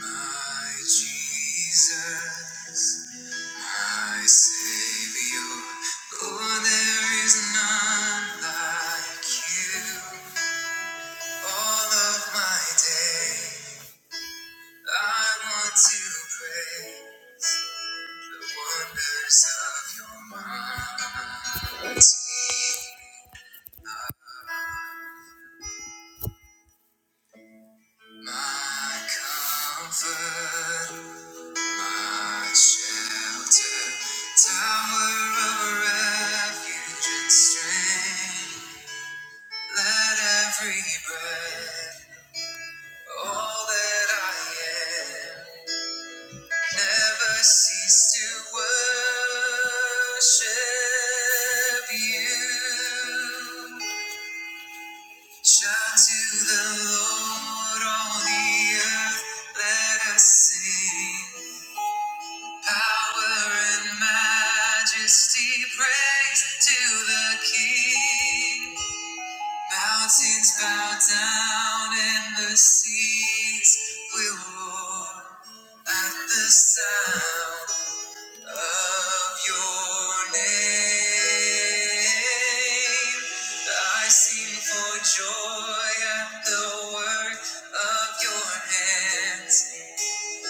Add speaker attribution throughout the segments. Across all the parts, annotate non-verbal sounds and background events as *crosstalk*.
Speaker 1: My Jesus, my Savior, oh, there is none like you. All of my day, I want to pray the wonders of your might. My comfort, my shelter, tower of refuge and strength. Let every breath, all that I am, never cease to worship you. Shout to the Lord, all the earth, let us sing. Power and majesty, praise to the King. Mountains bow down and the seas will roar at the sound of your name. I sing for joy at the work of your hands.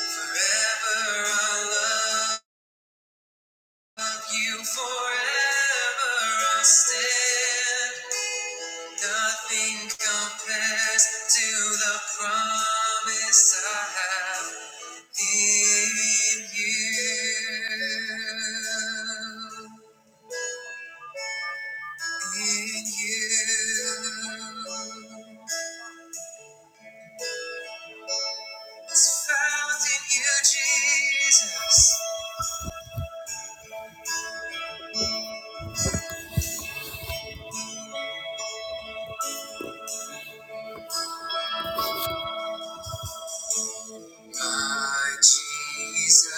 Speaker 1: Forever I love. Of you forever I stand. Nothing compares to the promise I have in you. In you. It's found in you, Jesus. My Jesus,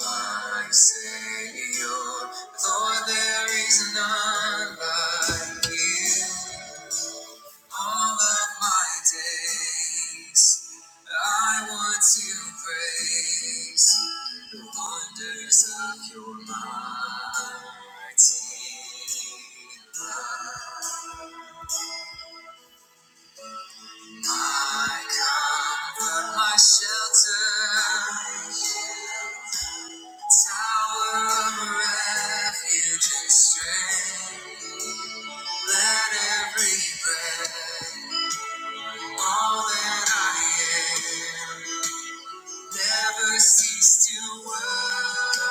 Speaker 1: my Savior, Lord, there is none like you. All of my days, I want to praise the wonders of your mighty love. My comfort, my shelter. Tower of refuge strength. Let every breath, all that I am, never cease to worship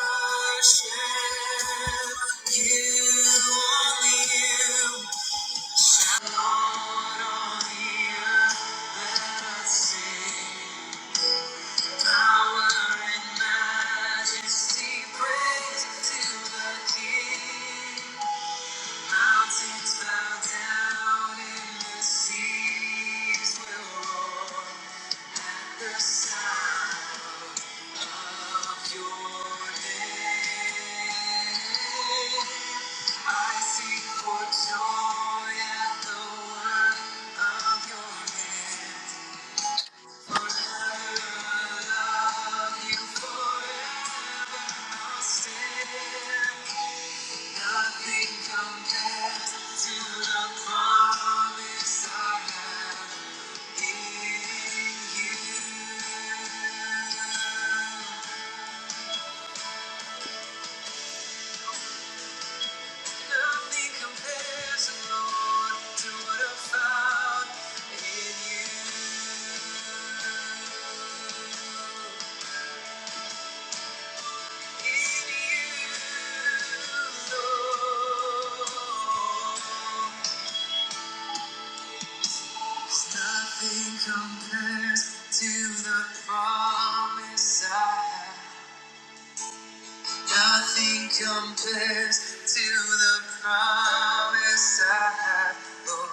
Speaker 1: you. Only you, Lord, only you. Let us sing. Power and majesty, praise to the King. Mountains bow down and the seas will roar. The sound of your name. I sing for joy at the word of your hand. For I love you forever. I'll stand. Nothing compares to the promise I have in you. Nothing compares, Lord, to what I found in you. In you, Lord. Nothing compares to the promise I have. Nothing compares to the promise I have, Lord.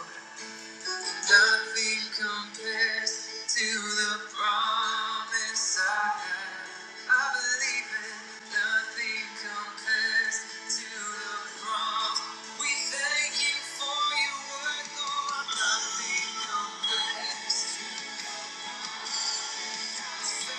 Speaker 1: Nothing compares to the promise I have. I believe it. Nothing compares to the promise. We thank you for your word, Lord. Nothing compares. Shout to the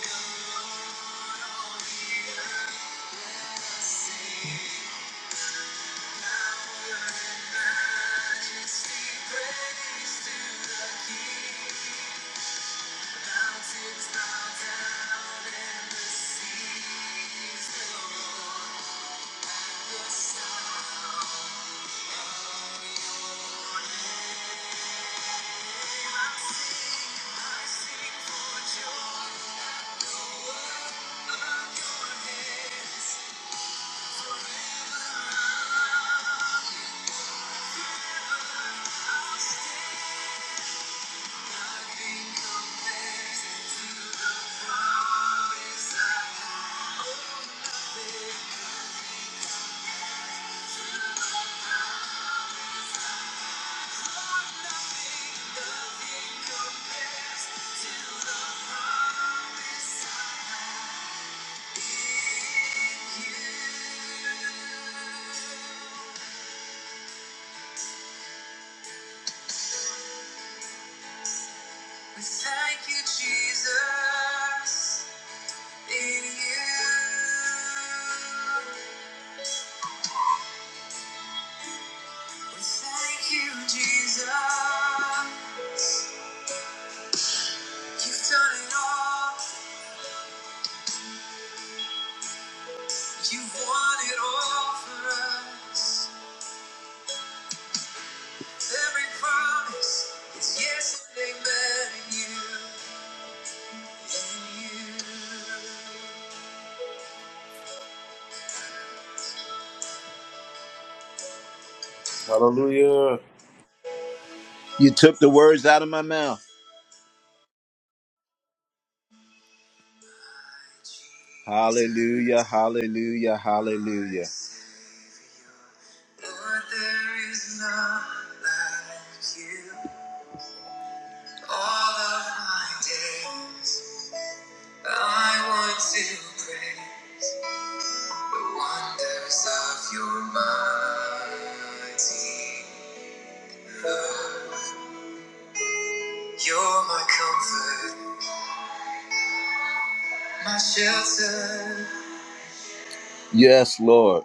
Speaker 1: Lord, all the earth, sing. Thank you. We Thank you, Jesus, in you. We thank you, Jesus. You've done it all. You've won it all for us. Every promise is yes and amen in you.
Speaker 2: Hallelujah.
Speaker 1: You took the words out of my mouth. Hallelujah, hallelujah, hallelujah. Lord, there is none like you. All of my days, I want to pray the wonders of your mighty love. You're my comfort, my shelter. Yes, Lord.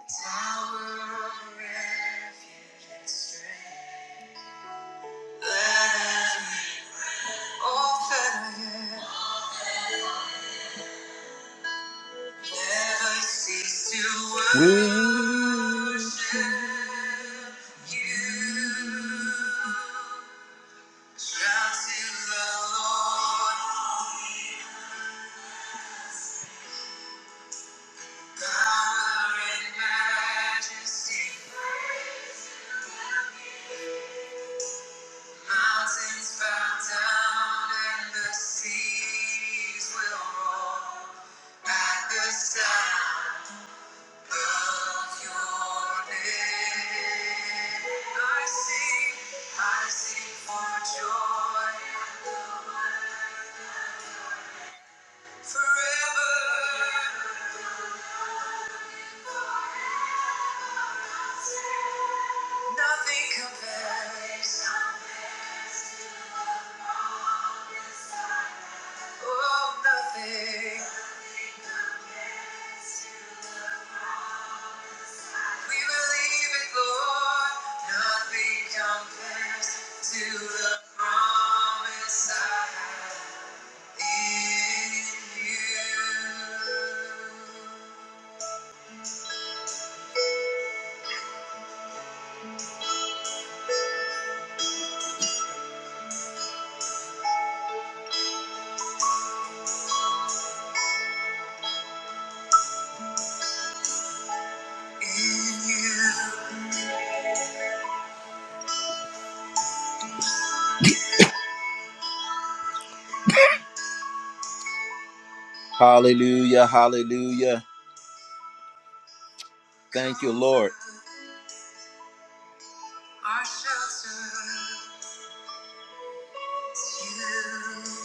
Speaker 1: Mountains bow down and the seas will roar at the sound of your name. I sing, I sing for joy in the world forever. Nothing compares. Oh, nothing. compares to the Lord. Hallelujah, hallelujah. Thank you, Lord. Our shelter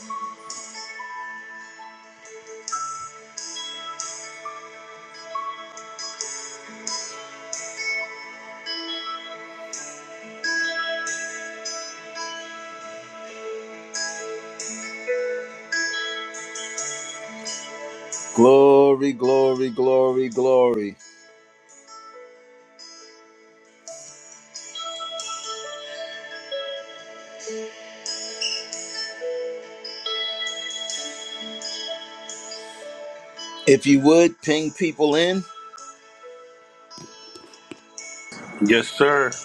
Speaker 1: you. Glory, glory, glory, glory. If you would ping people in.
Speaker 2: Yes, sir.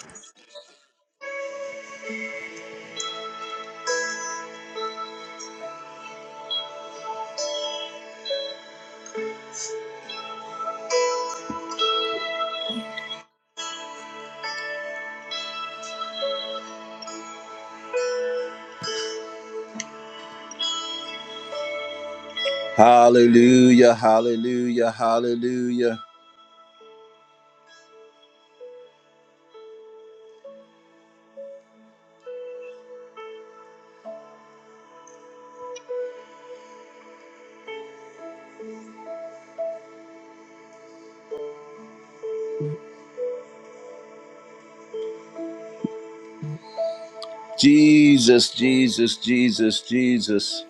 Speaker 1: Hallelujah, hallelujah, hallelujah. Jesus, Jesus, Jesus, Jesus.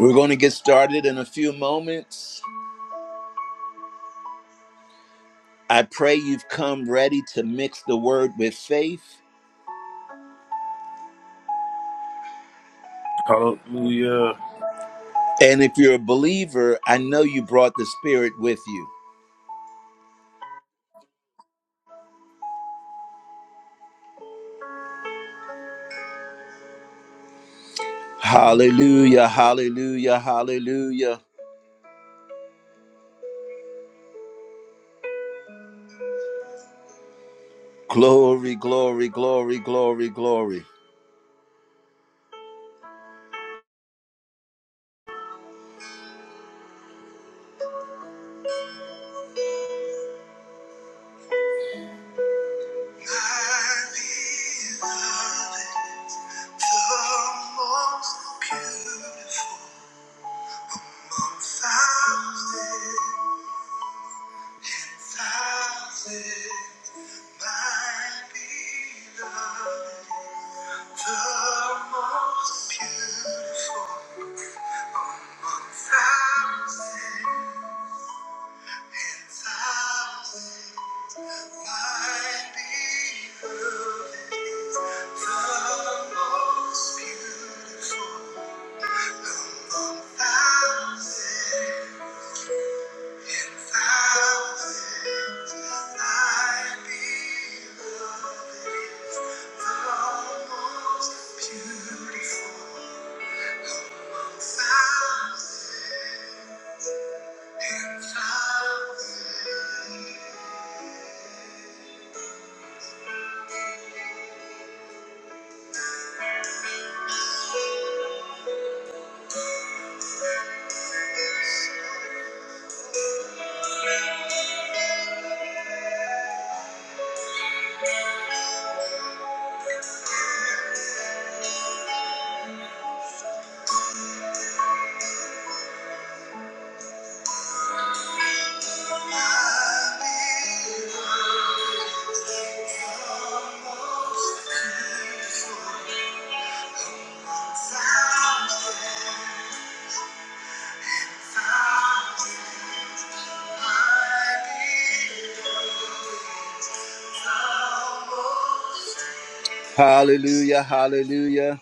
Speaker 1: We're going to get started in a few moments. I pray you've come ready to mix the word with faith.
Speaker 2: Hallelujah.
Speaker 1: And if you're a believer, I know you brought the Spirit with you. Hallelujah, hallelujah, hallelujah. Glory, glory, glory, glory, glory. I beloved, the most beautiful of thousands. Beautiful among thousands. Thank you. Hallelujah, hallelujah.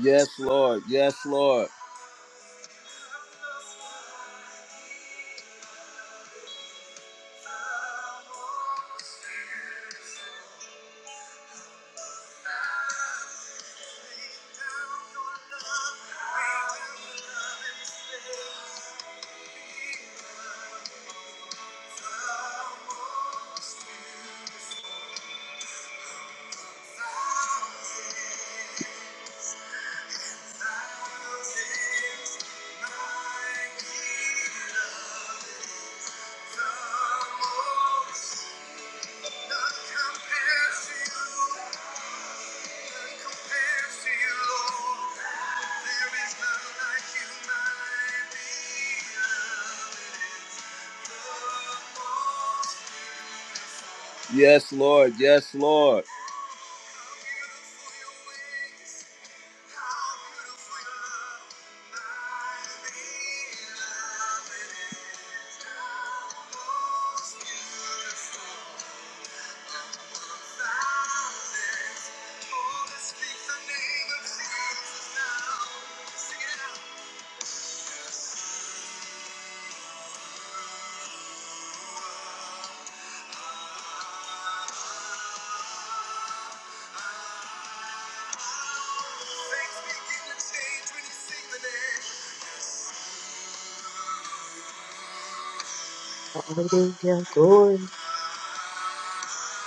Speaker 1: Yes, Lord. Yes, Lord. Compares to you. Yes, Lord. Yes, Lord. Things begin to change when you sing the
Speaker 3: Hallelujah, glory,
Speaker 1: name.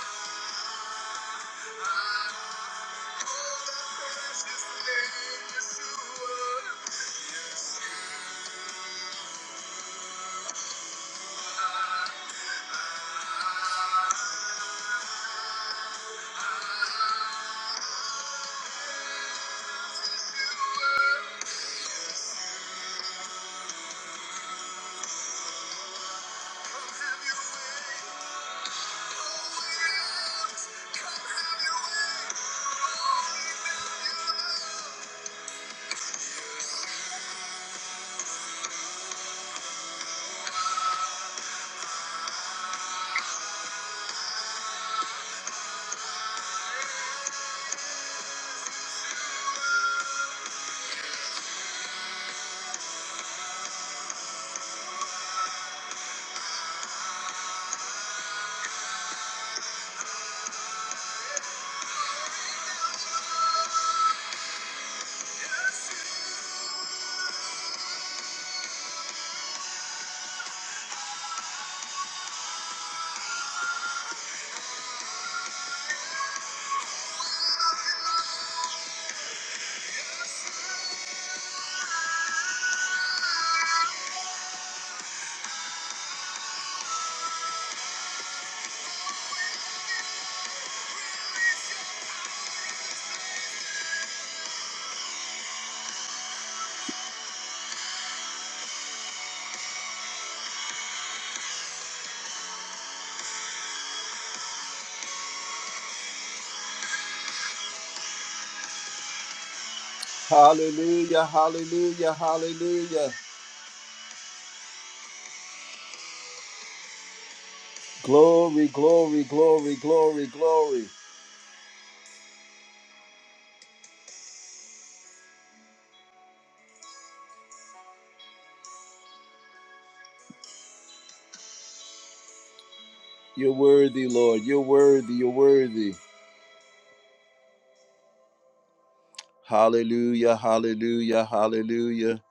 Speaker 1: Hallelujah, hallelujah, hallelujah. Glory, glory, glory, glory, glory. You're worthy, Lord. You're worthy, you're worthy. Hallelujah, hallelujah, hallelujah.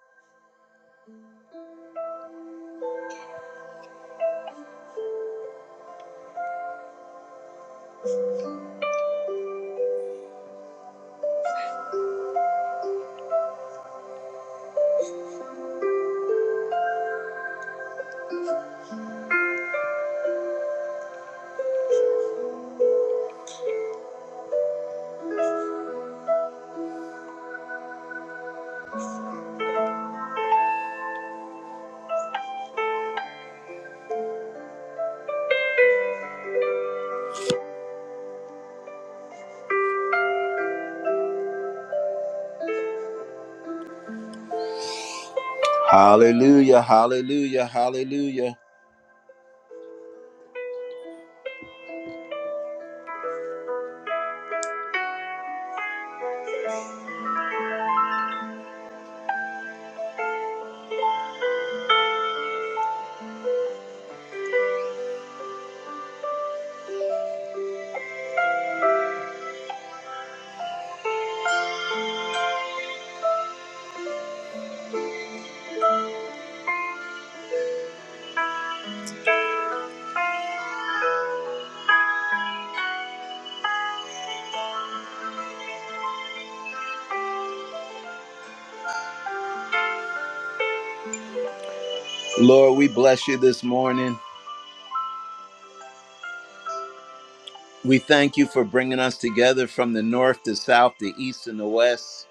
Speaker 1: Hallelujah, hallelujah, hallelujah. Lord, we bless you this morning. We thank you for bringing us together from the north to south, the east and the west.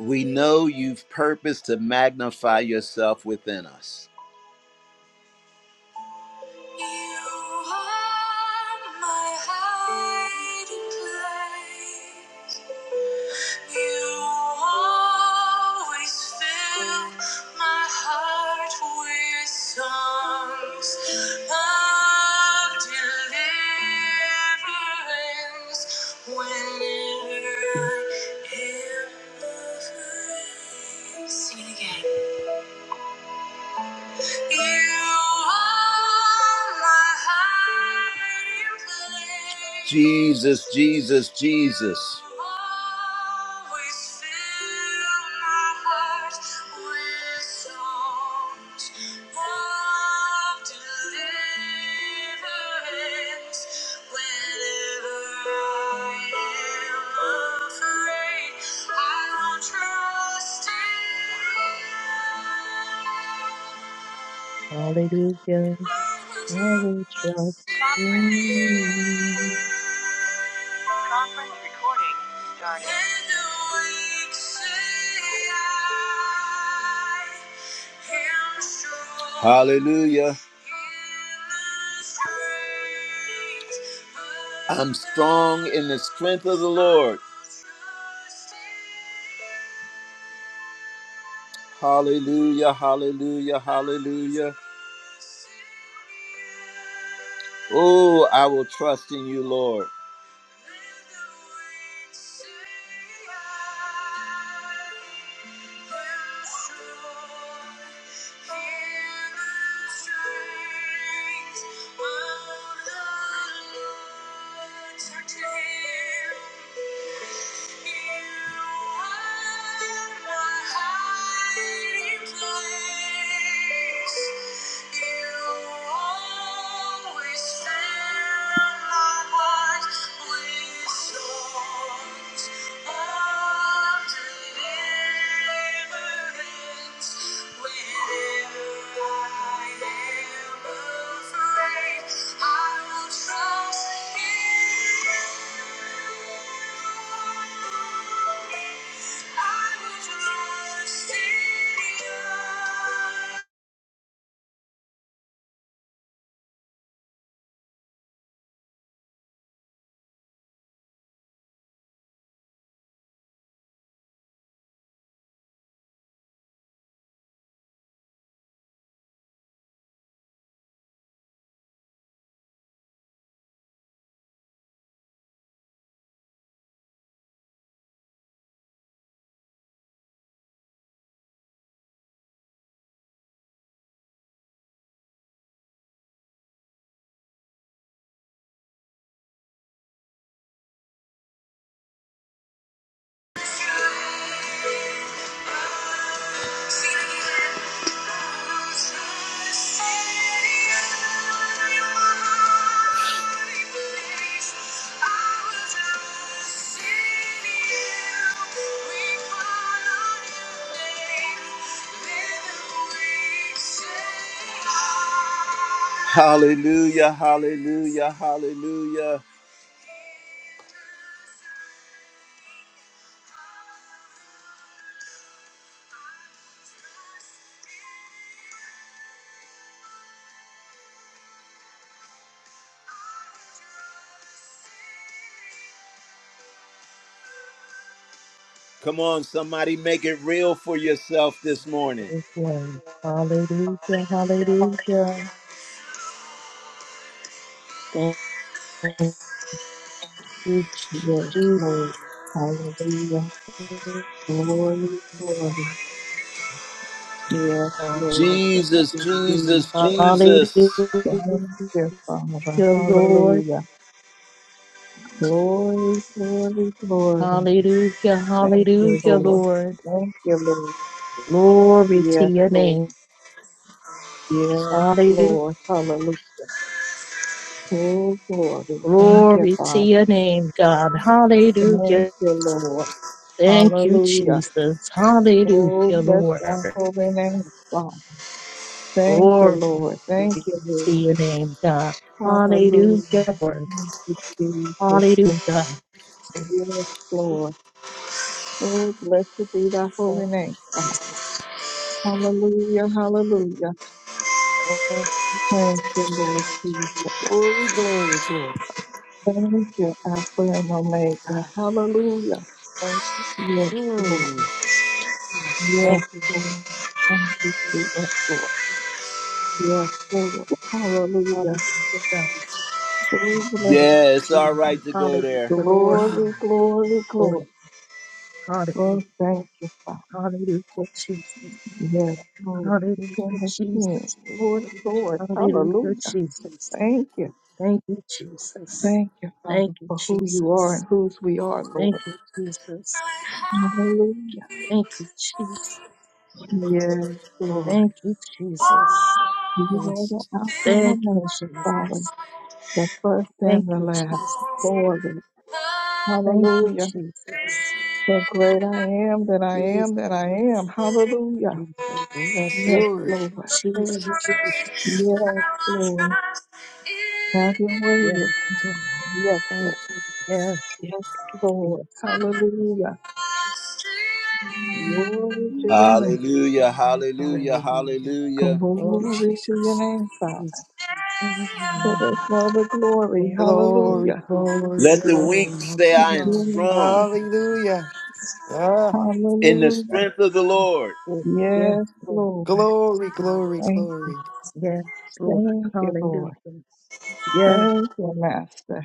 Speaker 1: We know you've purposed to magnify yourself within us. You are my hiding place. You always fill my heart with songs of deliverance whenever I am afraid. Sing it again. Jesus, Jesus, Jesus. Whenever I am afraid, I will trust in you.
Speaker 3: hallelujah.
Speaker 1: I will
Speaker 3: I will trust
Speaker 1: trust in
Speaker 3: in
Speaker 1: you. Hallelujah. I'm strong in the strength of the Lord. Hallelujah, hallelujah, hallelujah. Oh, I will trust in you, Lord. Hear the Thank you. Thank you. I will trust in you. Hallelujah, hallelujah, hallelujah. Come on, somebody make it real for yourself this
Speaker 3: you.
Speaker 1: morning.
Speaker 3: this one. Hallelujah, hallelujah. Thank you,
Speaker 4: Yes,
Speaker 3: Jesus.
Speaker 4: Lord. Hallelujah. Glory, glory. Yes, Lord. Thank
Speaker 1: Jesus,
Speaker 4: you,
Speaker 1: Jesus,
Speaker 4: Jesus.
Speaker 3: Hallelujah,
Speaker 1: Jesus.
Speaker 4: Thank you, Father.
Speaker 3: Lord.
Speaker 4: Hallelujah. Glory, glory, glory.
Speaker 3: Hallelujah,
Speaker 4: Thank you,
Speaker 3: hallelujah,
Speaker 4: Lord.
Speaker 3: Lord.
Speaker 4: Thank you, Lord.
Speaker 3: Glory to
Speaker 4: Yes,
Speaker 3: your
Speaker 4: Lord.
Speaker 3: name.
Speaker 4: Yes,
Speaker 3: Hallelujah.
Speaker 4: Lord. Hallelujah. Oh, glory. Thank you,
Speaker 3: Glory to
Speaker 4: Father.
Speaker 3: your name, God.
Speaker 4: Thank
Speaker 3: Hallelujah.
Speaker 4: you, Lord.
Speaker 3: Thank you,
Speaker 4: Hallelujah.
Speaker 3: Jesus. Hallelujah,
Speaker 4: Oh, bless thy
Speaker 3: Lord.
Speaker 4: holy name, Father. Thank you,
Speaker 3: Glory
Speaker 4: Lord. Thank you, Lord.
Speaker 3: to your name, God.
Speaker 4: Hallelujah.
Speaker 3: Hallelujah, Lord.
Speaker 4: Thank you, Jesus.
Speaker 3: Hallelujah, God. So
Speaker 4: Yes, Lord. Oh, blessed be thy
Speaker 3: thank
Speaker 4: holy name,
Speaker 3: you,
Speaker 4: Father.
Speaker 3: Jesus.
Speaker 4: Hallelujah, hallelujah.
Speaker 3: Thank you, Jesus.
Speaker 4: Thank you, Lord Jesus.
Speaker 5: Glory, glory, glory.
Speaker 4: Thank you, Alpha and Omega.
Speaker 5: Ah,
Speaker 4: Hallelujah.
Speaker 3: Thank
Speaker 4: Yes, Lord.
Speaker 5: Mm.
Speaker 4: Yes,
Speaker 3: thank you, Jesus,
Speaker 4: Lord. Thank you, Jesus.
Speaker 3: Lord.
Speaker 4: Yes, Lord. Hallelujah.
Speaker 3: Hallelujah, God.
Speaker 4: Oh, bless
Speaker 3: Thank
Speaker 1: Yeah,
Speaker 3: you,
Speaker 1: it's all
Speaker 3: Jesus.
Speaker 4: God.
Speaker 1: right to go
Speaker 3: Hallelujah,
Speaker 1: there.
Speaker 3: Lord.
Speaker 4: Glory,
Speaker 5: Ah,
Speaker 4: glory, glory.
Speaker 3: Lord. Hallelujah.
Speaker 4: Oh, thank you, Father.
Speaker 3: Hallelujah, Jesus.
Speaker 4: Yes, Lord. King
Speaker 3: Hallelujah,
Speaker 4: of kings.
Speaker 3: Jesus.
Speaker 4: Lord of lords.
Speaker 3: Hallelujah,
Speaker 4: Hallelujah.
Speaker 3: Jesus.
Speaker 4: Thank you.
Speaker 3: Thank you, Jesus.
Speaker 4: Thank you,
Speaker 3: Thank
Speaker 4: Father,
Speaker 3: you,
Speaker 4: for who you are
Speaker 3: Jesus.
Speaker 4: and whose we are,
Speaker 3: Thank
Speaker 4: Lord.
Speaker 3: you, Jesus.
Speaker 4: Hallelujah.
Speaker 3: Thank you, Jesus.
Speaker 4: Yes, Lord.
Speaker 3: Thank you, Jesus.
Speaker 4: You are the
Speaker 5: Yes,
Speaker 4: Alpha and
Speaker 3: Thank you,
Speaker 4: Omega, Father,
Speaker 3: Jesus.
Speaker 4: the first
Speaker 3: Thank
Speaker 4: and the
Speaker 3: you,
Speaker 4: last.
Speaker 3: Jesus.
Speaker 4: Glory.
Speaker 3: Thank you,
Speaker 4: Hallelujah.
Speaker 3: Jesus.
Speaker 4: The great I am that I
Speaker 3: Jesus,
Speaker 4: am that I am. Hallelujah.
Speaker 3: Jesus.
Speaker 5: yes,
Speaker 4: Yes,
Speaker 5: Lord.
Speaker 4: Lord.
Speaker 5: Praise you,
Speaker 3: Jesus. It's,
Speaker 5: Jesus.
Speaker 4: Yes, Lord. Have your
Speaker 3: yes,
Speaker 4: way.
Speaker 3: mm,
Speaker 4: Yes,
Speaker 5: Thank
Speaker 4: Lord.
Speaker 3: Yes,
Speaker 4: Yes,
Speaker 3: yes.
Speaker 4: Lord. Hallelujah. Glory to
Speaker 5: you.
Speaker 4: your
Speaker 3: Mm,
Speaker 4: name.
Speaker 3: yes,
Speaker 1: Hallelujah,
Speaker 3: yes,
Speaker 1: hallelujah,
Speaker 5: Hallelujah.
Speaker 1: hallelujah.
Speaker 5: Thank
Speaker 3: Oh,
Speaker 5: you,
Speaker 4: Glory to your
Speaker 5: Jesus.
Speaker 4: name, Father.
Speaker 3: yes,
Speaker 4: for
Speaker 3: mm,
Speaker 4: the other glory.
Speaker 3: yes,
Speaker 5: Glory,
Speaker 4: Hallelujah.
Speaker 5: glory,
Speaker 1: Let the weak
Speaker 5: glory. I'm
Speaker 1: say, I am
Speaker 5: strong.
Speaker 4: Yes,
Speaker 1: strong
Speaker 4: Lord.
Speaker 5: Hallelujah. Ah,
Speaker 1: in the
Speaker 4: Hallelujah.
Speaker 1: strength of the
Speaker 3: yes,
Speaker 1: Lord.
Speaker 3: Yes, Lord. Yes,
Speaker 4: Yes,
Speaker 3: Lord.
Speaker 4: Lord.
Speaker 3: Yes,
Speaker 5: glory,
Speaker 3: Lord.
Speaker 5: glory,
Speaker 4: Thank,
Speaker 5: glory.
Speaker 3: Yes, Lord.
Speaker 4: thank you, Lord.
Speaker 3: Hallelujah. Yes,
Speaker 4: Thank you,
Speaker 3: Lord.
Speaker 4: Master.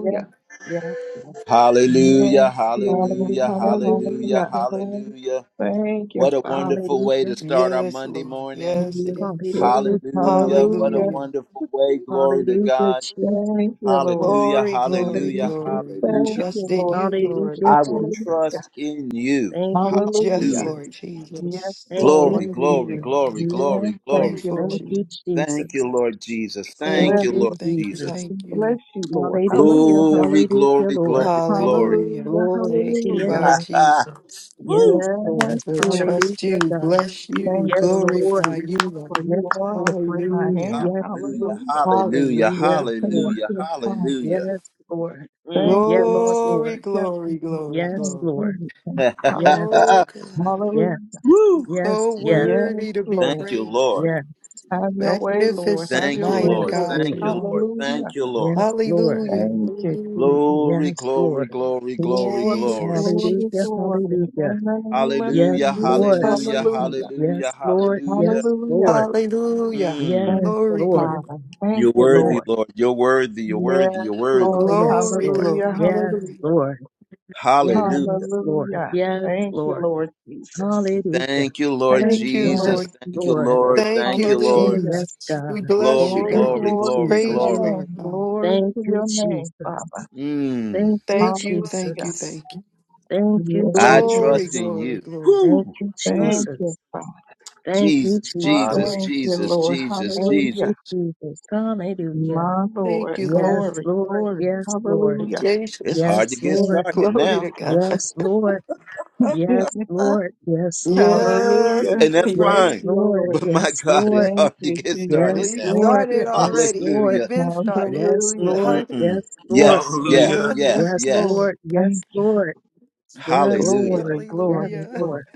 Speaker 3: yes, yes, yes.
Speaker 1: Hallelujah,
Speaker 4: Yes, Lord.
Speaker 1: hallelujah,
Speaker 3: Hallelujah,
Speaker 1: hallelujah,
Speaker 4: Hallelujah.
Speaker 3: hallelujah, Lord.
Speaker 1: hallelujah.
Speaker 4: Thank you,
Speaker 1: What a
Speaker 4: Father.
Speaker 1: wonderful way to
Speaker 3: Hallelujah,
Speaker 1: start our
Speaker 5: Yes,
Speaker 1: Monday
Speaker 5: Lord.
Speaker 1: morning.
Speaker 5: Yes, it
Speaker 4: Yes,
Speaker 5: is.
Speaker 3: hallelujah,
Speaker 4: Lord.
Speaker 1: Hallelujah,
Speaker 3: Jesus.
Speaker 1: what a
Speaker 4: Hallelujah.
Speaker 5: Hallelujah.
Speaker 1: wonderful way. Glory to
Speaker 3: Hallelujah,
Speaker 1: God.
Speaker 3: Jesus.
Speaker 4: Thank you, Lord.
Speaker 1: Hallelujah,
Speaker 5: Glory, glory,
Speaker 1: hallelujah,
Speaker 3: Hallelujah,
Speaker 5: glory.
Speaker 1: hallelujah.
Speaker 3: Jesus.
Speaker 4: Thank you,
Speaker 5: Trust in
Speaker 4: Lord
Speaker 5: you, Lord
Speaker 4: Jesus.
Speaker 3: Hallelujah,
Speaker 1: I
Speaker 5: God.
Speaker 1: will
Speaker 3: Jesus.
Speaker 4: Hallelujah.
Speaker 1: trust in you.
Speaker 3: Thank you,
Speaker 5: Yes,
Speaker 1: Hallelujah.
Speaker 4: Hallelujah.
Speaker 3: Jesus.
Speaker 5: Lord
Speaker 4: Yes,
Speaker 5: Jesus.
Speaker 3: Thank you,
Speaker 4: Lord.
Speaker 1: Glory,
Speaker 5: Thank you,
Speaker 1: glory,
Speaker 3: Jesus.
Speaker 5: Lord
Speaker 1: glory,
Speaker 5: God.
Speaker 4: Yes,
Speaker 1: glory,
Speaker 4: thank
Speaker 1: glory.
Speaker 4: you,
Speaker 5: Grateful
Speaker 4: Lord
Speaker 3: Thank
Speaker 5: to
Speaker 3: you,
Speaker 5: you.
Speaker 4: Jesus.
Speaker 1: Thank
Speaker 3: Jesus.
Speaker 1: you, Lord Jesus. Thank
Speaker 3: Thank
Speaker 4: Bless
Speaker 5: Thank
Speaker 1: you,
Speaker 3: you,
Speaker 5: you,
Speaker 1: Lord
Speaker 5: thank you,
Speaker 1: Jesus.
Speaker 4: We
Speaker 3: Jesus.
Speaker 5: thank
Speaker 4: bless
Speaker 5: you.
Speaker 4: you, Lord.
Speaker 3: Hallelujah,
Speaker 4: Hallelujah.
Speaker 1: Glory,
Speaker 3: hallelujah,
Speaker 1: glory,
Speaker 3: Lord.
Speaker 1: glory, glory.
Speaker 5: Hallelujah.
Speaker 4: Hallelujah.
Speaker 3: Glory to
Speaker 5: Thank you,
Speaker 3: your
Speaker 4: Hallelujah.
Speaker 5: Lord
Speaker 3: name.
Speaker 1: *laughs*
Speaker 5: Jesus.
Speaker 1: Woo!
Speaker 3: Yes, Lord.
Speaker 4: Yes,
Speaker 5: We
Speaker 4: Lord.
Speaker 5: trust
Speaker 3: Hallelujah,
Speaker 5: you,
Speaker 3: God.
Speaker 5: bless you,
Speaker 4: Thank you,
Speaker 3: Yes,
Speaker 4: Lord
Speaker 3: Lord.
Speaker 5: glorify
Speaker 4: Jesus.
Speaker 5: you, Lord.
Speaker 4: For
Speaker 3: Yes,
Speaker 4: you are
Speaker 3: Lord.
Speaker 4: the great I
Speaker 5: Hallelujah.
Speaker 4: am.
Speaker 3: Yes, Lord.
Speaker 1: Hallelujah,
Speaker 4: Hallelujah.
Speaker 1: hallelujah,
Speaker 3: Yes,
Speaker 5: Hallelujah.
Speaker 4: Thank
Speaker 3: Lord.
Speaker 1: hallelujah,
Speaker 4: you, Father.
Speaker 3: Yes,
Speaker 1: hallelujah.
Speaker 3: Lord.
Speaker 1: Mm.
Speaker 4: Thank you, Lord,
Speaker 3: Yes,
Speaker 4: that
Speaker 5: Glory,
Speaker 3: Lord.
Speaker 4: you kept me.
Speaker 5: glory, glory,
Speaker 4: from all
Speaker 3: Yes,
Speaker 4: of
Speaker 5: glory.
Speaker 3: Lord.
Speaker 4: everything, Father.
Speaker 3: Yes,
Speaker 5: So
Speaker 1: *laughs*
Speaker 5: God,
Speaker 3: yes,
Speaker 4: Hallelujah.
Speaker 1: Woo!
Speaker 3: yes,
Speaker 5: so
Speaker 3: yes,
Speaker 4: Yes,
Speaker 5: worthy to be
Speaker 4: Lord.
Speaker 1: Thank you,
Speaker 5: praised.
Speaker 1: Lord.
Speaker 3: yes,
Speaker 4: Have your way, Lord.
Speaker 5: Magnificent,
Speaker 4: Have
Speaker 1: Thank
Speaker 4: your
Speaker 1: you,
Speaker 4: way,
Speaker 5: mighty
Speaker 3: yes,
Speaker 1: Lord.
Speaker 4: Lord.
Speaker 5: God
Speaker 1: Thank
Speaker 3: Lord.
Speaker 5: you
Speaker 1: you,
Speaker 5: are.
Speaker 1: Lord. Thank
Speaker 4: Hallelujah.
Speaker 1: you, Lord.
Speaker 3: Yes, Lord.
Speaker 5: Hallelujah.
Speaker 4: Thank you,
Speaker 5: Hallelujah.
Speaker 4: Jesus.
Speaker 1: Glory,
Speaker 3: Yes,
Speaker 1: glory,
Speaker 3: Lord.
Speaker 1: glory, glory,
Speaker 4: Glory,
Speaker 1: glory.
Speaker 5: Jesus,
Speaker 4: glory,
Speaker 3: Hallelujah,
Speaker 5: Jesus.
Speaker 4: glory.
Speaker 3: hallelujah.
Speaker 4: In the name of
Speaker 3: Yes,
Speaker 1: Hallelujah,
Speaker 5: We
Speaker 4: Jesus.
Speaker 3: Lord.
Speaker 5: trust
Speaker 1: hallelujah,
Speaker 5: in
Speaker 4: Hallelujah.
Speaker 5: you.
Speaker 1: hallelujah,
Speaker 3: Yes, Lord.
Speaker 1: hallelujah.
Speaker 3: Yes,
Speaker 4: Hallelujah.
Speaker 3: Lord.
Speaker 5: Hallelujah.
Speaker 1: Mm.
Speaker 3: Yes,
Speaker 4: Thank you,
Speaker 5: Glory,
Speaker 3: Lord.
Speaker 5: glory,
Speaker 4: Father. Thank
Speaker 1: You're
Speaker 4: you,
Speaker 3: Yes.
Speaker 1: worthy,
Speaker 4: Lord.
Speaker 1: Lord. You're worthy, you're
Speaker 4: Yes,
Speaker 1: worthy, you're worthy.
Speaker 3: Oh,
Speaker 4: Lord.
Speaker 3: yes,
Speaker 5: glory,
Speaker 3: Lord.
Speaker 4: Hallelujah.
Speaker 5: glory,
Speaker 3: Yes,
Speaker 5: glory.
Speaker 4: Hallelujah.
Speaker 3: Lord.
Speaker 1: Hallelujah.
Speaker 3: Yes, Lord.
Speaker 4: Hallelujah.
Speaker 3: Yes,
Speaker 4: Thank you,
Speaker 3: Lord.
Speaker 4: Lord Jesus.
Speaker 3: Hallelujah.
Speaker 1: Thank you, Lord
Speaker 4: Thank
Speaker 5: Thank
Speaker 4: you,
Speaker 5: you,
Speaker 3: Yes,
Speaker 5: Lord.
Speaker 1: Jesus.
Speaker 4: Lord
Speaker 1: Thank you,
Speaker 3: Lord.
Speaker 4: Jesus.
Speaker 1: Lord.
Speaker 5: Thank
Speaker 1: Thank
Speaker 5: you,
Speaker 1: you,
Speaker 3: Oh,
Speaker 1: Lord.
Speaker 4: Hallelujah.
Speaker 5: Jesus.
Speaker 3: yes, God.
Speaker 5: We bless
Speaker 1: Glory,
Speaker 5: you,
Speaker 4: Oh,
Speaker 3: Thank
Speaker 5: God.
Speaker 1: glory,
Speaker 3: you,
Speaker 4: glory
Speaker 1: glory,
Speaker 4: to
Speaker 5: Praise
Speaker 4: your
Speaker 5: you,
Speaker 3: Jesus.
Speaker 1: glory.
Speaker 5: Lord.
Speaker 4: name.
Speaker 5: God.
Speaker 4: Glory
Speaker 3: Thank
Speaker 4: to
Speaker 3: you,
Speaker 4: your name, Father.
Speaker 3: Jesus.
Speaker 1: Mm,
Speaker 3: Thank you,
Speaker 5: Thank you, thank
Speaker 4: Hallelujah.
Speaker 5: you,
Speaker 3: Jesus.
Speaker 5: thank you.
Speaker 3: Thank you,
Speaker 4: Yes,
Speaker 1: I
Speaker 4: Lord.
Speaker 5: Glory,
Speaker 1: trust
Speaker 3: Jesus.
Speaker 1: in
Speaker 5: glory,
Speaker 1: you.
Speaker 5: glory.
Speaker 3: Thank
Speaker 1: Woo!
Speaker 3: you,
Speaker 1: Mm,
Speaker 4: Thank you,
Speaker 3: Jesus.
Speaker 4: Father.
Speaker 3: Thank
Speaker 1: Jesus,
Speaker 3: you,
Speaker 5: I
Speaker 3: Jesus.
Speaker 5: will
Speaker 1: Jesus,
Speaker 4: Thank you,
Speaker 1: Jesus,
Speaker 4: Lord.
Speaker 1: Jesus,
Speaker 3: Thank
Speaker 1: Jesus.
Speaker 3: you,
Speaker 4: Hallelujah.
Speaker 3: Jesus. Hallelujah.
Speaker 4: My
Speaker 5: thank
Speaker 4: Lord.
Speaker 5: you,
Speaker 3: Yes,
Speaker 5: Lord.
Speaker 4: Glory,
Speaker 3: Lord.
Speaker 4: glory.
Speaker 3: Yes, Lord.
Speaker 4: Hallelujah.
Speaker 1: It's
Speaker 5: Jesus.
Speaker 1: hard to
Speaker 3: Yes,
Speaker 1: get
Speaker 4: Thank
Speaker 3: Lord.
Speaker 1: started
Speaker 5: Glory to
Speaker 1: now,
Speaker 5: God.
Speaker 3: Yes, Lord.
Speaker 4: *laughs*
Speaker 3: Yes, Lord.
Speaker 5: Yes, we
Speaker 4: Hallelujah.
Speaker 1: and
Speaker 4: *laughs*
Speaker 5: can
Speaker 1: that's
Speaker 3: Yes,
Speaker 4: Yes,
Speaker 5: praise
Speaker 1: fine.
Speaker 5: you.
Speaker 3: Lord.
Speaker 4: Lord.
Speaker 1: But my *laughs*
Speaker 3: Yes,
Speaker 1: God, it's
Speaker 3: Lord.
Speaker 4: Thank
Speaker 1: hard to
Speaker 4: you,
Speaker 1: get started
Speaker 4: Jesus.
Speaker 3: Yes,
Speaker 5: We
Speaker 1: now.
Speaker 4: Thank
Speaker 3: Lord.
Speaker 4: you.
Speaker 5: started
Speaker 3: Yes,
Speaker 5: already.
Speaker 3: Lord.
Speaker 5: We've
Speaker 1: Hallelujah.
Speaker 5: been started.
Speaker 3: Yes,
Speaker 4: Hallelujah.
Speaker 3: Lord.
Speaker 5: *laughs*
Speaker 1: Mm-mm-mm.
Speaker 3: Yes, Lord.
Speaker 1: Yes, yes,
Speaker 4: Oh,
Speaker 2: Hallelujah.
Speaker 3: Yes, Lord.
Speaker 4: yes,
Speaker 1: yes,
Speaker 3: Yes,
Speaker 4: Lord.
Speaker 1: yes.
Speaker 3: Lord.
Speaker 4: Thank
Speaker 3: Yes,
Speaker 4: you.
Speaker 3: Lord.
Speaker 5: started.
Speaker 3: Yes,
Speaker 1: Hallelujah.
Speaker 3: Lord.
Speaker 4: Glory,
Speaker 3: Yes,
Speaker 4: glory,
Speaker 5: Hallelujah.
Speaker 4: glory.
Speaker 3: Lord.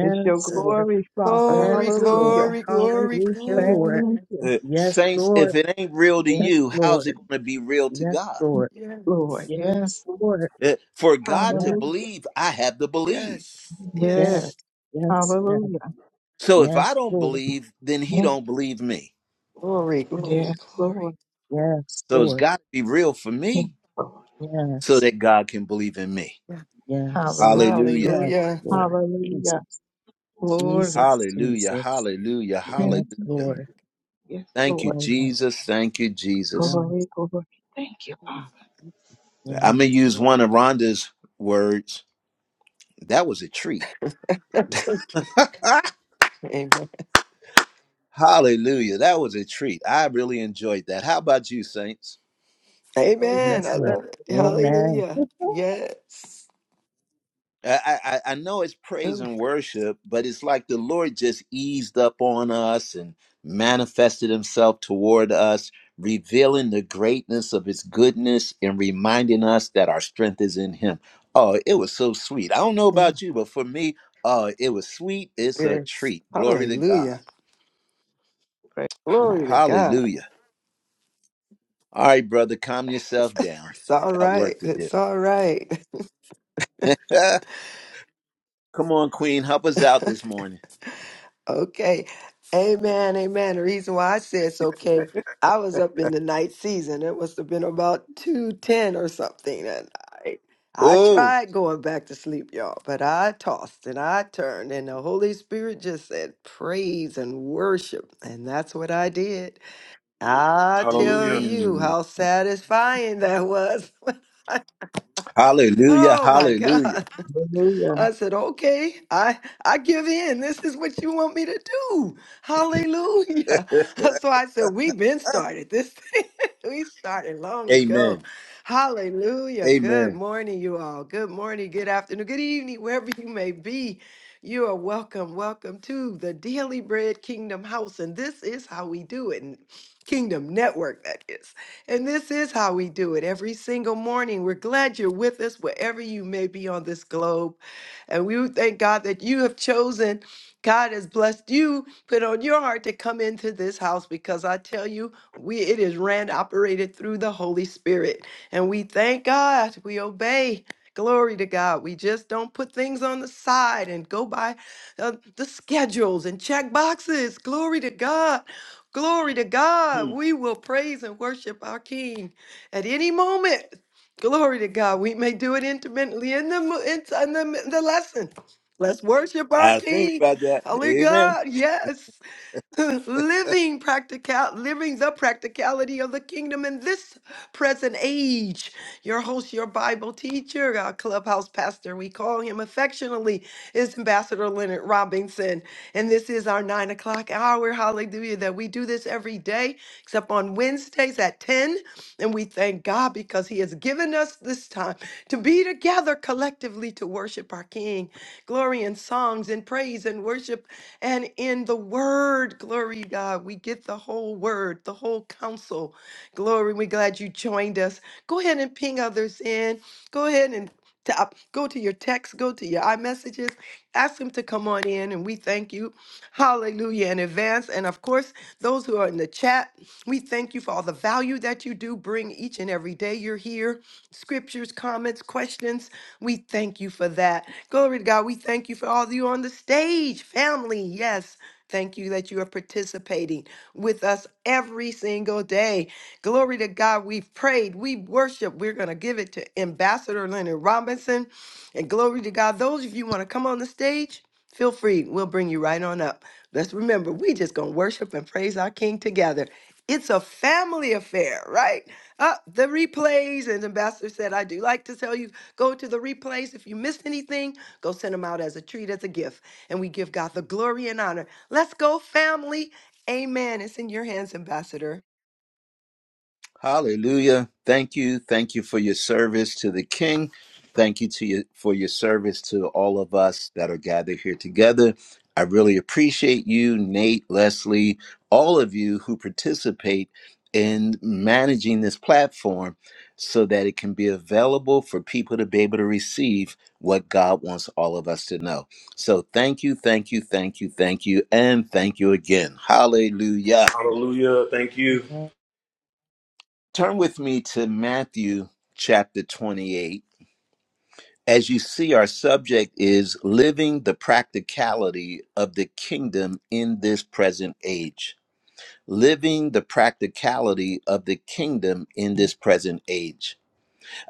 Speaker 4: It's your
Speaker 1: Uh,
Speaker 3: Lord.
Speaker 4: glory, Father.
Speaker 5: Glory,
Speaker 3: Yes, Lord.
Speaker 4: Hallelujah.
Speaker 5: glory, glory,
Speaker 3: Hallelujah,
Speaker 5: glory,
Speaker 3: Lord.
Speaker 4: Thank
Speaker 5: glory.
Speaker 4: you,
Speaker 1: uh,
Speaker 3: Yes,
Speaker 1: saints, if
Speaker 3: Lord.
Speaker 1: it ain't real to
Speaker 3: Yes,
Speaker 1: you, how's it
Speaker 3: Lord.
Speaker 1: going to be real to
Speaker 3: Yes,
Speaker 1: God?
Speaker 3: Lord.
Speaker 5: Yes,
Speaker 4: Lord.
Speaker 3: Yes,
Speaker 4: Yes.
Speaker 3: Lord.
Speaker 1: Uh, for God to
Speaker 3: Yes,
Speaker 4: Hallelujah.
Speaker 1: believe, I have to believe.
Speaker 5: yes,
Speaker 3: yes,
Speaker 4: Yes.
Speaker 5: yes.
Speaker 3: yes, yes,
Speaker 4: Hallelujah.
Speaker 1: So if
Speaker 3: yes,
Speaker 1: I don't
Speaker 3: Lord.
Speaker 1: believe, then he
Speaker 4: Thank you.
Speaker 1: don't believe me.
Speaker 5: Glory, glory,
Speaker 4: Yes,
Speaker 5: glory.
Speaker 4: Lord.
Speaker 3: Yes,
Speaker 1: So it's
Speaker 3: Lord.
Speaker 1: got to be real for
Speaker 4: Yes,
Speaker 1: me
Speaker 4: Lord.
Speaker 1: so
Speaker 3: Yes,
Speaker 1: that God can believe in me.
Speaker 5: Yeah.
Speaker 3: yes, Lord.
Speaker 4: Hallelujah.
Speaker 1: Hallelujah.
Speaker 3: Yes,
Speaker 5: Hallelujah.
Speaker 3: Lord.
Speaker 4: Hallelujah.
Speaker 3: Jesus.
Speaker 4: Glory.
Speaker 3: Jesus,
Speaker 1: Hallelujah.
Speaker 3: Jesus.
Speaker 1: Hallelujah.
Speaker 4: Thank
Speaker 3: Yes,
Speaker 4: you.
Speaker 1: Hallelujah.
Speaker 3: Lord.
Speaker 4: Yes,
Speaker 1: Thank you,
Speaker 4: Lord.
Speaker 3: Oh, yes,
Speaker 1: Jesus. Thank you, Jesus.
Speaker 4: Glory,
Speaker 3: yes,
Speaker 4: glory. Thank you,
Speaker 5: Mm.
Speaker 4: Lord.
Speaker 3: yes,
Speaker 1: I'm going to use one of Rhonda's words. That was a treat.
Speaker 5: *laughs*
Speaker 1: *laughs*
Speaker 5: Amen.
Speaker 1: Hallelujah. That was a treat. I really enjoyed that. How about you, Saints?
Speaker 4: Oh,
Speaker 3: Lord.
Speaker 5: Amen. I
Speaker 4: yes,
Speaker 3: Yes.
Speaker 4: sir.
Speaker 5: love it.
Speaker 4: Glory.
Speaker 3: Amen.
Speaker 5: Hallelujah.
Speaker 4: *laughs*
Speaker 5: Yes.
Speaker 1: I, I I know it's praise
Speaker 5: Mm.
Speaker 1: and worship, but it's like the Lord just eased up on us and manifested himself toward us, revealing the greatness of his goodness and reminding us that our strength is in him. Oh, it was so sweet. I don't know
Speaker 5: Mm.
Speaker 1: about you, but for me, uh, it was sweet. It's a
Speaker 5: Yes.
Speaker 1: treat. Glory to God.
Speaker 5: Hallelujah.
Speaker 4: Praise
Speaker 5: Glory to
Speaker 4: God.
Speaker 5: God.
Speaker 1: Hallelujah. All right, brother, calm yourself down.
Speaker 5: It's all
Speaker 1: Got
Speaker 5: right.
Speaker 1: work to do.
Speaker 5: It's all right. *laughs*
Speaker 1: *laughs* Come on, Queen, help us out this morning.
Speaker 5: Okay. Amen. Amen. The reason why I said it's okay, I was up in the night season. It must have been about 210 or something. And I, I
Speaker 1: Oh.
Speaker 5: tried going back to sleep, y'all, but I tossed and I turned, and the Holy Spirit just said, praise and worship. And that's what I did. I tell
Speaker 2: Hallelujah.
Speaker 5: you how satisfying that was. *laughs*
Speaker 1: Hallelujah.
Speaker 5: oh my
Speaker 1: Hallelujah.
Speaker 5: God.
Speaker 4: Hallelujah.
Speaker 5: I said, okay, I, I give in. This is what you want me to do. Hallelujah. *laughs* So I said, we've been started. This thing, *laughs* we started long ago.
Speaker 1: Amen.
Speaker 5: Hallelujah. Good
Speaker 1: Amen.
Speaker 5: morning, you all. Good morning, good afternoon, good evening, wherever you may be. You are welcome. Welcome to the Daily Bread Kingdom House. And this is how we do it. in Kingdom Network, that is. And this is how we do it every single morning. We're glad you're with us wherever you may be on this globe. And we thank God that you have chosen, God has blessed you, put on your heart to come into this house because I tell you, we it is ran operated through the Holy Spirit. And we thank God, we obey. Glory to God. We just don't put things on the side and go by uh, the schedules and check boxes. Glory to God. Glory to God.
Speaker 1: Hmm.
Speaker 5: We will praise and worship our King at any moment. Glory to God. We may do it intermittently in the mo- in, in the, in the lesson. Let's worship our
Speaker 1: I think
Speaker 5: King.
Speaker 1: about that.
Speaker 5: Holy
Speaker 1: Amen.
Speaker 5: God. Yes. *laughs* living practical living the practicality of the kingdom in this present age your host your bible teacher our clubhouse pastor we call him affectionately is ambassador leonard robinson and this is our nine o'clock hour hallelujah that we do this every day except on wednesdays at 10 and we thank god because he has given us this time to be together collectively to worship our king glory and songs and praise and worship and in the word, glory to God, we get the whole word, the whole counsel. Glory, we're glad you joined us. Go ahead and ping others in. Go ahead and tap, go to your text, go to your iMessages, ask them to come on in, and we thank you. Hallelujah in advance. And of course, those who are in the chat, we thank you for all the value that you do bring each and every day you're here. Scriptures, comments, questions. We thank you for that. Glory to God. We thank you for all of you on the stage, family. Yes. Thank you that you are participating with us every single day. Glory to God. We've prayed. We worship. We're going to give it to Ambassador Leonard Robinson. And glory to God. Those of you want to come on the stage, feel free. We'll bring you right on up. Let's remember, we just going to worship and praise our King together. It's a family affair, right? Uh, the replays, and Ambassador said, I do like to tell you Go to the replays. If you missed anything, go send them out as a treat, as a gift. And we give God the glory and honor. Let's go, family. Amen. It's in your hands, Ambassador.
Speaker 1: Hallelujah. Thank you. Thank you for your service to the King. Thank you to you for your service to all of us that are gathered here together. I really appreciate you, Nate, Leslie, all of you who participate in managing this platform so that it can be available for people to be able to receive what God wants all of us to know. So thank you, thank you, thank you, thank you, and thank you again. Hallelujah.
Speaker 2: Hallelujah. Thank you.
Speaker 3: Amen.
Speaker 1: Turn with me to Matthew chapter 28. As you see, our subject is living the practicality of the kingdom in this present age. Living the practicality of the kingdom in this present age.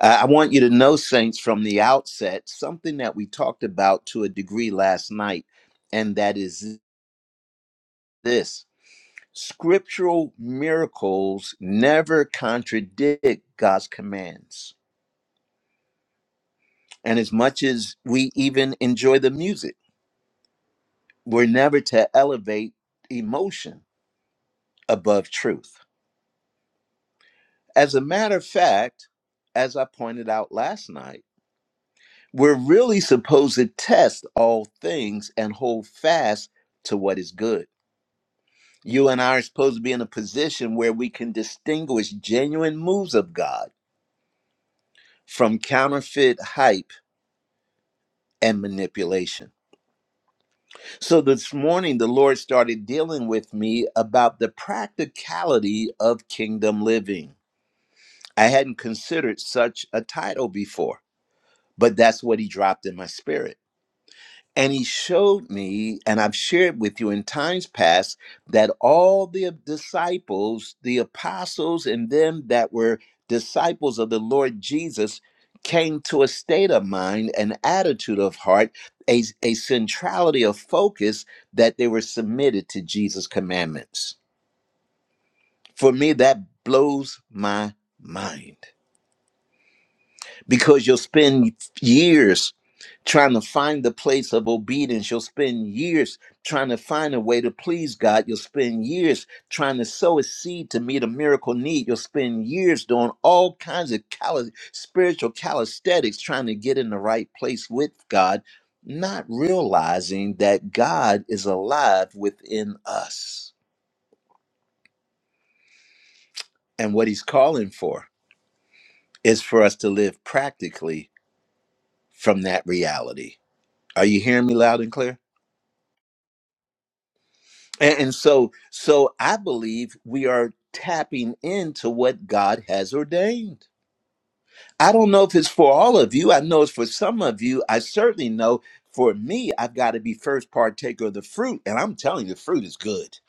Speaker 1: Uh, I want you to know, saints, from the outset, something that we talked about to a degree last night, and that is this scriptural miracles never contradict God's commands And as much as we even enjoy the music, we're never to elevate emotion above truth. As a matter of fact, as I pointed out last night, we're really supposed to test all things and hold fast to what is good. You and I are supposed to be in a position where we can distinguish genuine moves of God from counterfeit hype and manipulation So this morning, the Lord started dealing with me about the practicality of kingdom living. I hadn't considered such a title before, but that's what He dropped in my spirit. And he showed me, and I've shared with you in times past, that all the disciples, the apostles, and them that were disciples of the Lord Jesus came to a state of mind, an attitude of heart, a, a centrality of focus that they were submitted to Jesus' commandments. For me, that blows my mind. because you'll spend years trying to find the place of obedience. You'll spend years trying to find a way to please God. You'll spend years trying to sow a seed to meet a miracle need. You'll spend years doing all kinds of cali- spiritual calisthenics trying to get in the right place with God, not realizing that God is alive within us. And what he's calling for is for us to live practically from that reality. Are you hearing me loud and clear? And, and so, so I believe we are tapping into what God has ordained. I don't know if it's for all of you. I know it's for some of you. I certainly know for me, I've got to be first partaker of the fruit. And I'm telling you, the fruit is good.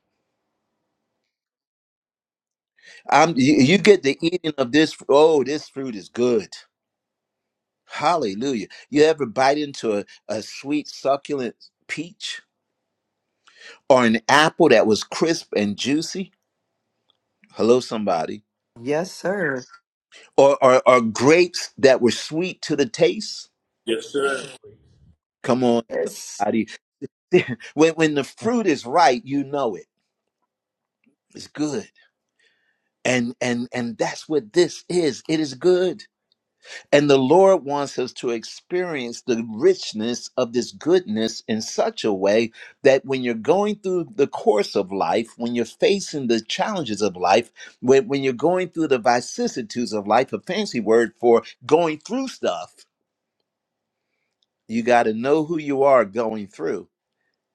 Speaker 1: I'm, you, you get the eating of this. Oh, this fruit is good. Hallelujah. You ever bite into a, a sweet, succulent peach or an apple that was crisp and juicy? Hello, somebody
Speaker 5: Yes, sir.
Speaker 1: or, are or grapes that were sweet to the taste.
Speaker 2: Yes, sir.
Speaker 1: Come on,
Speaker 5: Yes.
Speaker 1: buddy. *laughs* when when the fruit is right, you know it. It's good. And and and that's what this is. It is good. And the Lord wants us to experience the richness of this goodness in such a way that when you're going through the course of life, when you're facing the challenges of life, when, when you're going through the vicissitudes of life, a fancy word for going through stuff, You got to know who you are going through,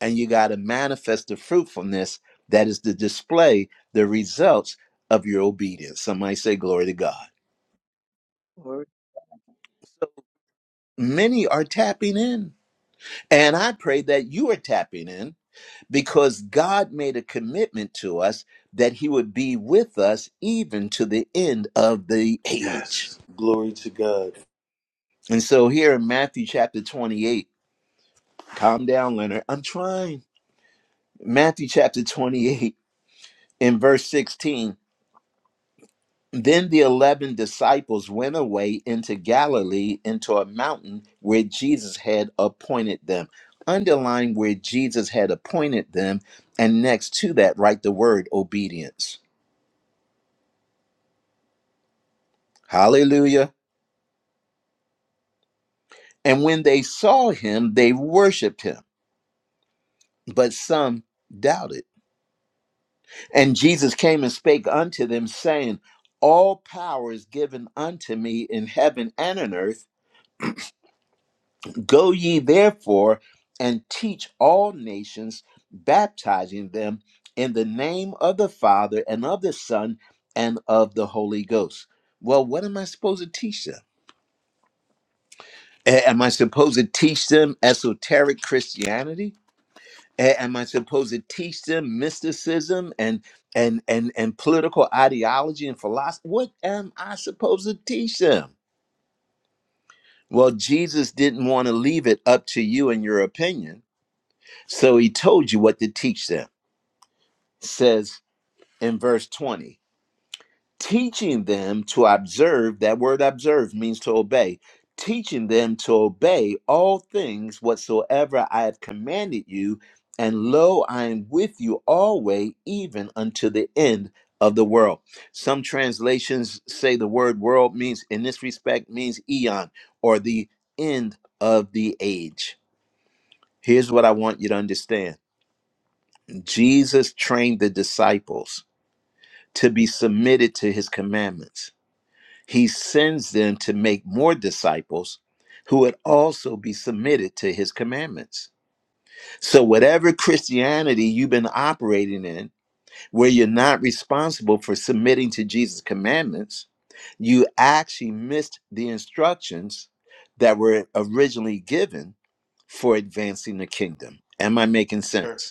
Speaker 1: and you got to manifest the fruitfulness that is the display the results of your obedience. Somebody say, Glory to God.
Speaker 4: Glory
Speaker 1: Many are tapping in. And I pray that you are tapping in because God made a commitment to us that He would be with us even to the end of the age.
Speaker 2: Yes. Glory to God.
Speaker 1: And so here in Matthew chapter 28, calm down, Leonard. I'm trying. Matthew chapter 28 in verse 16 Then the eleven disciples went away into Galilee into a mountain where Jesus had appointed them. Underline where Jesus had appointed them, and next to that, write the word obedience. Hallelujah. And when they saw him, they worshiped him, but some doubted. And Jesus came and spake unto them, saying, All power is given unto me in heaven and on earth. Go ye therefore and teach all nations, baptizing them in the name of the Father and of the Son and of the Holy Ghost. Well, what am I supposed to teach them? A- Am I supposed to teach them esoteric Christianity? A- Am I supposed to teach them mysticism and and and and political ideology and philosophy? What am I supposed to teach them? Well, Jesus didn't want to leave it up to you and your opinion So he told you what to teach them. It Says in verse 20, teaching them to observe, that word observe means to obey, teaching them to obey all things whatsoever I have commanded you. And lo, I am with you always, even unto the end of the world. Some translations say the word world means, in this respect, means eon or the end of the age. Here's what I want you to understand Jesus trained the disciples to be submitted to his commandments. He sends them to make more disciples who would also be submitted to his commandments. So, whatever Christianity you've been operating in, where you're not responsible for submitting to Jesus' commandments, you actually missed the instructions that were originally given for advancing the kingdom. Am I making sense?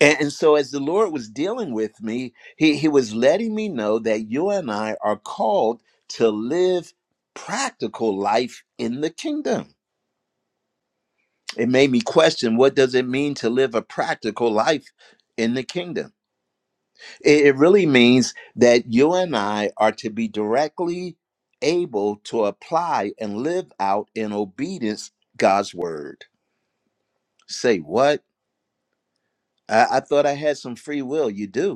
Speaker 1: And, and so, as the Lord was dealing with me, he, he was letting me know that you and I are called to live practical life in the kingdom. It made me question what does it mean to live a practical life in the kingdom? It, it really means that you and I are to be directly able to apply and live out in obedience God's word. Say what? I, I thought I had some free will. You do.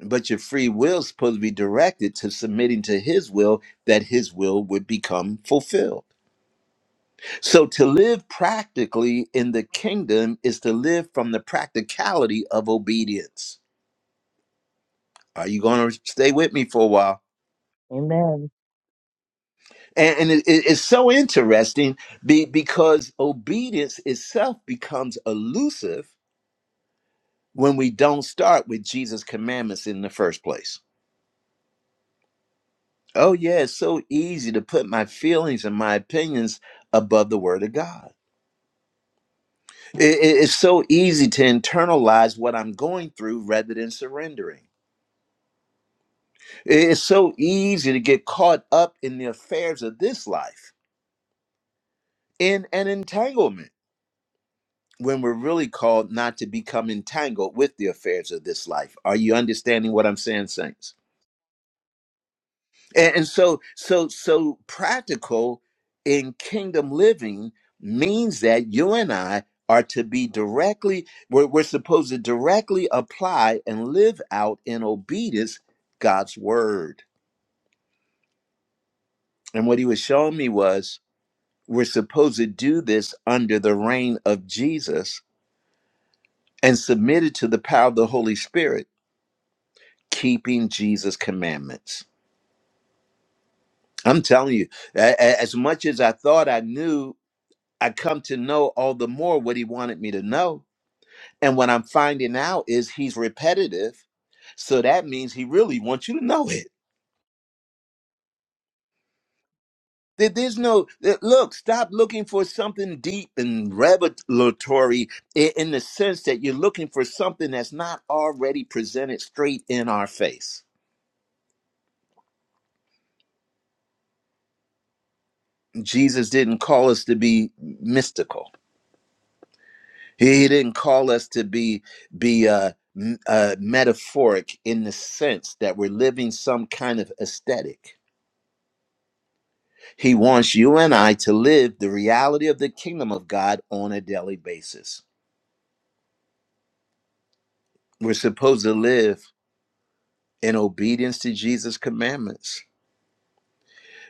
Speaker 1: But your free will is supposed to be directed to submitting to his will that his will would become fulfilled. So to live practically in the kingdom is to live from the practicality of obedience. Are you going to stay with me for a while?
Speaker 3: Amen.
Speaker 1: And, and it, it- it's so interesting be, because obedience itself becomes elusive when we don't start with Jesus' commandments in the first place. Oh, yeah, it's so easy to put my feelings and my opinions above the word of God. It- it- it's so easy to internalize what I'm going through rather than surrendering. It- It's so easy to get caught up in the affairs of this life in an entanglement when we're really called not to become entangled with the affairs of this life. Are you understanding what I'm saying, Saints? and, and so so so practical in kingdom living means that you and i are to be directly we're, we're supposed to directly apply and live out in obedience god's word and what he was showing me was we're supposed to do this under the reign of jesus and submitted to the power of the holy spirit keeping jesus commandments i'm telling you a- a- as much as i thought i knew I come to know all the more what he wanted me to know. And what I'm finding out is he's repetitive. So that means he really wants you to know it. There- There's no that- look, stop looking for something deep and revelatory i- in the sense that you're looking for something that's not already presented straight in our face. Jesus didn't call us to be mystical. He, he didn't call us to be be uh, m- uh, metaphoric in the sense that we're living some kind of aesthetic. He wants you and I to live the reality of the kingdom of God on a daily basis. We're supposed to live in obedience to Jesus' commandments.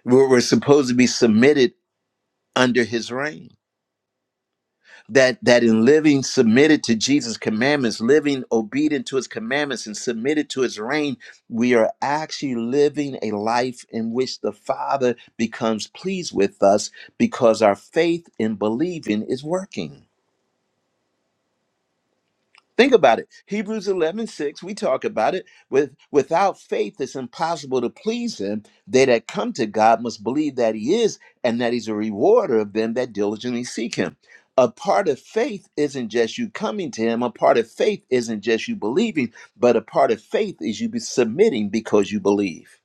Speaker 1: We're, we're supposed to be submitted under His reign that that in living submitted to Jesus' commandments, living obedient to his commandments and submitted to his reign, we are actually living a life in which the Father becomes pleased with us because our faith in believing is working. Think about it. Hebrews 11 6. we talk about it. With, without faith, it's impossible to please him. They that come to God must believe that he is and that he's a rewarder of them that diligently seek him. A part of faith isn't just you coming to him. A part of faith isn't just you believing, but a part of faith is you be submitting because you believe.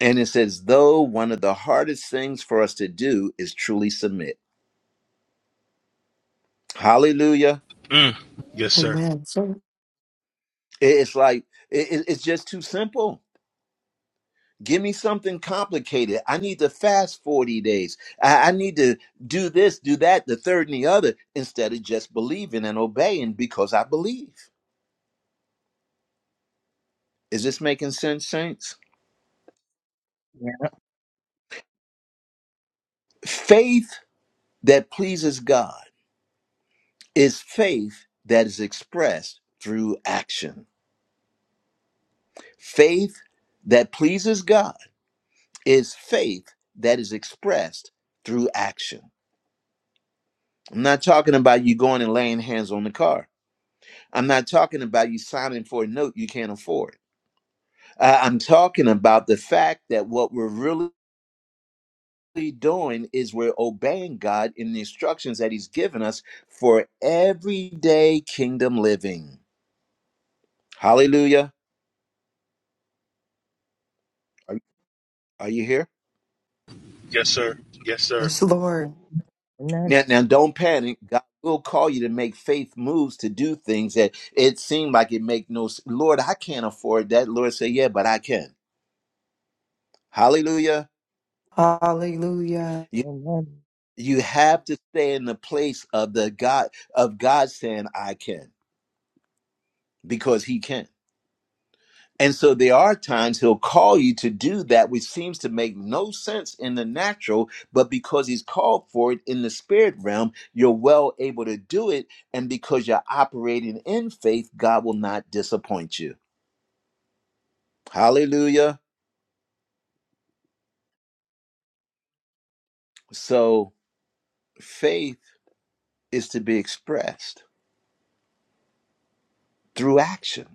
Speaker 1: And it says, though one of the hardest things for us to do is truly submit. Hallelujah.
Speaker 2: Mm. Yes, sir.
Speaker 5: Amen. Sir.
Speaker 1: It- It's like, it- it- it's just too simple Give me something complicated. I need to fast 40 days. I, I need to do this, do that, the third and the other, instead of just believing and obeying because I believe. Is this making sense, saints? Faith that pleases God is faith that is expressed through action. Faith that pleases God is faith that is expressed through action. I'm not talking about you going and laying hands on the car. I'm not talking about you signing for a note you can't afford. Uh, I'm talking about the fact that what we're really doing is we're obeying God in the instructions that He's given us for everyday kingdom living. Hallelujah. Are, are you here?
Speaker 2: Yes, sir. Yes, sir.
Speaker 5: Yes, Lord.
Speaker 4: to
Speaker 3: Amen.
Speaker 1: Now, now, don't panic. God will call you to make faith moves to do things that it seemed like it make no. s- Lord, I can't afford that. Lord, say, yeah, but I can. Hallelujah.
Speaker 5: Hallelujah.
Speaker 1: You.
Speaker 3: Amen.
Speaker 1: you have to stay in the place of the god of god saying i can because he can and so there are times he'll call you to do that which seems to make no sense in the natural but because he's called for it in the spirit realm you're well able to do it and because you're operating in faith god will not disappoint you hallelujah so faith is to be expressed through action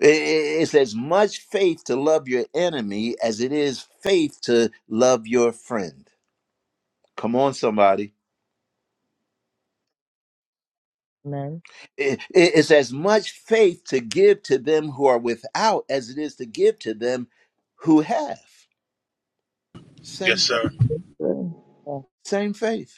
Speaker 1: I- i- It's as much faith to love your enemy as it is faith to love your friend. Come on, somebody.
Speaker 3: Amen.
Speaker 1: I- i- It's as much faith to give to them who are without as it is to give to them who have.
Speaker 2: Yes,
Speaker 1: Same,
Speaker 2: sir.
Speaker 4: God.
Speaker 3: Yeah.
Speaker 1: same faith.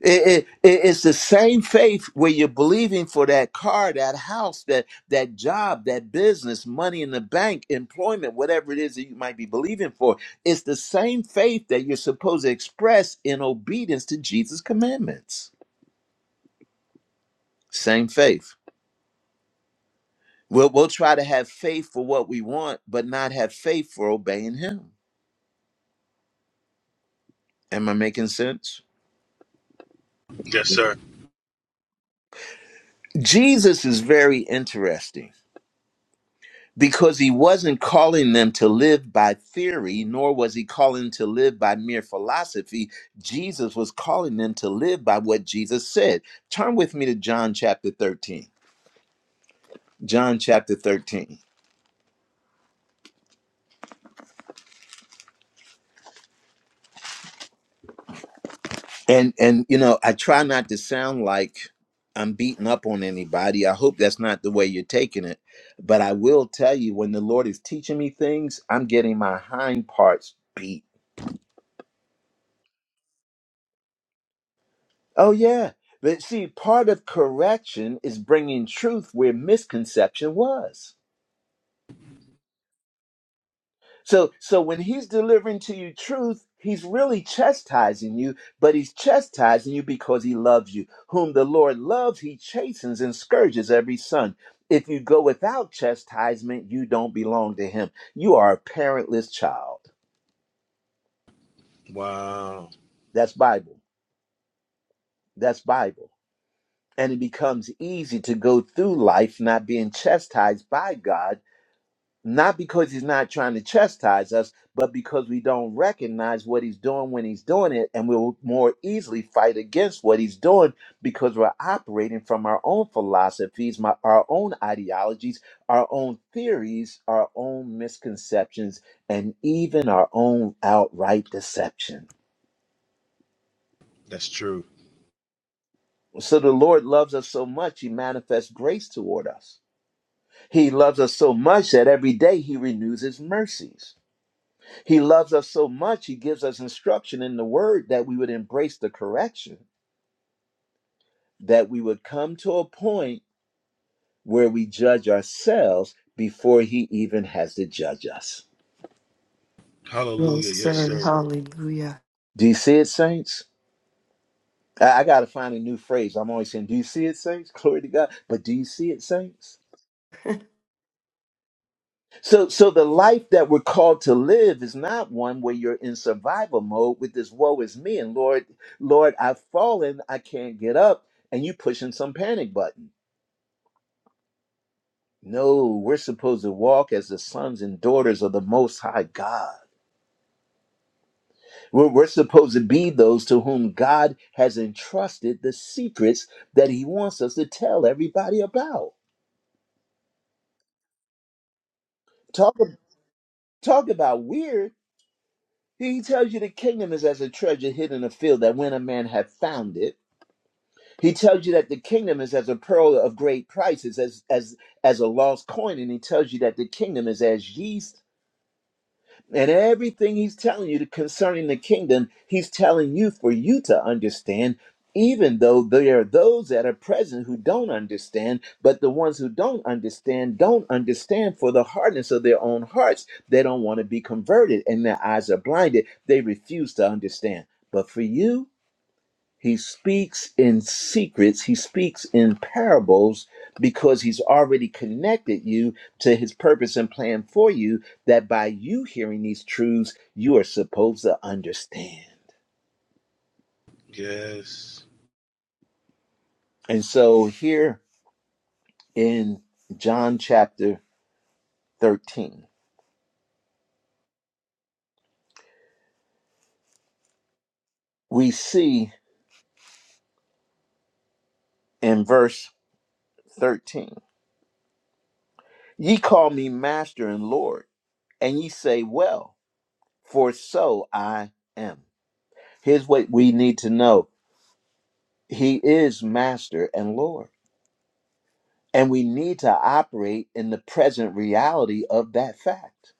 Speaker 1: It, it, it- it's the same faith where you're believing for that car, that house, that that job, that business, money in the bank, employment, whatever it is that you might be believing for. It's the same faith that you're supposed to express in obedience to Jesus' commandments. Same faith. We'll we'll try to have faith for what we want, but not have faith for obeying Him. Am I making sense?
Speaker 2: Yes, sir.
Speaker 1: Jesus is very interesting because he wasn't calling them to live by theory, nor was he calling them to live by mere philosophy. Jesus was calling them to live by what Jesus said. Turn with me to John chapter 13. John chapter 13. And and you know, I try not to sound like I'm beating up on anybody. I hope that's not the way you're taking it. But I will tell you when the Lord is teaching me things, I'm getting my hind parts beat Oh, yeah. But see, part of correction is bringing truth where misconception was. So, so when he's delivering to you truth, he's really chastising you, but he's chastising you because he loves you. Whom the Lord loves, he chastens and scourges every son. If you go without chastisement, you don't belong to him. You are a parentless child.
Speaker 2: Wow.
Speaker 1: That's Bible. That's Bible. And it becomes easy to go through life not being chastised by God not because he's not trying to chastise us, but because we don't recognize what he's doing when he's doing it, and we'll more easily fight against what he's doing because we're operating from our own philosophies, my, our own ideologies, our own theories, our own misconceptions, and even our own outright deception.
Speaker 2: That's true.
Speaker 1: So the Lord loves us so much, he manifests grace toward us. He loves us so much that every day he renews his mercies. He loves us so much, he gives us instruction in the word that we would embrace the correction, that we would come to a point where we judge ourselves before he even has to judge us.
Speaker 5: Yes,
Speaker 2: Hallelujah. Yes,
Speaker 5: sir.
Speaker 2: sir.
Speaker 5: Hallelujah.
Speaker 1: Do you see it, saints? I, I got to find a new phrase. I'm always saying, Do you see it, saints? *laughs* Glory to God. But do you see it, saints? So, so the life that we're called to live is not one where you're in survival mode with this woe is me and Lord, Lord, I've fallen, I can't get up, and you pushing some panic button. No, we're supposed to walk as the sons and daughters of the Most High God. We're, we're supposed to be those to whom God has entrusted the secrets that He wants us to tell everybody about. Talk, talk about weird. He tells you the kingdom is as a treasure hidden in a field that when a man hath found it, he tells you that the kingdom is as a pearl of great prices, as as as a lost coin, and he tells you that the kingdom is as yeast And everything he's telling you concerning the kingdom, he's telling you for you to understand, even though there are those that are present who don't understand. But the ones who don't understand don't understand for the hardness of their own hearts. They don't want to be converted, and their eyes are blinded. They refuse to understand. But for you, he speaks in secrets, he speaks in parables because he's already connected you to his purpose and plan for you that by you hearing these truths, you are supposed to understand.
Speaker 2: Yes.
Speaker 1: And so here in John chapter 13, we see in verse 13, ye call me master and Lord, and ye say, well, for so I am. Here's what we need to know He is master and Lord. And we need to operate in the present reality of that fact.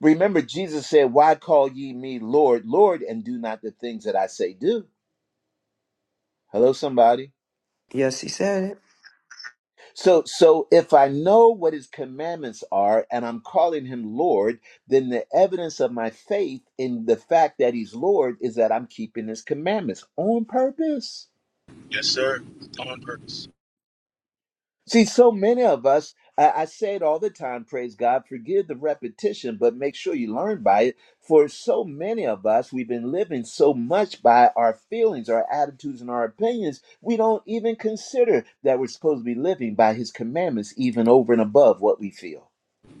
Speaker 1: Remember, Jesus said, Why call ye me Lord, Lord, and do not the things that I say do? Hello, somebody.
Speaker 5: Yes, he said it.
Speaker 1: So, so if I know what his commandments are and I'm calling him Lord, then the evidence of my faith in the fact that he's Lord is that I'm keeping his commandments on purpose.
Speaker 2: Yes, sir. On purpose.
Speaker 1: See, so many of us, I, I say it all the time, praise God, forgive the repetition, but make sure you learn by it. For so many of us, we've been living so much by our feelings, our attitudes, and our opinions, we don't even consider that we're supposed to be living by His commandments, even over and above what we feel.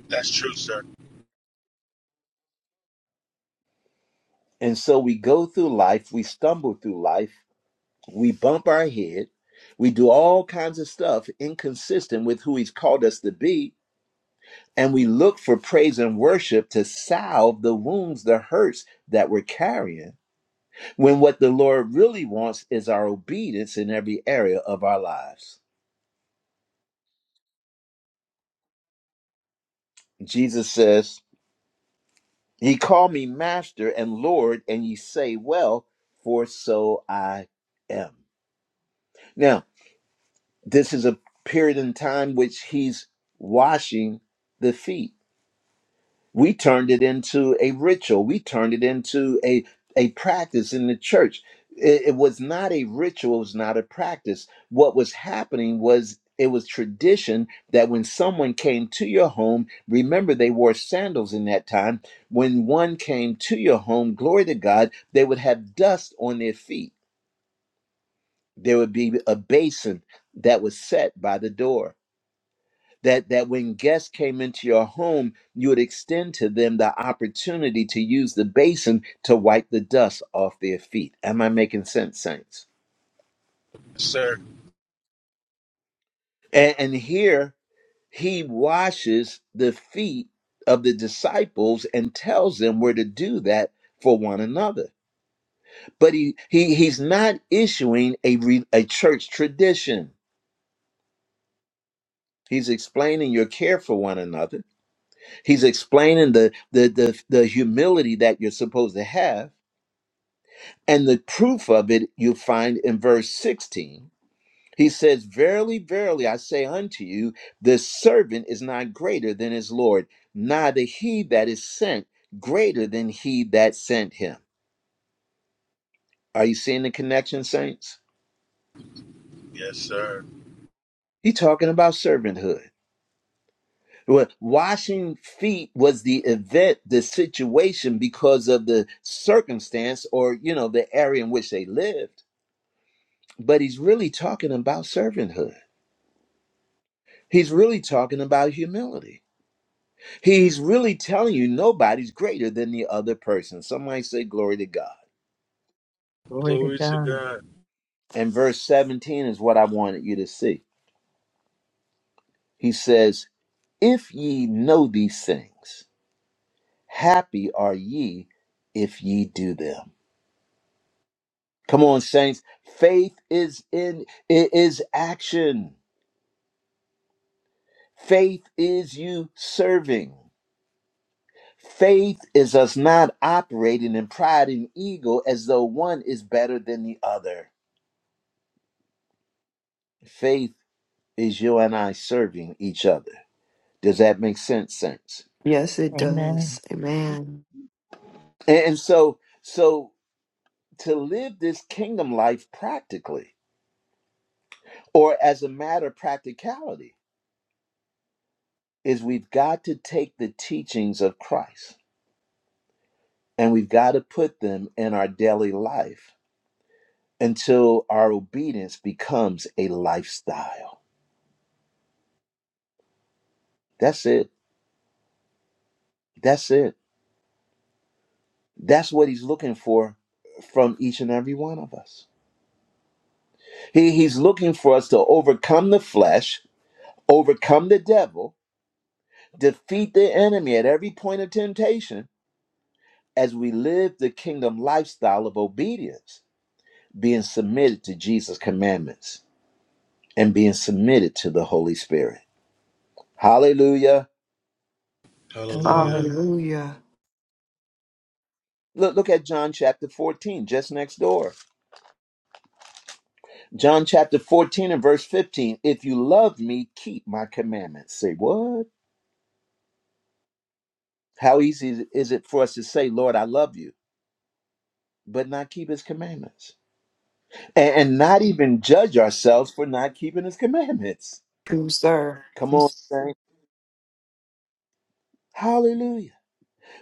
Speaker 2: That's true, sir.
Speaker 1: And so we go through life, we stumble through life, we bump our head, we do all kinds of stuff inconsistent with who He's called us to be And we look for praise and worship to salve the wounds, the hurts that we're carrying, when what the Lord really wants is our obedience in every area of our lives. Jesus says, He called me Master and Lord, and ye say, Well, for so I am. Now, this is a period in time which He's washing the feet We turned it into a ritual. We turned it into a, a practice in the church. It, it was not a ritual, it was not a practice. What was happening was it was tradition that when someone came to your home, remember they wore sandals in that time. When one came to your home, glory to God, they would have dust on their feet. There would be a basin that was set by the door that that when guests came into your home you would extend to them the opportunity to use the basin to wipe the dust off their feet am i making sense saints
Speaker 2: Yes, sir.
Speaker 1: and, and here he washes the feet of the disciples and tells them where to do that for one another but he, he he's not issuing a re, a church tradition he's explaining your care for one another he's explaining the the the, the humility that you're supposed to have And the proof of it you find in verse 16. He says, Verily, verily, I say unto you, the servant is not greater than his Lord, neither he that is sent greater than he that sent him. Are you seeing the connection, saints?
Speaker 2: Yes, sir.
Speaker 1: He's talking about servanthood. Well, Washing feet was the event, the situation because of the circumstance or, you know, the area in which they lived. But he's really talking about servanthood. He's really talking about humility. He's really telling you nobody's greater than the other person. Somebody say, Glory to God.
Speaker 3: Glory to
Speaker 2: Glory to
Speaker 3: God.
Speaker 2: God.
Speaker 1: And verse 17 is what I wanted you to see. He says, If ye know these things, happy are ye if ye do them. Come on, saints. Faith is in it is action. Faith is you serving. Faith is us not operating in pride and ego as though one is better than the other. Faith is you and I serving each other. Does that make sense, Sense.
Speaker 5: Yes, it
Speaker 3: Amen.
Speaker 5: does. Amen.
Speaker 1: And and so, so to live this kingdom life practically or as a matter of practicality is we've got to take the teachings of Christ and we've got to put them in our daily life until our obedience becomes a lifestyle. That's it. That's it. That's what he's looking for from each and every one of us. He, he's looking for us to overcome the flesh overcome the devil, defeat the enemy at every point of temptation as we live the kingdom lifestyle of obedience, being submitted to Jesus' commandments and being submitted to the Holy Spirit. Hallelujah.
Speaker 2: Hallelujah.
Speaker 3: Amen.
Speaker 5: Hallelujah.
Speaker 1: Look, look at John chapter 14, just next door. John chapter 14 and verse 15. If you love me, keep my commandments. Say, what? How easy is it for us to say, Lord, I love you, but not keep his commandments? and, and not even judge ourselves for not keeping his commandments.
Speaker 5: True, sir.
Speaker 1: Come on,
Speaker 5: Yes.
Speaker 1: saint. Hallelujah.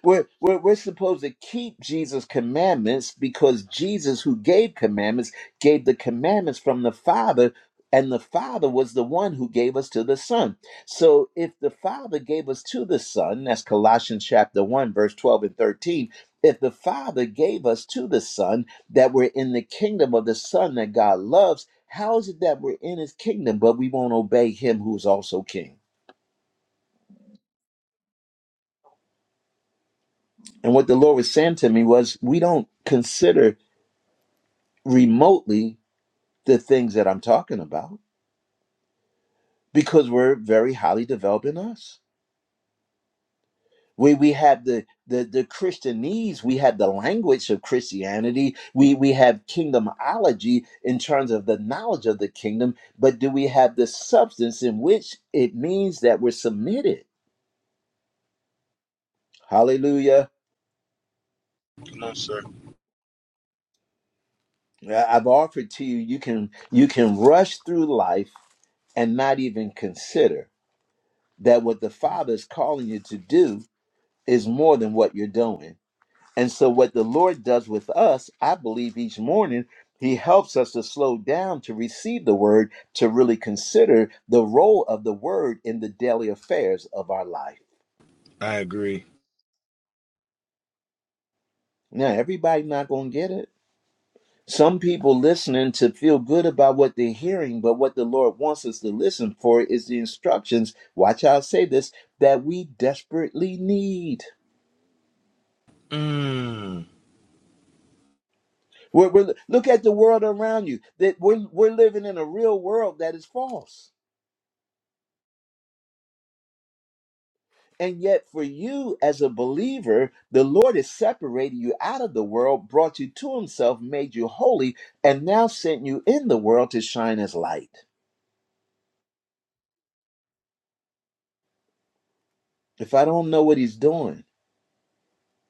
Speaker 1: We're, we're, we're supposed to keep Jesus' commandments because Jesus, who gave commandments, gave the commandments from the Father, and the Father was the one who gave us to the Son. So if the Father gave us to the Son, that's Colossians chapter 1, verse 12 and 13. If the Father gave us to the Son, that we're in the kingdom of the Son that God loves, how is it that we're in his kingdom, but we won't obey him who's also king? And what the Lord was saying to me was, we don't consider remotely the things that I'm talking about because we're very highly developed in us. We we have the the the Christianese, we have the language of Christianity, we we have kingdomology in terms of the knowledge of the kingdom, but do we have the substance in which it means that we're submitted? Hallelujah.
Speaker 2: Come on, sir.
Speaker 1: I- I've offered to you you can you can rush through life and not even consider that what the Father is calling you to do is more than what you're doing And so, what the Lord does with us, I believe each morning, He helps us to slow down to receive the word, to really consider the role of the word in the daily affairs of our life.
Speaker 2: I agree.
Speaker 1: Now, everybody not going to get it. Some people listening to feel good about what they're hearing, but what the Lord wants us to listen for is the instructions. Watch how I say this that we desperately need.
Speaker 2: Mm.
Speaker 1: We're, we're, look at the world around you. That we're, we're living in a real world that is false And yet, for you as a believer, the Lord has separated you out of the world, brought you to Himself, made you holy, and now sent you in the world to shine as light. If I don't know what He's doing,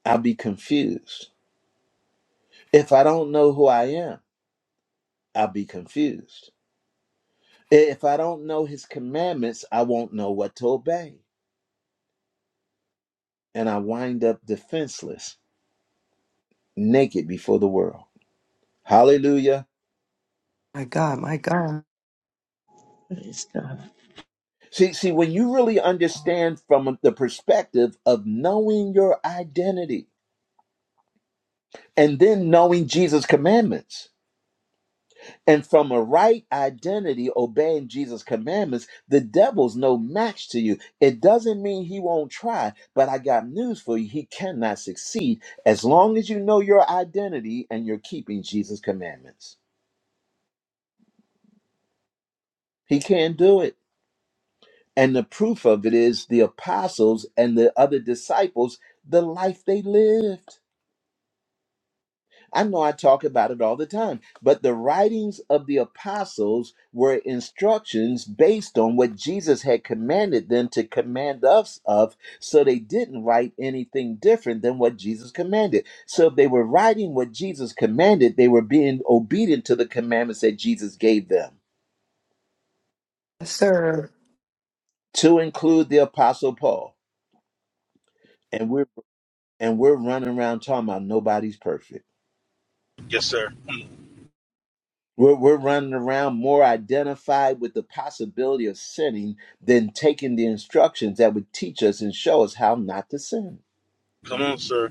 Speaker 1: I'll be confused. If I don't know who I am, I'll be confused. If I don't know His commandments, I won't know what to obey. And I wind up defenseless, naked before the world. Hallelujah.
Speaker 5: My God, my God.
Speaker 4: Praise God.
Speaker 1: See, see, when you really understand from the perspective of knowing your identity and then knowing Jesus' commandments, and from a right identity, obeying Jesus' commandments, the devil's no match to you. It doesn't mean he won't try, but I got news for you. He cannot succeed as long as you know your identity and you're keeping Jesus' commandments. He can't do it. And the proof of it is the apostles and the other disciples, the life they lived. I know I talk about it all the time, but the writings of the apostles were instructions based on what Jesus had commanded them to command us of, so they didn't write anything different than what Jesus commanded. So if they were writing what Jesus commanded, they were being obedient to the commandments that Jesus gave them,
Speaker 5: Yes, sir.
Speaker 1: to include the apostle Paul. And we're and we're running around talking about nobody's perfect.
Speaker 2: Yes, sir. Mm.
Speaker 1: We're, we're running around more identified with the possibility of sinning than taking the instructions that would teach us and show us how not to sin.
Speaker 2: Come on, sir.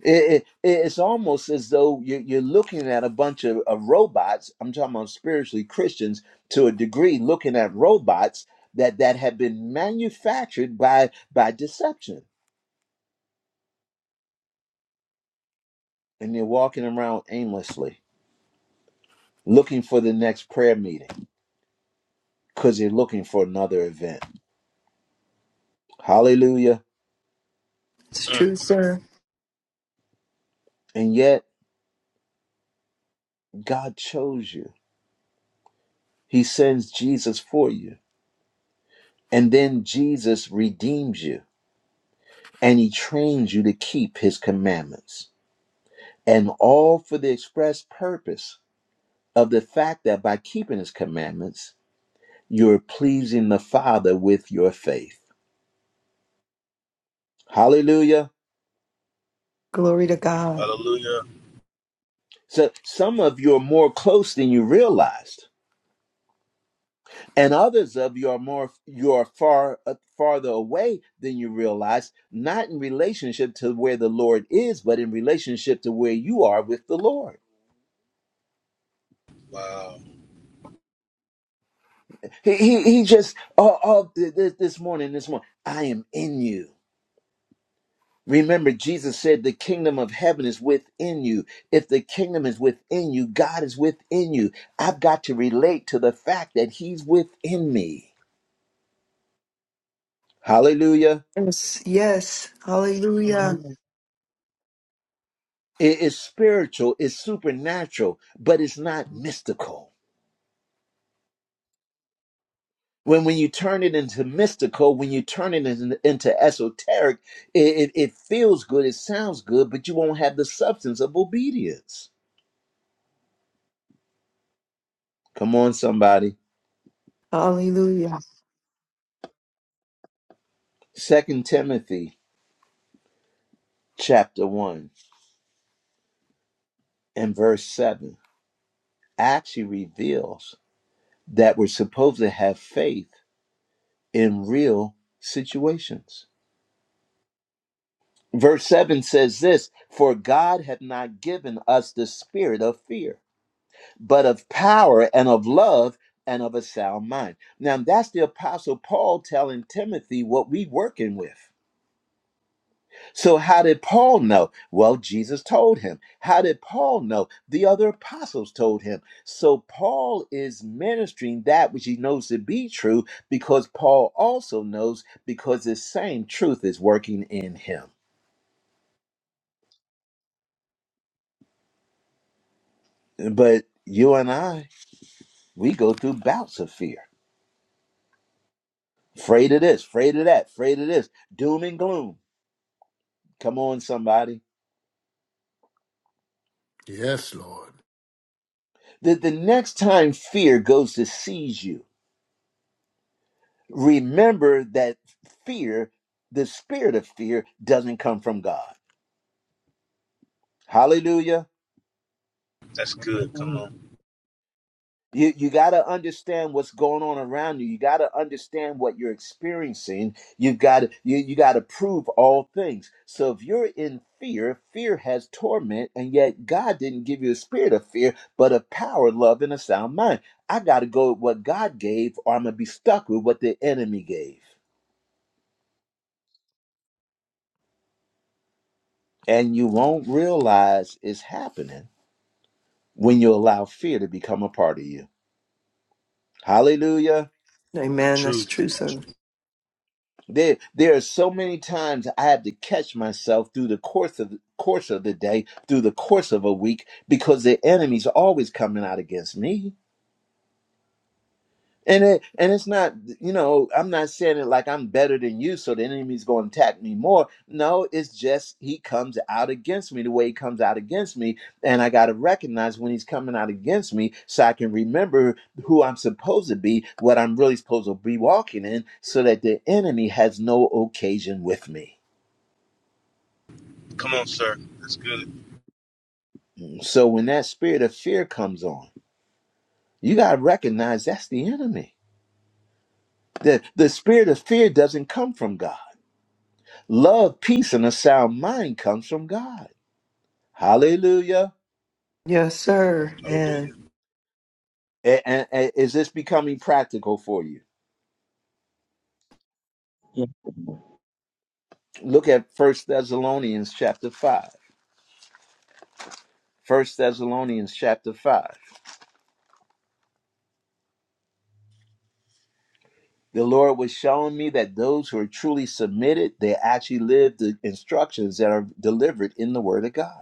Speaker 1: It, it, it's almost as though you- you're looking at a bunch of, of robots. I'm talking about spiritually Christians to a degree, looking at robots that, that have been manufactured by, by deception. And they're walking around aimlessly, looking for the next prayer meeting because they're looking for another event. Hallelujah.
Speaker 5: It's
Speaker 2: Mm.
Speaker 5: true, sir.
Speaker 1: And yet, God chose you. He sends Jesus for you. And then Jesus redeems you and he trains you to keep his commandments. And all for the express purpose of the fact that by keeping his commandments, you're pleasing the Father with your faith. Hallelujah.
Speaker 5: Glory to God.
Speaker 2: Hallelujah.
Speaker 1: So some of you are more close than you realized and others of you are more you are far uh, farther away than you realize not in relationship to where the lord is but in relationship to where you are with the lord
Speaker 2: Wow.
Speaker 1: he he, he just oh, oh this, this morning this morning i am in you remember jesus said the kingdom of heaven is within you if the kingdom is within you god is within you i've got to relate to the fact that he's within me hallelujah
Speaker 5: Yes, yes. Hallelujah.
Speaker 3: Amen.
Speaker 1: It is spiritual, it's supernatural, but it's not mystical. When when you turn it into mystical, when you turn it in- into esoteric, it, it, it feels good, it sounds good, but you won't have the substance of obedience. Come on, somebody.
Speaker 5: Hallelujah.
Speaker 1: Second Timothy chapter one and verse seven actually reveals that we're supposed to have faith in real situations. Verse 7 says this For God hath not given us the spirit of fear, but of power and of love and of a sound mind. Now, that's the Apostle Paul telling Timothy what we working with. So, how did Paul know? Well, Jesus told him. How did Paul know? The other apostles told him. So, Paul is ministering that which he knows to be true because Paul also knows because the same truth is working in him. But you and I, We go through bouts of fear. Afraid of this, afraid of that, afraid of this. Doom and gloom. Come on, somebody.
Speaker 6: Yes, Lord.
Speaker 1: The, the next time fear goes to seize you, remember that fear, the spirit of fear, doesn't come from God. Hallelujah.
Speaker 2: That's good. Come
Speaker 3: Amen.
Speaker 2: on.
Speaker 1: You, you got to understand what's going on around you. You got to understand what you're experiencing. You've got to, you, you got to prove all things. So if you're in fear, fear has torment, and yet God didn't give you a spirit of fear, but a power, love, and a sound mind. I got to go with what God gave, or I'm going to be stuck with what the enemy gave. And you won't realize it's happening when you allow fear to become a part of you. Hallelujah.
Speaker 5: Amen. That's
Speaker 2: Truth.
Speaker 5: true, sir.
Speaker 1: There, there are so many times I have to catch myself through the course of course of the day, through the course of a week, because the enemy's always coming out against me. And it, and it's not, you know, I'm not saying it like I'm better than you, so the enemy's going to attack me more. No, it's just he comes out against me the way he comes out against me, and I got to recognize when he's coming out against me, so I can remember who I'm supposed to be, what I'm really supposed to be walking in, so that the enemy has no occasion with me.
Speaker 2: Come on, sir. That's good.
Speaker 1: So when that spirit of fear comes on, you got to recognize that's the enemy. The, the spirit of fear doesn't come from God. Love, peace, and a sound mind comes from God. Hallelujah.
Speaker 5: Yes, sir.
Speaker 2: Hallelujah.
Speaker 5: And
Speaker 1: A- And, and is this becoming practical for you?
Speaker 4: Yes,
Speaker 1: Look at First Thessalonians chapter 5. First Thessalonians chapter 5. The Lord was showing me that those who are truly submitted, they actually live the instructions that are delivered in the Word of God.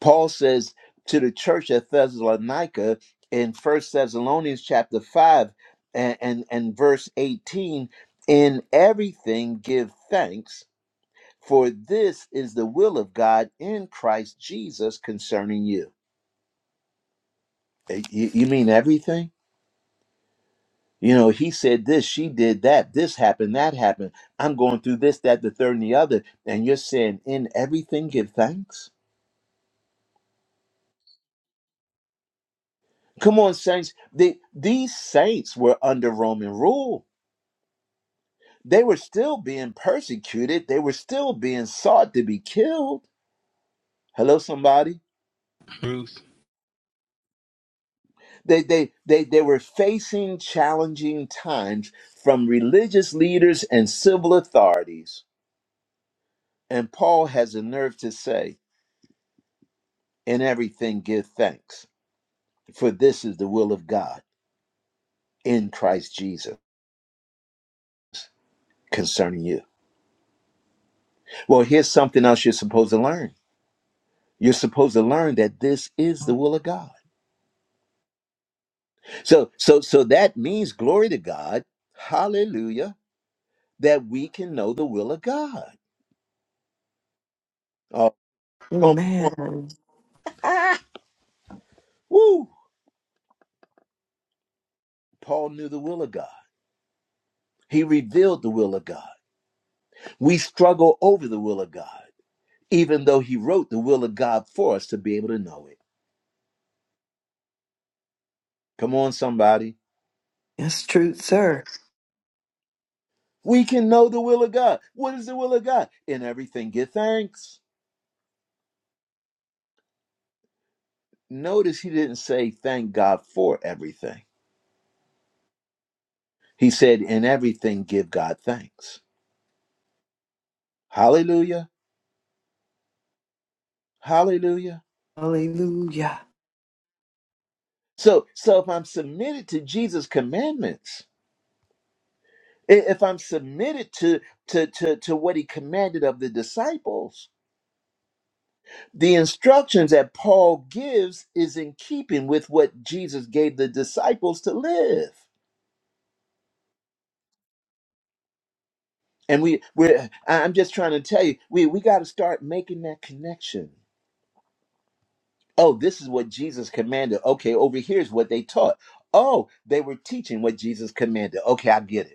Speaker 1: Paul says to the church at Thessalonica in First Thessalonians chapter 5 and, and, and verse 18, in everything give thanks, for this is the will of God in Christ Jesus concerning you. Eh, You, you mean everything? You know, he said this, she did that, this happened, that happened. I'm going through this, that, the third, and the other. And you're saying, in everything, give thanks? Come on, saints. The, these saints were under Roman rule They were still being persecuted. They were still being sought to be killed. Hello, somebody.
Speaker 2: Truth.
Speaker 1: They they they they were facing challenging times from religious leaders and civil authorities. And Paul has the nerve to say, "In everything give thanks, for this is the will of God in Christ Jesus concerning you." Well, here's something else you're supposed to learn. You're supposed to learn that this is the will of God. So so so that means glory to God. Hallelujah that we can know the will of God. Oh, come
Speaker 5: amen.
Speaker 1: ah, woo. Paul knew the will of God. He revealed the will of God. We struggle over the will of God, even though he wrote the will of God for us to be able to know it. Come on, somebody.
Speaker 5: That's true, sir.
Speaker 1: We can know the will of God. What is the will of God? In everything, give thanks. Notice he didn't say thank God for everything. He said, in everything, give God thanks. Hallelujah. Hallelujah.
Speaker 5: Hallelujah.
Speaker 1: So, so if I'm submitted to Jesus' commandments, I- If I'm submitted to, to, to, to what he commanded of the disciples, the instructions that Paul gives is in keeping with what Jesus gave the disciples to live. And we, we're, I- I'm just trying to tell you, we, we got to start making that connection. Oh, this is what Jesus commanded. Okay, over here is what they taught. Oh, they were teaching what Jesus commanded. Okay, I get it.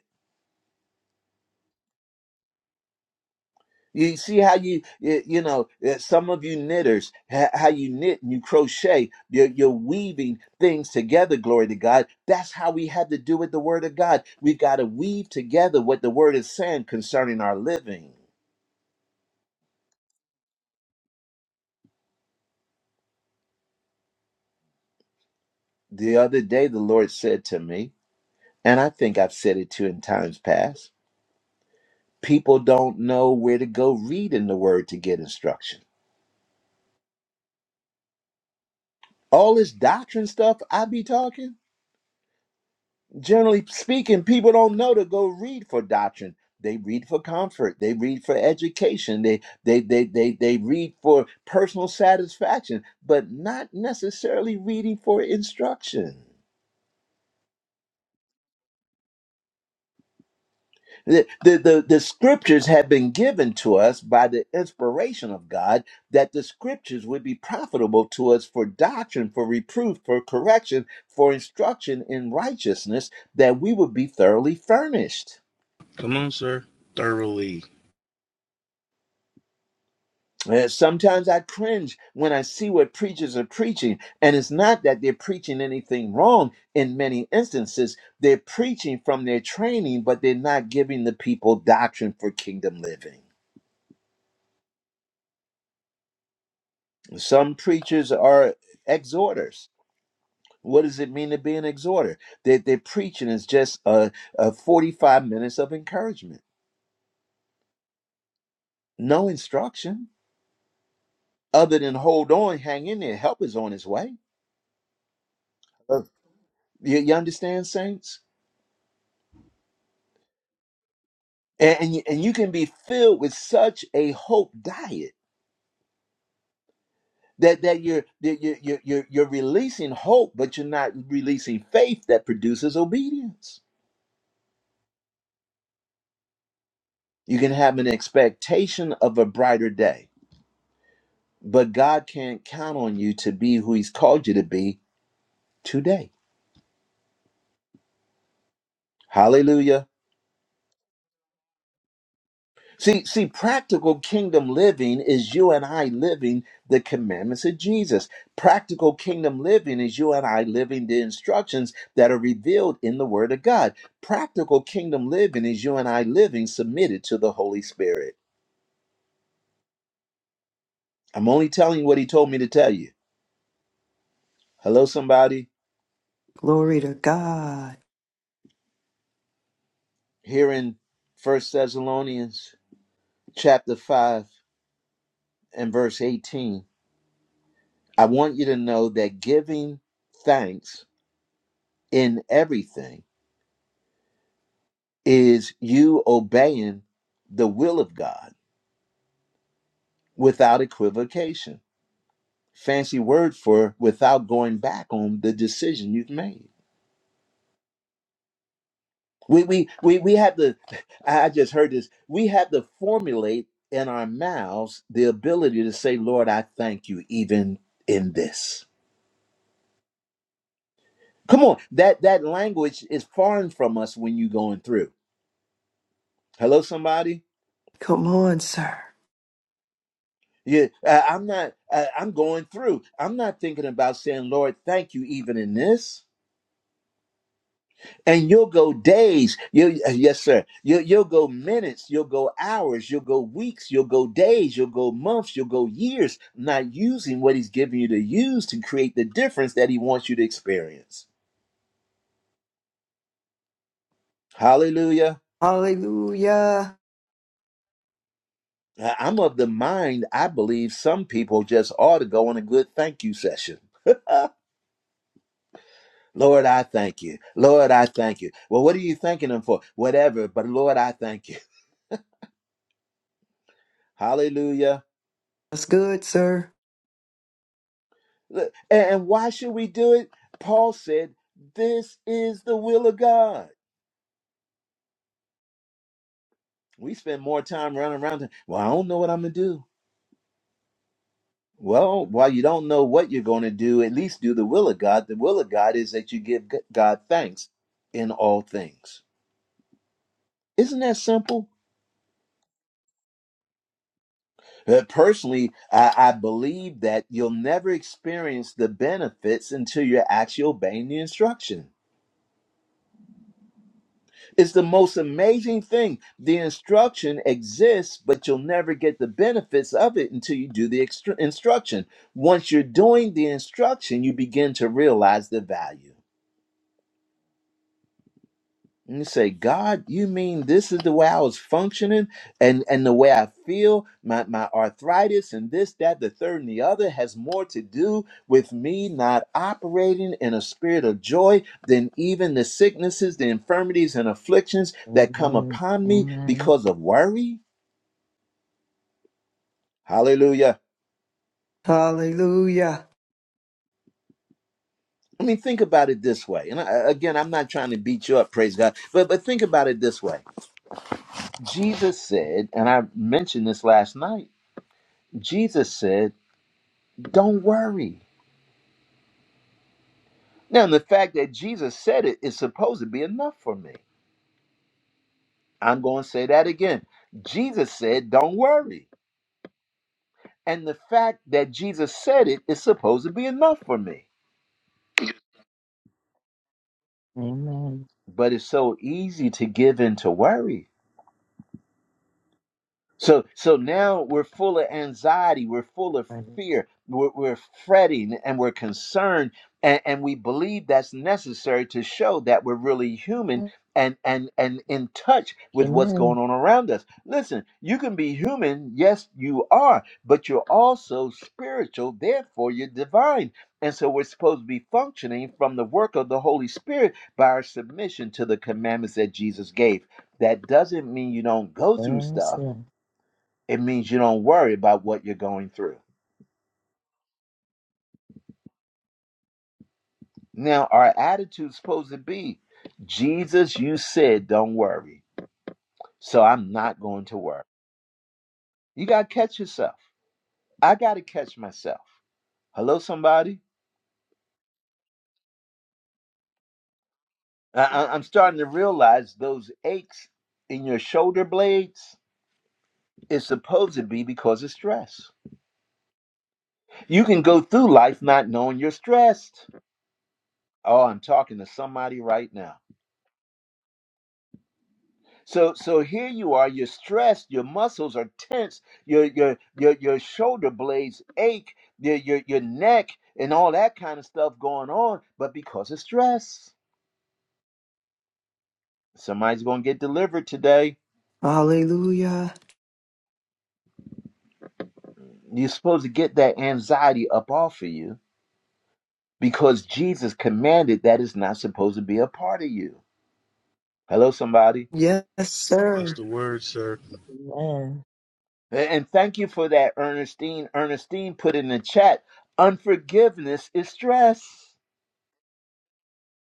Speaker 1: You see how you, you you know, uh, some of you knitters, ha- how you knit and you crochet, you're, you're weaving things together, glory to God. That's how we have to do with the Word of God. We've got to weave together what the Word is saying concerning our living. The other day, the Lord said to me, and I think I've said it too in times past people don't know where to go read in the Word to get instruction. All this doctrine stuff I be talking. generally speaking, people don't know to go read for doctrine. They read for comfort. They read for education. They they they they they read for personal satisfaction, but not necessarily reading for instruction. The, the, the, the scriptures have been given to us by the inspiration of God that the scriptures would be profitable to us for doctrine, for reproof, for correction, for instruction in righteousness, that we would be thoroughly furnished.
Speaker 2: Come on, sir. Thoroughly.
Speaker 1: Uh, Sometimes I cringe when I see what preachers are preaching, and it's not that they're preaching anything wrong in many instances. They're preaching from their training, but they're not giving the people doctrine for kingdom living. Some preachers are exhorters. What does it mean to be an exhorter? That their preaching is just a, a 45 minutes of encouragement, no instruction other than hold on, hang in there, help is on its way. Uh, You, you understand, saints? and and you, and you can be filled with such a hope diet that that you're that you're, you're you're you're releasing hope, but you're not releasing faith that produces obedience. You can have an expectation of a brighter day, but God can't count on you to be who He's called you to be today. Hallelujah. See, see, practical kingdom living is you and I living the commandments of Jesus. Practical kingdom living is you and I living the instructions that are revealed in the Word of God. Practical kingdom living is you and I living submitted to the Holy Spirit. I'm only telling you what He told me to tell you. Hello, somebody.
Speaker 5: Glory to God.
Speaker 1: Here in First Thessalonians chapter five and verse eighteen, I want you to know that giving thanks in everything is you obeying the will of God without equivocation. Fancy word for without going back on the decision you've made. We we we we have to I just heard this. We have to formulate in our mouths the ability to say, Lord, I thank you even in this. Come on, that that language is foreign from us when you're going through. Hello, somebody.
Speaker 5: Come on, sir.
Speaker 1: Yeah, uh, I'm not. Uh, I'm going through. I'm not thinking about saying, Lord, thank you even in this. and you'll go days you yes sir you, you'll go minutes you'll go hours you'll go weeks you'll go days you'll go months you'll go years not using what he's giving you to use to create the difference that he wants you to experience hallelujah
Speaker 5: Hallelujah.
Speaker 1: I- am of the mind i believe some people just ought to go on a good thank you session Lord, I thank you. Lord, I thank you. Well, what are you thanking him for? Whatever, but Lord, I thank you. Hallelujah.
Speaker 5: That's good, sir.
Speaker 1: And and why should we do it? Paul said, This is the will of God. We spend more time running around. Well, I don't know what I'm going to do. Well, while you don't know what you're going to do, at least do the will of God. The will of God is that you give G- God thanks in all things. Isn't that simple? Uh, Personally, I, I believe that you'll never experience the benefits until you're actually obeying the instructions. It's the most amazing thing. The instruction exists, but you'll never get the benefits of it until you do the extra- instruction. Once you're doing the instruction, you begin to realize the value. And you say, God, you mean this is the way I was functioning and, and the way I feel? My, my arthritis and this, that, the third, and the other has more to do with me not operating in a spirit of joy than even the sicknesses, the infirmities, and afflictions that come
Speaker 3: Amen.
Speaker 1: upon me
Speaker 3: Amen.
Speaker 1: because of worry? Hallelujah.
Speaker 5: Hallelujah.
Speaker 1: I mean, think about it this way. And I, again, I'm not trying to beat you up, praise God, but, but think about it this way. Jesus said, and I mentioned this last night, Jesus said, Don't worry. Now, the fact that Jesus said it is supposed to be enough for me. I'm going to say that again. Jesus said, Don't worry. And the fact that Jesus said it is supposed to be enough for me.
Speaker 3: Amen. Amen.
Speaker 1: But it's so easy to give in to worry. So so now we're full of anxiety, we're full of fear, we're, we're fretting and we're concerned, and, and we believe that's necessary to show that we're really human and and and in touch with what's
Speaker 3: Amen.
Speaker 1: going on around us. Listen, you can be human, yes, you are, but you're also spiritual, therefore you're divine. And so we're supposed to be functioning from the work of the Holy Spirit by our submission to the commandments that Jesus gave. That doesn't mean you don't go through
Speaker 3: Yes,
Speaker 1: stuff
Speaker 3: yes.
Speaker 1: it means you don't worry about what you're going through. Now, our attitude's supposed to be Jesus, you said don't worry. So I'm not going to worry. You got to catch yourself. I got to catch myself. Hello, somebody? I- I- am starting to realize those aches in your shoulder blades is supposed to be because of stress. You can go through life not knowing you're stressed. Oh, I'm talking to somebody right now. So so here you are, you're stressed, your muscles are tense, your your your your shoulder blades ache, your your your neck and all that kind of stuff going on, but because of stress. Somebody's gonna get delivered today.
Speaker 5: Hallelujah.
Speaker 1: You're supposed to get that anxiety up off of you because Jesus commanded that is not supposed to be a part of you. Hello, somebody.
Speaker 5: Yes,
Speaker 2: That's
Speaker 5: sir.
Speaker 2: the word, sir.
Speaker 3: Amen.
Speaker 1: A- And thank you for that, Ernestine. Ernestine put in the chat, unforgiveness is stress.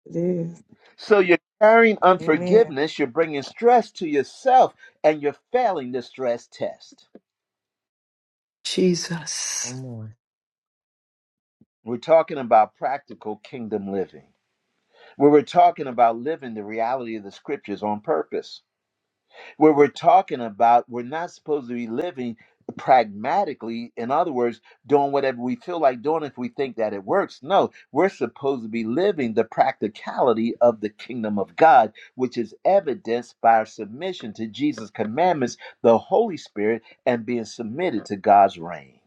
Speaker 4: it is.
Speaker 1: So you're carrying
Speaker 4: Amen.
Speaker 1: unforgiveness, you're bringing stress to yourself, and you're failing the stress test.
Speaker 3: One
Speaker 5: Jesus.
Speaker 3: more.
Speaker 1: We're talking about practical kingdom living, where we're talking about living the reality of the scriptures on purpose. where we're talking about we're not supposed to be living pragmatically in other words doing whatever we feel like doing if we think that it works no we're supposed to be living the practicality of the kingdom of god which is evidenced by our submission to jesus commandments the holy spirit and being submitted to god's reign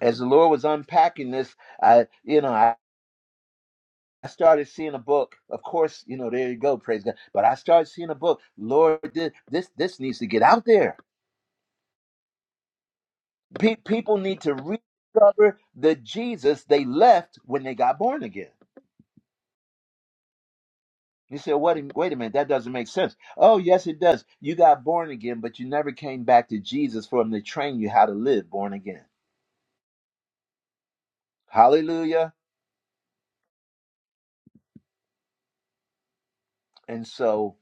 Speaker 1: as the lord was unpacking this i you know i I started seeing a book. Of course, you know, there you go, praise God. But I started seeing a book. Lord, this this, this needs to get out there Pe- people need to rediscover the Jesus they left when they got born again. You say, "What? Wait a minute, that doesn't make sense." Oh, yes, it does. You got born again, but you never came back to Jesus for Him to train you how to live born again. Hallelujah! And so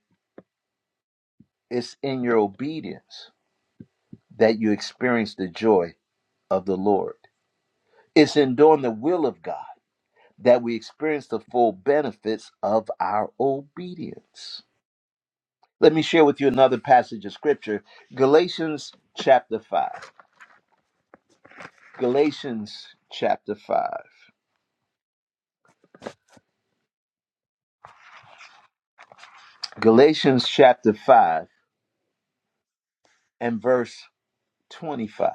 Speaker 1: it's in your obedience that you experience the joy of the Lord. It's in doing the will of God that we experience the full benefits of our obedience. Let me share with you another passage of scripture Galatians chapter 5. Galatians chapter 5. Galatians chapter 5 and verse 25.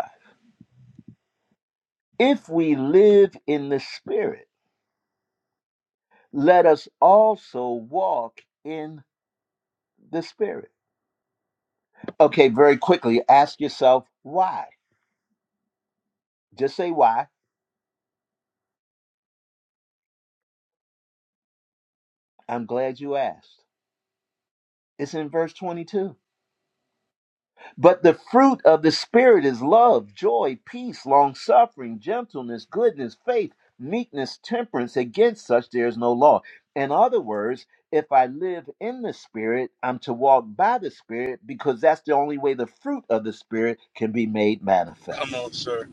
Speaker 1: If we live in the Spirit, let us also walk in the Spirit. Okay, very quickly, ask yourself why. Just say why. I'm glad you asked. It's in verse 22. But the fruit of the Spirit is love, joy, peace, long suffering, gentleness, goodness, faith, meekness, temperance. Against such there is no law. In other words, if I live in the Spirit, I'm to walk by the Spirit because that's the only way the fruit of the Spirit can be made
Speaker 2: Come
Speaker 1: manifest.
Speaker 2: on, sir.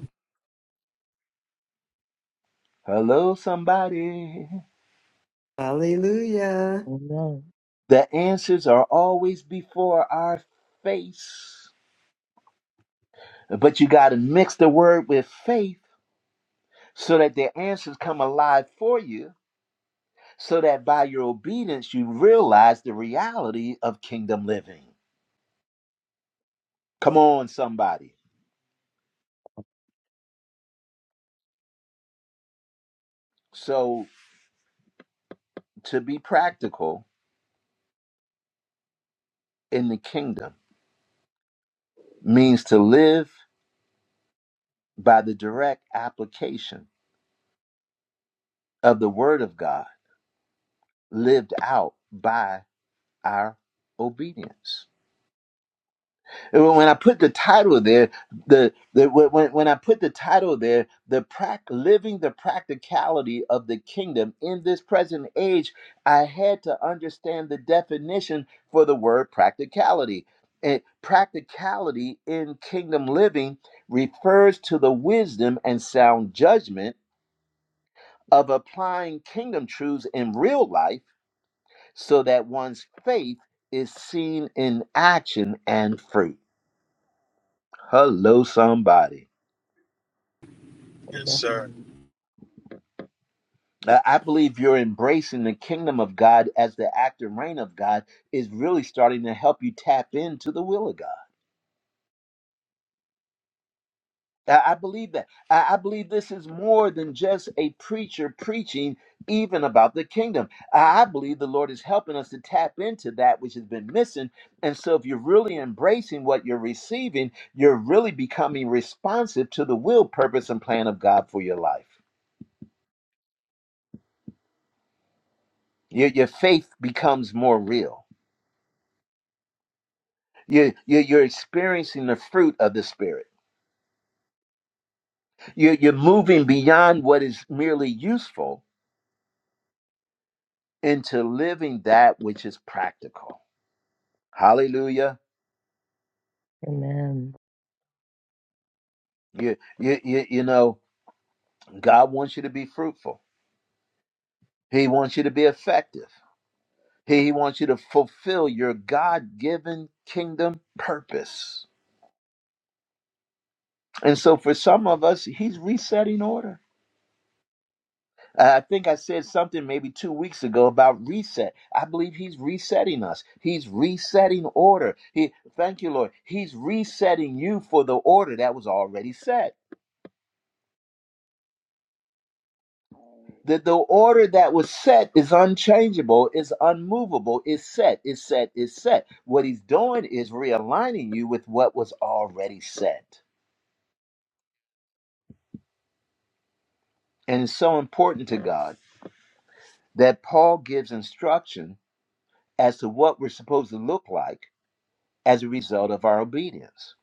Speaker 1: Hello, somebody.
Speaker 5: Hallelujah.
Speaker 3: Amen.
Speaker 1: The answers are always before our face. But you got to mix the word with faith so that the answers come alive for you so that by your obedience you realize the reality of kingdom living. Come on, somebody. So, to be practical in the kingdom means to live by the direct application of the word of God lived out by our obedience. when I put the title there, the, the when, when I put the title there, the prac living the practicality of the kingdom in this present age, I had to understand the definition for the word practicality. And practicality in kingdom living refers to the wisdom and sound judgment of applying kingdom truths in real life so that one's faith is seen in action and fruit. Hello, somebody.
Speaker 2: Yes, sir.
Speaker 3: Amen.
Speaker 1: uh, I believe you're embracing the kingdom of God as the active reign of God is really starting to help you tap into the will of God. I I believe that. I I believe this is more than just a preacher preaching even about the kingdom. I I believe the Lord is helping us to tap into that which has been missing. And so, if you're really embracing what you're receiving, you're really becoming responsive to the will, purpose, and plan of God for your life. Your, your faith becomes more real You, you, you're experiencing the fruit of the Spirit. You, you're moving beyond what is merely useful into living that which is practical. Hallelujah.
Speaker 3: Amen.
Speaker 1: You, you, you, you know, God wants you to be fruitful, He wants you to be effective, He, he wants you to fulfill your God given kingdom purpose. And so, for some of us, He's resetting order. I think I said something maybe two weeks ago about reset. I believe he's resetting us. He's resetting order. He, thank you, Lord. He's resetting you for the order that was already set. The, the order that was set is unchangeable, is unmovable, is set, is set, is set. What he's doing is realigning you with what was already set. And it's so important to God that Paul gives instruction as to what we're supposed to look like as a result of our obedience.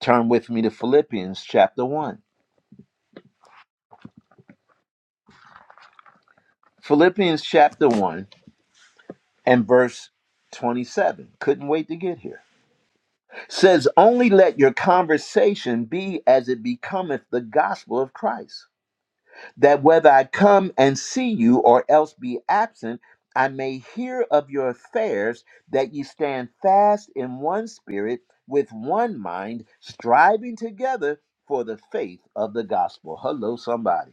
Speaker 1: Turn with me to Philippians chapter 1. Philippians chapter 1 and verse 27. Couldn't wait to get here. Says, Only let your conversation be as it becometh the gospel of Christ, that whether I come and see you or else be absent, I may hear of your affairs, that ye stand fast in one spirit, with one mind, striving together for the faith of the gospel. Hello, somebody.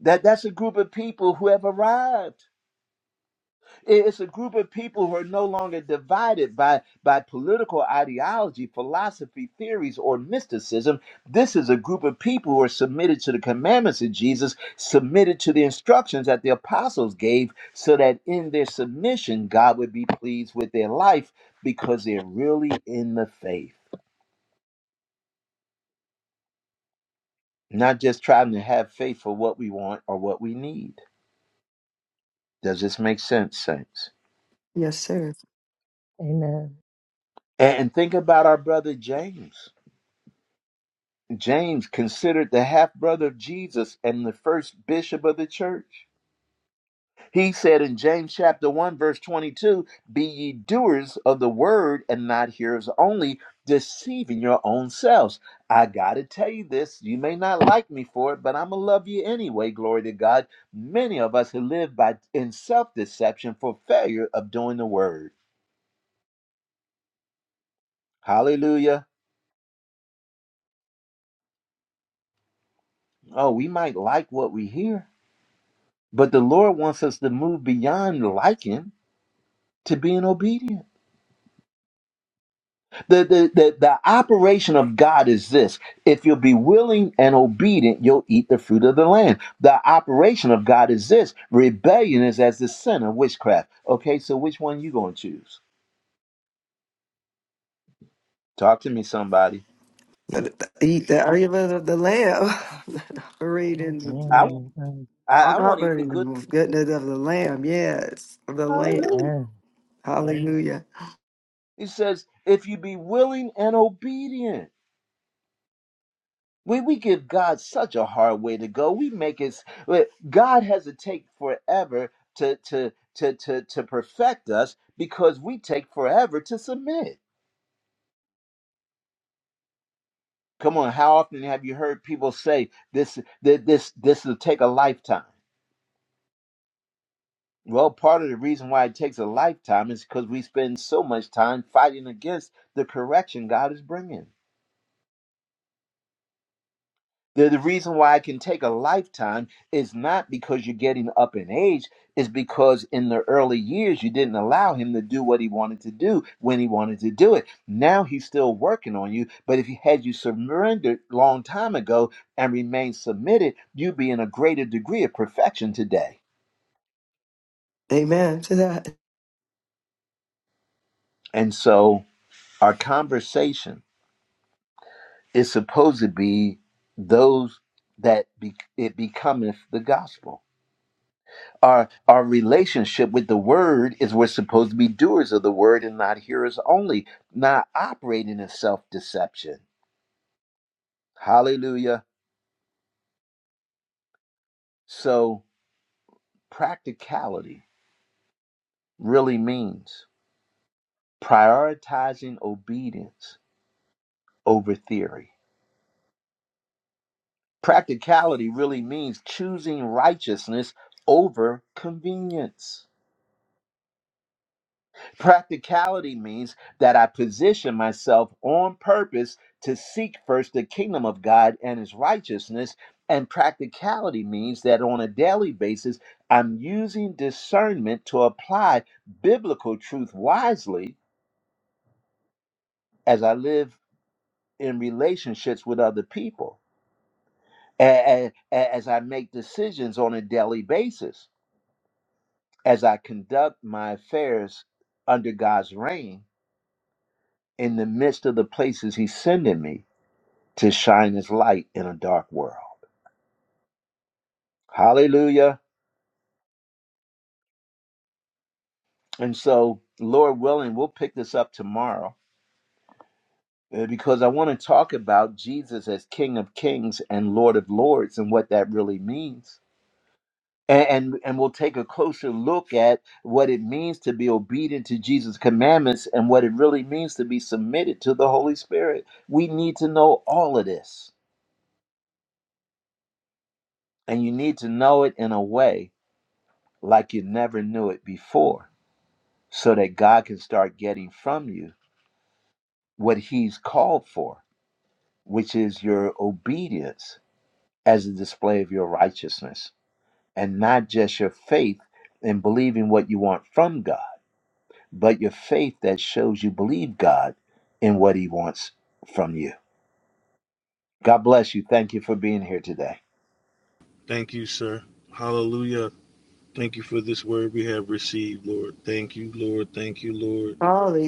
Speaker 1: That that's a group of people who have arrived. It- It's a group of people who are no longer divided by by political ideology, philosophy, theories, or mysticism. This is a group of people who are submitted to the commandments of Jesus, submitted to the instructions that the apostles gave, so that in their submission, God would be pleased with their life because they're really in the faith, not just trying to have faith for what we want or what we need. Does this make sense, saints?
Speaker 5: Yes, sir.
Speaker 3: Amen.
Speaker 1: And think about our brother James. James, considered the half brother of Jesus and the first bishop of the church. He said in James chapter 1, verse 22, Be ye doers of the word and not hearers only, deceiving your own selves. I got to tell you this. You may not like me for it, but I'm going to love you anyway. Glory to God. Many of us have lived by, in self deception for failure of doing the word. Hallelujah. Oh, we might like what we hear But the Lord wants us to move beyond liking to being obedient. The, the, the, the operation of God is this if you'll be willing and obedient, you'll eat the fruit of the land. The operation of God is this rebellion is as the sin of witchcraft. Okay, so which one you going to choose? Talk to me, somebody.
Speaker 5: Eat the argument of the lamb. *laughs* Reading.
Speaker 1: I,
Speaker 4: Amen.
Speaker 3: Amen.
Speaker 1: I,
Speaker 5: I'm
Speaker 1: I
Speaker 5: not
Speaker 1: want to eat the
Speaker 5: burning the
Speaker 1: good.
Speaker 5: Goodness of the Lamb. Yes. the Lamb.
Speaker 1: Hallelujah.
Speaker 3: Yes.
Speaker 5: Hallelujah.
Speaker 1: He says, if you be willing and obedient. When we give God such a hard way to go, we make it. God has to take forever to to to to to perfect us because we take forever to submit. Come on, how often have you heard people say this? That this this will take a lifetime. Well, part of the reason why it takes a lifetime is because we spend so much time fighting against the correction God is bringing. The, the reason why it can take a lifetime is not because you're getting up in age, is because in the early years you didn't allow him to do what he wanted to do when he wanted to do it. Now he's still working on you, but if he had you surrendered long time ago and remained submitted, you'd be in a greater degree of perfection today.
Speaker 5: Amen to that.
Speaker 1: And so our conversation is supposed to be those that be, it becometh the gospel. our our relationship with the word is we're supposed to be doers of the word and not hearers only not operating in self-deception hallelujah so practicality really means prioritizing obedience over theory practicality really means choosing righteousness over convenience Practicality means that I position myself on purpose to seek first the kingdom of God and his righteousness. And practicality means that on a daily basis, I'm using discernment to apply biblical truth wisely as I live in relationships with other people, a- a- as I make decisions on a daily basis, as I conduct my affairs under God's reign in the midst of the places he's sending me to shine his light in a dark world. Hallelujah. And so, Lord willing, we'll pick this up tomorrow uh, because I want to talk about Jesus as King of Kings and Lord of Lords and what that really means. And, and, and we'll take a closer look at what it means to be obedient to Jesus' commandments and what it really means to be submitted to the Holy Spirit. We need to know all of this, and you need to know it in a way like you never knew it before so that God can start getting from you what He's called for, which is your obedience as a display of your righteousness, and not just your faith in believing what you want from God, but your faith that shows you believe God in what He wants from you. God bless you. Thank you for being here today.
Speaker 2: Thank you, sir. Hallelujah. Thank you for this word we have received, Lord. Thank you, Lord. Thank you, Lord.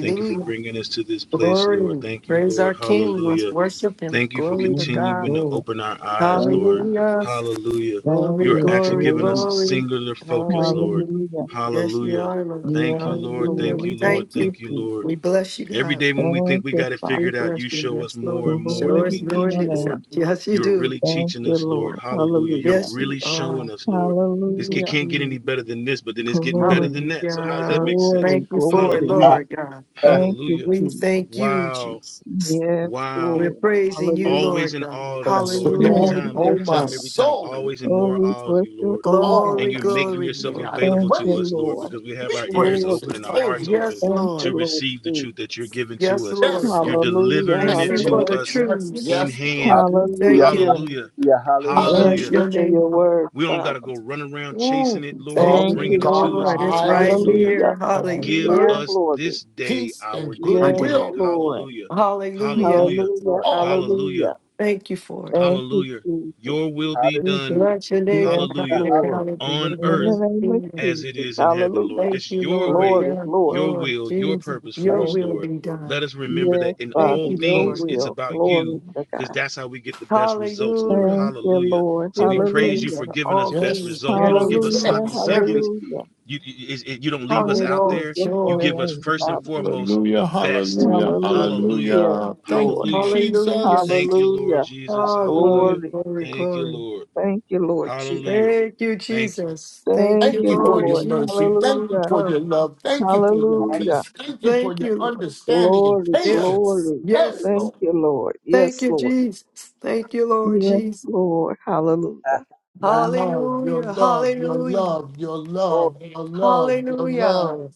Speaker 2: Thank you for bringing us to this place, Lord.
Speaker 5: Glory.
Speaker 2: Thank you,
Speaker 5: Praise
Speaker 2: Lord. Hallelujah.
Speaker 5: the
Speaker 2: Thank you for
Speaker 5: glory to
Speaker 4: Yes,
Speaker 2: continuing
Speaker 5: God.
Speaker 2: to
Speaker 4: Lord.
Speaker 2: open our eyes,
Speaker 4: Thank
Speaker 2: Lord.
Speaker 4: you.
Speaker 5: Hallelujah.
Speaker 2: Hallelujah.
Speaker 4: Thank
Speaker 5: Glory,
Speaker 2: You are
Speaker 4: you,
Speaker 2: actually
Speaker 5: glory,
Speaker 2: giving us
Speaker 4: Lord.
Speaker 2: a
Speaker 5: glory.
Speaker 2: singular focus,
Speaker 5: Hallelujah.
Speaker 2: Lord.
Speaker 4: Hallelujah.
Speaker 5: Yes, you
Speaker 2: Hallelujah.
Speaker 5: Lord.
Speaker 2: Thank you,
Speaker 4: Yes,
Speaker 2: Lord.
Speaker 5: Hallelujah.
Speaker 2: Thank
Speaker 4: Lord.
Speaker 5: We
Speaker 2: you, Lord.
Speaker 4: Thank
Speaker 5: thank
Speaker 4: you,
Speaker 5: you.
Speaker 2: Thank you, Lord.
Speaker 4: Jesus.
Speaker 5: We bless you,
Speaker 2: Every
Speaker 5: God.
Speaker 2: day when we
Speaker 4: Thank
Speaker 2: think we
Speaker 4: you,
Speaker 2: got it
Speaker 4: Father.
Speaker 5: We
Speaker 2: figured out, you show us
Speaker 5: bless
Speaker 2: more and
Speaker 5: Lord.
Speaker 2: more
Speaker 4: Glory
Speaker 5: Show
Speaker 2: that
Speaker 5: us
Speaker 2: we
Speaker 4: to
Speaker 5: your
Speaker 2: need
Speaker 4: your
Speaker 2: you,
Speaker 5: news.
Speaker 2: Lord.
Speaker 4: name.
Speaker 5: Yes, you
Speaker 2: You're
Speaker 5: do.
Speaker 2: really
Speaker 4: Thank
Speaker 2: teaching
Speaker 4: you,
Speaker 2: us, Lord.
Speaker 4: Lord.
Speaker 2: Hallelujah. You're
Speaker 4: Hallelujah.
Speaker 5: Yes, you
Speaker 2: really showing
Speaker 5: are.
Speaker 2: us, Lord. This it
Speaker 4: Hallelujah.
Speaker 2: can't get any better than this, but then it's getting better
Speaker 4: Glory,
Speaker 2: than that. So how does that
Speaker 5: Hallelujah.
Speaker 2: make sense?
Speaker 4: glory,
Speaker 5: Thank you for it,
Speaker 4: glory.
Speaker 2: Hallelujah.
Speaker 5: Lord God.
Speaker 1: Hallelujah.
Speaker 4: Thank you,
Speaker 2: Hallelujah.
Speaker 5: We
Speaker 4: Jesus.
Speaker 5: thank you,
Speaker 2: Wow.
Speaker 5: Jesus.
Speaker 4: Yes,
Speaker 2: Wow
Speaker 5: We're
Speaker 4: Lord.
Speaker 5: praising you,
Speaker 4: Hallelujah.
Speaker 2: always
Speaker 5: Lord
Speaker 2: in
Speaker 5: God.
Speaker 2: awe of you,
Speaker 6: Bless the
Speaker 2: Lord. Every
Speaker 5: Hallelujah.
Speaker 4: Thank
Speaker 6: Lord,
Speaker 2: time,
Speaker 4: you,
Speaker 6: oh
Speaker 2: every
Speaker 6: my
Speaker 4: Father.
Speaker 2: time, every time,
Speaker 6: soul, and
Speaker 2: always in
Speaker 4: Oh,
Speaker 2: more
Speaker 4: we
Speaker 2: awe of
Speaker 4: bless
Speaker 2: you,
Speaker 4: your
Speaker 2: Lord.
Speaker 4: holy name.
Speaker 6: all
Speaker 2: And
Speaker 5: Glory,
Speaker 2: you're
Speaker 6: that's
Speaker 2: making
Speaker 5: glory,
Speaker 6: within
Speaker 2: yourself
Speaker 6: me. I
Speaker 5: glory.
Speaker 2: available
Speaker 4: Thank
Speaker 2: to
Speaker 4: you,
Speaker 6: pray,
Speaker 2: us, Lord,
Speaker 4: Lord.
Speaker 2: because we have
Speaker 6: we
Speaker 2: our ears
Speaker 6: praise
Speaker 2: open
Speaker 4: Glory.
Speaker 2: and
Speaker 6: His
Speaker 2: our
Speaker 6: holy
Speaker 2: hearts
Speaker 6: name.
Speaker 2: open
Speaker 5: Yes,
Speaker 4: Thank you,
Speaker 5: Lord.
Speaker 2: to
Speaker 4: Lord
Speaker 2: receive the
Speaker 4: Jesus.
Speaker 2: truth that you're giving to
Speaker 5: Yes,
Speaker 2: us.
Speaker 5: Lord.
Speaker 6: Yes,
Speaker 2: You're
Speaker 6: Lord.
Speaker 4: Hallelujah.
Speaker 2: delivering
Speaker 5: Thank
Speaker 2: it
Speaker 6: Yes,
Speaker 5: you
Speaker 2: to
Speaker 5: for the
Speaker 6: Lord.
Speaker 4: Hallelujah.
Speaker 2: us
Speaker 6: Yes,
Speaker 5: truths.
Speaker 2: in
Speaker 6: yes, Lord.
Speaker 2: hand.
Speaker 5: We
Speaker 1: Hallelujah.
Speaker 5: thank you,
Speaker 4: Hallelujah.
Speaker 5: Lord.
Speaker 2: Hallelujah.
Speaker 1: Hallelujah.
Speaker 5: We
Speaker 4: Thank
Speaker 5: bless
Speaker 6: Hallelujah.
Speaker 2: Hallelujah.
Speaker 4: you
Speaker 5: your
Speaker 4: for
Speaker 5: name,
Speaker 4: your
Speaker 5: Lord.
Speaker 4: word,
Speaker 2: We don't got
Speaker 4: Father.
Speaker 2: to go run around chasing
Speaker 5: Ooh,
Speaker 2: it, Lord. You're
Speaker 5: thank
Speaker 6: Glory
Speaker 4: Thank
Speaker 6: to
Speaker 5: you,
Speaker 2: bringing
Speaker 4: you,
Speaker 2: it
Speaker 6: God in
Speaker 2: to
Speaker 6: the
Speaker 2: us,
Speaker 5: Lord.
Speaker 4: Jesus.
Speaker 5: It's
Speaker 2: Lord.
Speaker 5: right
Speaker 6: highest
Speaker 2: Hallelujah.
Speaker 4: Hallelujah.
Speaker 5: here.
Speaker 6: and on
Speaker 2: Give
Speaker 4: Oh,
Speaker 6: earth,
Speaker 5: Hallelujah.
Speaker 2: us
Speaker 4: glory.
Speaker 2: this day
Speaker 6: peace
Speaker 2: our
Speaker 6: and
Speaker 5: I
Speaker 2: daily
Speaker 4: Yes,
Speaker 5: do.
Speaker 2: bread.
Speaker 6: goodwill.
Speaker 4: Lord.
Speaker 2: Hallelujah.
Speaker 5: Hallelujah.
Speaker 2: Hallelujah.
Speaker 4: Hallelujah.
Speaker 1: Lord.
Speaker 6: All.
Speaker 2: Hallelujah.
Speaker 4: Hallelujah.
Speaker 5: Thank you for it, Lord.
Speaker 4: Thank you,
Speaker 2: Hallelujah.
Speaker 4: Jesus.
Speaker 2: Your will be
Speaker 5: We
Speaker 2: done.
Speaker 1: Hallelujah.
Speaker 5: bless your name for
Speaker 4: Yes,
Speaker 2: Hallelujah.
Speaker 5: Dr.
Speaker 4: Lord.
Speaker 5: Crowley. We
Speaker 2: On
Speaker 5: live
Speaker 4: In the
Speaker 5: in your
Speaker 2: earth
Speaker 4: name of
Speaker 5: kingdom.
Speaker 2: as it
Speaker 4: Jesus.
Speaker 2: is in heaven, Lord.
Speaker 4: Hallelujah.
Speaker 2: This
Speaker 5: Thank
Speaker 2: is
Speaker 5: you,
Speaker 2: your
Speaker 5: Lord.
Speaker 2: way,
Speaker 4: Glory,
Speaker 5: Yes,
Speaker 4: glory.
Speaker 2: your
Speaker 5: Lord
Speaker 2: will, your
Speaker 5: Jesus,
Speaker 2: purpose for
Speaker 5: your
Speaker 2: us,
Speaker 4: Thank
Speaker 5: will
Speaker 2: Lord.
Speaker 5: be
Speaker 2: Let
Speaker 5: done.
Speaker 2: us remember
Speaker 4: you, yes,
Speaker 2: that in
Speaker 5: Thank
Speaker 2: all
Speaker 4: Father,
Speaker 5: you
Speaker 4: your
Speaker 5: for
Speaker 2: things, it's
Speaker 4: will.
Speaker 2: about
Speaker 5: it.
Speaker 4: Glory
Speaker 2: you
Speaker 4: to
Speaker 2: because
Speaker 4: God.
Speaker 2: that's how we get the best results, Lord.
Speaker 5: Hallelujah.
Speaker 4: Thank you,
Speaker 2: Hallelujah.
Speaker 4: Lord.
Speaker 2: So we
Speaker 5: Giving
Speaker 2: praise you
Speaker 5: thanks
Speaker 4: Hallelujah.
Speaker 2: for
Speaker 5: for
Speaker 2: giving us
Speaker 5: all
Speaker 2: best
Speaker 6: Yes,
Speaker 5: things.
Speaker 2: results. You don't
Speaker 6: yes,
Speaker 5: Glory
Speaker 2: give
Speaker 5: to
Speaker 2: us
Speaker 4: Hallelujah.
Speaker 2: sloppy
Speaker 5: God.
Speaker 6: yes.
Speaker 5: Every
Speaker 2: seconds.
Speaker 4: Hallelujah.
Speaker 2: You, you it- you don't leave
Speaker 5: count
Speaker 2: us
Speaker 4: Oh,
Speaker 5: it
Speaker 2: out
Speaker 4: bless
Speaker 5: all
Speaker 2: there.
Speaker 4: your
Speaker 2: You
Speaker 4: holy
Speaker 2: give
Speaker 5: joy.
Speaker 2: us
Speaker 4: name,
Speaker 2: first and
Speaker 4: Father.
Speaker 2: foremost
Speaker 6: Hallelujah,
Speaker 2: the best.
Speaker 5: Yes.
Speaker 6: hallelujah,
Speaker 4: Hallelujah.
Speaker 2: Hallelujah.
Speaker 4: Yes,
Speaker 6: hallelujah. Thank
Speaker 4: Lord.
Speaker 6: you,
Speaker 2: Hallelujah.
Speaker 5: Hallelujah.
Speaker 6: Jesus.
Speaker 2: Thank you, Lord
Speaker 4: Hallelujah.
Speaker 2: Jesus.
Speaker 5: Oh,
Speaker 2: Hallelujah.
Speaker 5: glory,
Speaker 4: Glory.
Speaker 5: glory,
Speaker 2: Thank you,
Speaker 5: glory.
Speaker 2: Lord.
Speaker 4: Thank you, Lord Jesus.
Speaker 2: Hallelujah.
Speaker 5: Thank you,
Speaker 2: Thank you.
Speaker 5: Jesus. Thank
Speaker 4: Thank
Speaker 5: you,
Speaker 6: Thank
Speaker 4: you,
Speaker 6: you for
Speaker 5: Lord
Speaker 6: your
Speaker 4: Lord.
Speaker 5: Jesus.
Speaker 6: mercy. Thank you
Speaker 4: Hallelujah.
Speaker 6: for
Speaker 5: Oh,
Speaker 6: your love. Thank you for your
Speaker 1: Hallelujah.
Speaker 4: Hallelujah.
Speaker 6: peace. Thank you for
Speaker 5: thank
Speaker 6: your
Speaker 5: you, Lord.
Speaker 6: understanding and
Speaker 4: Glory,
Speaker 6: patience.
Speaker 5: Yes,
Speaker 4: glory.
Speaker 5: yes.
Speaker 6: Yes,
Speaker 4: Thank
Speaker 6: Lord.
Speaker 4: you, Lord.
Speaker 5: Thank
Speaker 4: Yes,
Speaker 5: you,
Speaker 4: Lord.
Speaker 5: Jesus. Thank you,
Speaker 4: Yes,
Speaker 5: Lord
Speaker 4: Lord. Hallelujah.
Speaker 6: Your love, your
Speaker 5: Hallelujah.
Speaker 6: love, your
Speaker 5: Hallelujah.
Speaker 6: love, your
Speaker 1: Lord.
Speaker 6: love, your love, your
Speaker 5: Hallelujah.
Speaker 6: love.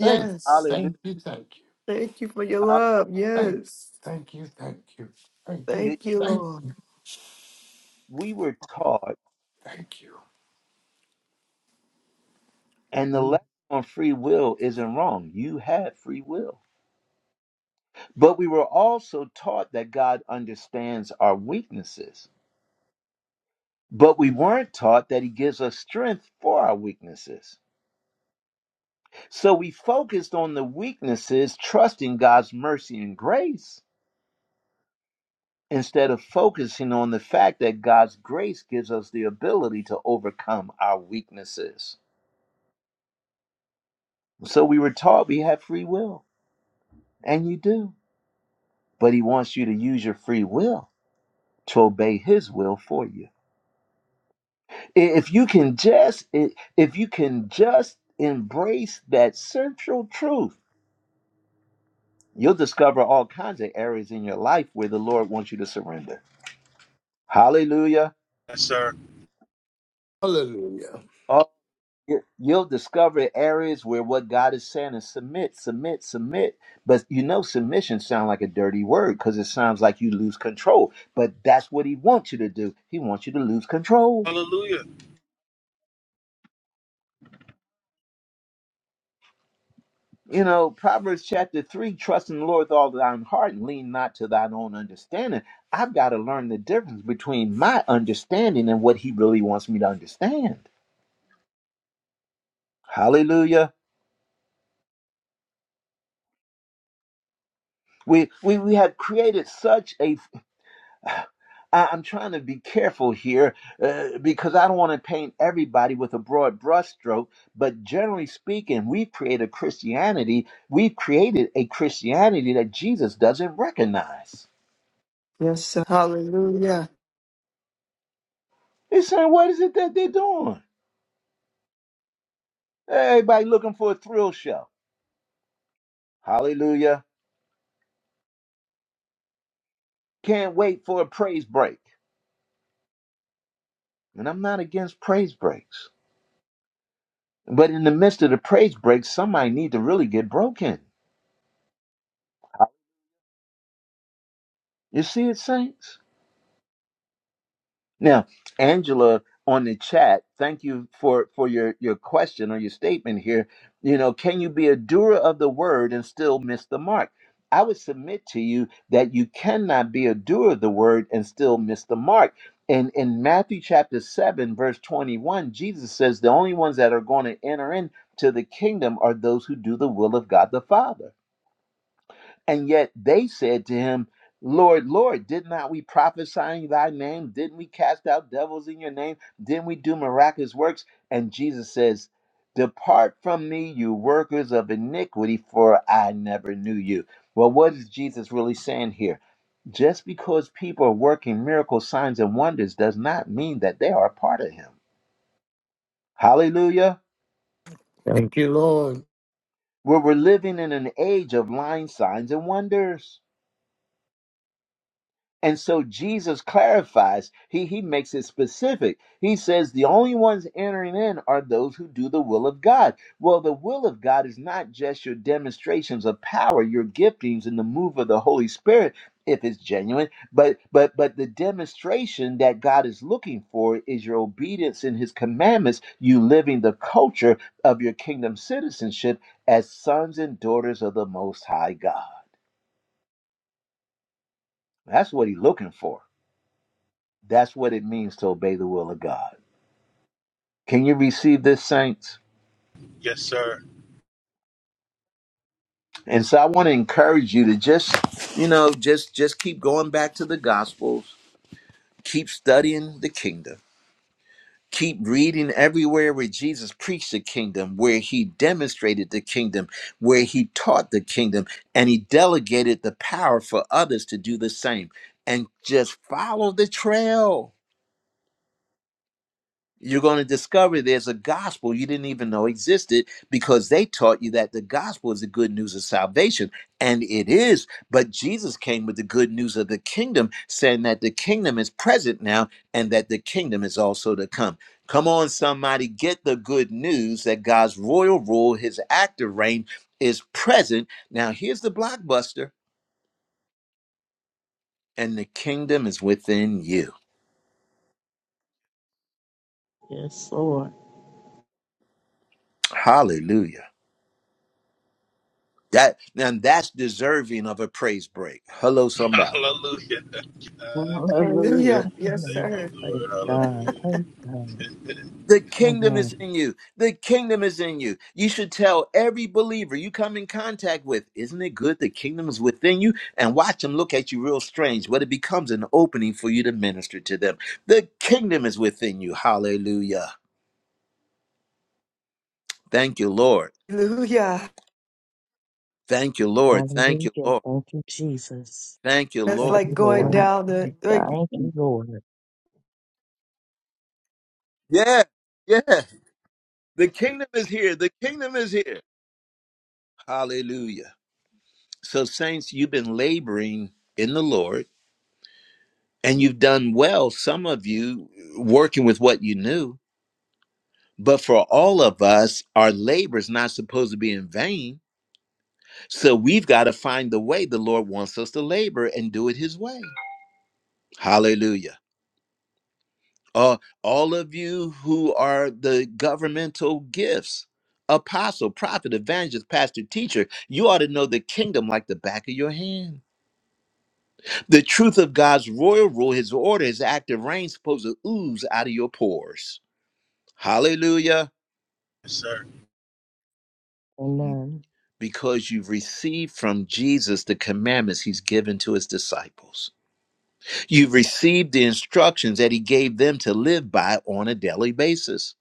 Speaker 6: Thank you,
Speaker 1: Hallelujah.
Speaker 6: thank you, thank you,
Speaker 5: Thank you for your
Speaker 1: Hallelujah.
Speaker 5: love.
Speaker 6: thank
Speaker 5: Yes.
Speaker 6: you, thank you, thank you, thank you,
Speaker 1: You-
Speaker 5: Thank you,
Speaker 6: thank
Speaker 5: Lord.
Speaker 6: you,
Speaker 1: We were taught.
Speaker 6: thank
Speaker 1: And the
Speaker 6: you.
Speaker 1: lesson on free will isn't wrong. You have free will. But we were also taught that God understands our weaknesses. But we weren't taught that He gives us strength for our weaknesses. So we focused on the weaknesses, trusting God's mercy and grace, instead of focusing on the fact that God's grace gives us the ability to overcome our weaknesses. So we were taught we have free will, and you do. But He wants you to use your free will to obey his will for you if you can just if you can just embrace that central truth you'll discover all kinds of areas in your life where the lord wants you to surrender hallelujah
Speaker 2: Yes, sir.
Speaker 6: Hallelujah.
Speaker 1: oh you- you'll discover areas where what god is saying is submit submit submit but you know submission sounds like a dirty word because it sounds like you lose control but that's what he wants you to do he wants you to lose control
Speaker 2: Hallelujah.
Speaker 1: You know, Proverbs chapter 3 trust in the Lord with all thine heart and lean not to thine own understanding. I've got to learn the difference between my understanding and what he really wants me to understand. Hallelujah. We, we, we have created such a. *sighs* I- I'm trying to be careful here uh, because I don't want to paint everybody with a broad brushstroke, but generally speaking, we've created Christianity. We've created a Christianity that Jesus doesn't recognize.
Speaker 5: Yes, sir. Hallelujah.
Speaker 1: He's saying, What is it that they're doing? Everybody looking for a thrill show. Hallelujah. Can't wait for a praise break. And I'm not against praise breaks. But in the midst of the praise breaks, somebody need to really get broken. You see it, saints? Now, Angela on the chat, thank you for for your your question or your statement here. You know, can you be a doer of the word and still miss the mark? I would submit to you that you cannot be a doer of the word and still miss the mark. And in Matthew chapter 7 verse 21, Jesus says the only ones that are going to enter into the kingdom are those who do the will of God the Father. And yet they said to him, Lord, Lord, did not we prophesy in thy name? Didn't we cast out devils in your name? Didn't we do miraculous works? And Jesus says, Depart from me, you workers of iniquity, for I never knew you. Well, what is Jesus really saying here? Just because people are working miracle signs and wonders does not mean that they are a part of him. Hallelujah.
Speaker 6: Thank you, Lord.
Speaker 1: Well, we're living in an age of lying signs and wonders And so Jesus clarifies, he, he makes it specific. He says the only ones entering in are those who do the will of God. Well, the will of God is not just your demonstrations of power, your giftings and the move of the Holy Spirit, if it's genuine, but but but the demonstration that God is looking for is your obedience in his commandments, you living the culture of your kingdom citizenship as sons and daughters of the most high God. That's what he's looking for. That's what it means to obey the will of God. Can you receive this, saints?
Speaker 2: Yes, sir.
Speaker 1: And so I want to encourage you to just, you know, just just keep going back to the gospels, keep studying the kingdom, keep reading everywhere where Jesus preached the kingdom, where he demonstrated the kingdom, where he taught the kingdom, and he delegated the power for others to do the same. And just follow the trail You're going to discover there's a gospel you didn't even know existed because they taught you that the gospel is the good news of salvation. And it is. But Jesus came with the good news of the kingdom, saying that the kingdom is present now and that the kingdom is also to come. Come on, somebody, get the good news that God's royal rule, his active reign, is present. Now, here's the blockbuster, and the kingdom is within you.
Speaker 4: Yes, Lord.
Speaker 1: Hallelujah. That now that's deserving of a praise break. Hello,
Speaker 2: *laughs*
Speaker 1: somebody.
Speaker 2: Hallelujah. Uh,
Speaker 4: Hallelujah.
Speaker 5: Hallelujah. Yes,
Speaker 2: thank
Speaker 3: Amen.
Speaker 2: you,
Speaker 5: sir.
Speaker 3: Praise
Speaker 2: Lord.
Speaker 3: God.
Speaker 2: Hallelujah.
Speaker 3: Praise God.
Speaker 1: The kingdom is
Speaker 3: Amen.
Speaker 1: in you. The kingdom is in you. You should tell every believer you come in contact with, isn't it good the kingdom is within you? And watch them look at you real strange, but it becomes an opening for you to minister to them. The kingdom is within you. Hallelujah. Thank you, Lord.
Speaker 5: Hallelujah.
Speaker 1: Thank you, Lord. Thank
Speaker 3: Hallelujah.
Speaker 1: you, Lord.
Speaker 3: Thank you, Jesus.
Speaker 1: Thank you,
Speaker 5: That's
Speaker 1: Lord.
Speaker 3: Thank
Speaker 5: like
Speaker 3: you,
Speaker 5: going
Speaker 3: Lord.
Speaker 4: God,
Speaker 5: down the like
Speaker 4: God.
Speaker 3: Thank
Speaker 4: thank
Speaker 3: you, Lord.
Speaker 1: Yeah, yeah. The kingdom is here. The kingdom is here. Hallelujah. So, saints, you've been laboring in the Lord and you've done well, some of you working with what you knew. But for all of us, our labor is not supposed to be in vain. So we've got to find the way the Lord wants us to labor and do it His way. Hallelujah. Uh, all of you who are the governmental gifts apostle, prophet, evangelist, pastor, teacher you ought to know the kingdom like the back of your hand. The truth of God's royal rule, his order, his active reign, supposed to ooze out of your pores. Hallelujah.
Speaker 2: Yes, sir.
Speaker 1: Mm,
Speaker 3: Amen.
Speaker 1: Because you've received from Jesus the commandments he's given to his disciples. You've received the instructions that he gave them to live by on a daily basis.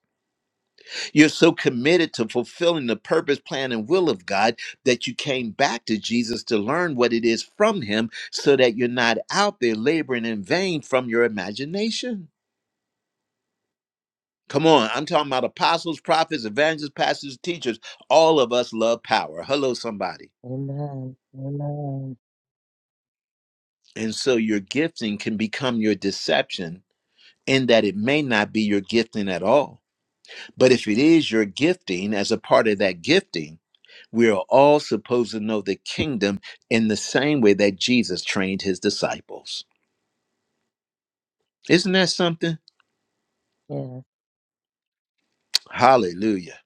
Speaker 1: You're so committed to fulfilling the purpose, plan, and will of God that you came back to Jesus to learn what it is from him so that you're not out there laboring in vain from your imagination. Come on, I'm talking about apostles, prophets, evangelists, pastors, teachers. All of us love power. Hello, somebody.
Speaker 3: Amen. Amen.
Speaker 1: And so your gifting can become your deception in that it may not be your gifting at all. But if it is your gifting, as a part of that gifting, we are all supposed to know the kingdom in the same way that Jesus trained his disciples. Isn't that something?
Speaker 3: Yes.
Speaker 1: Hallelujah.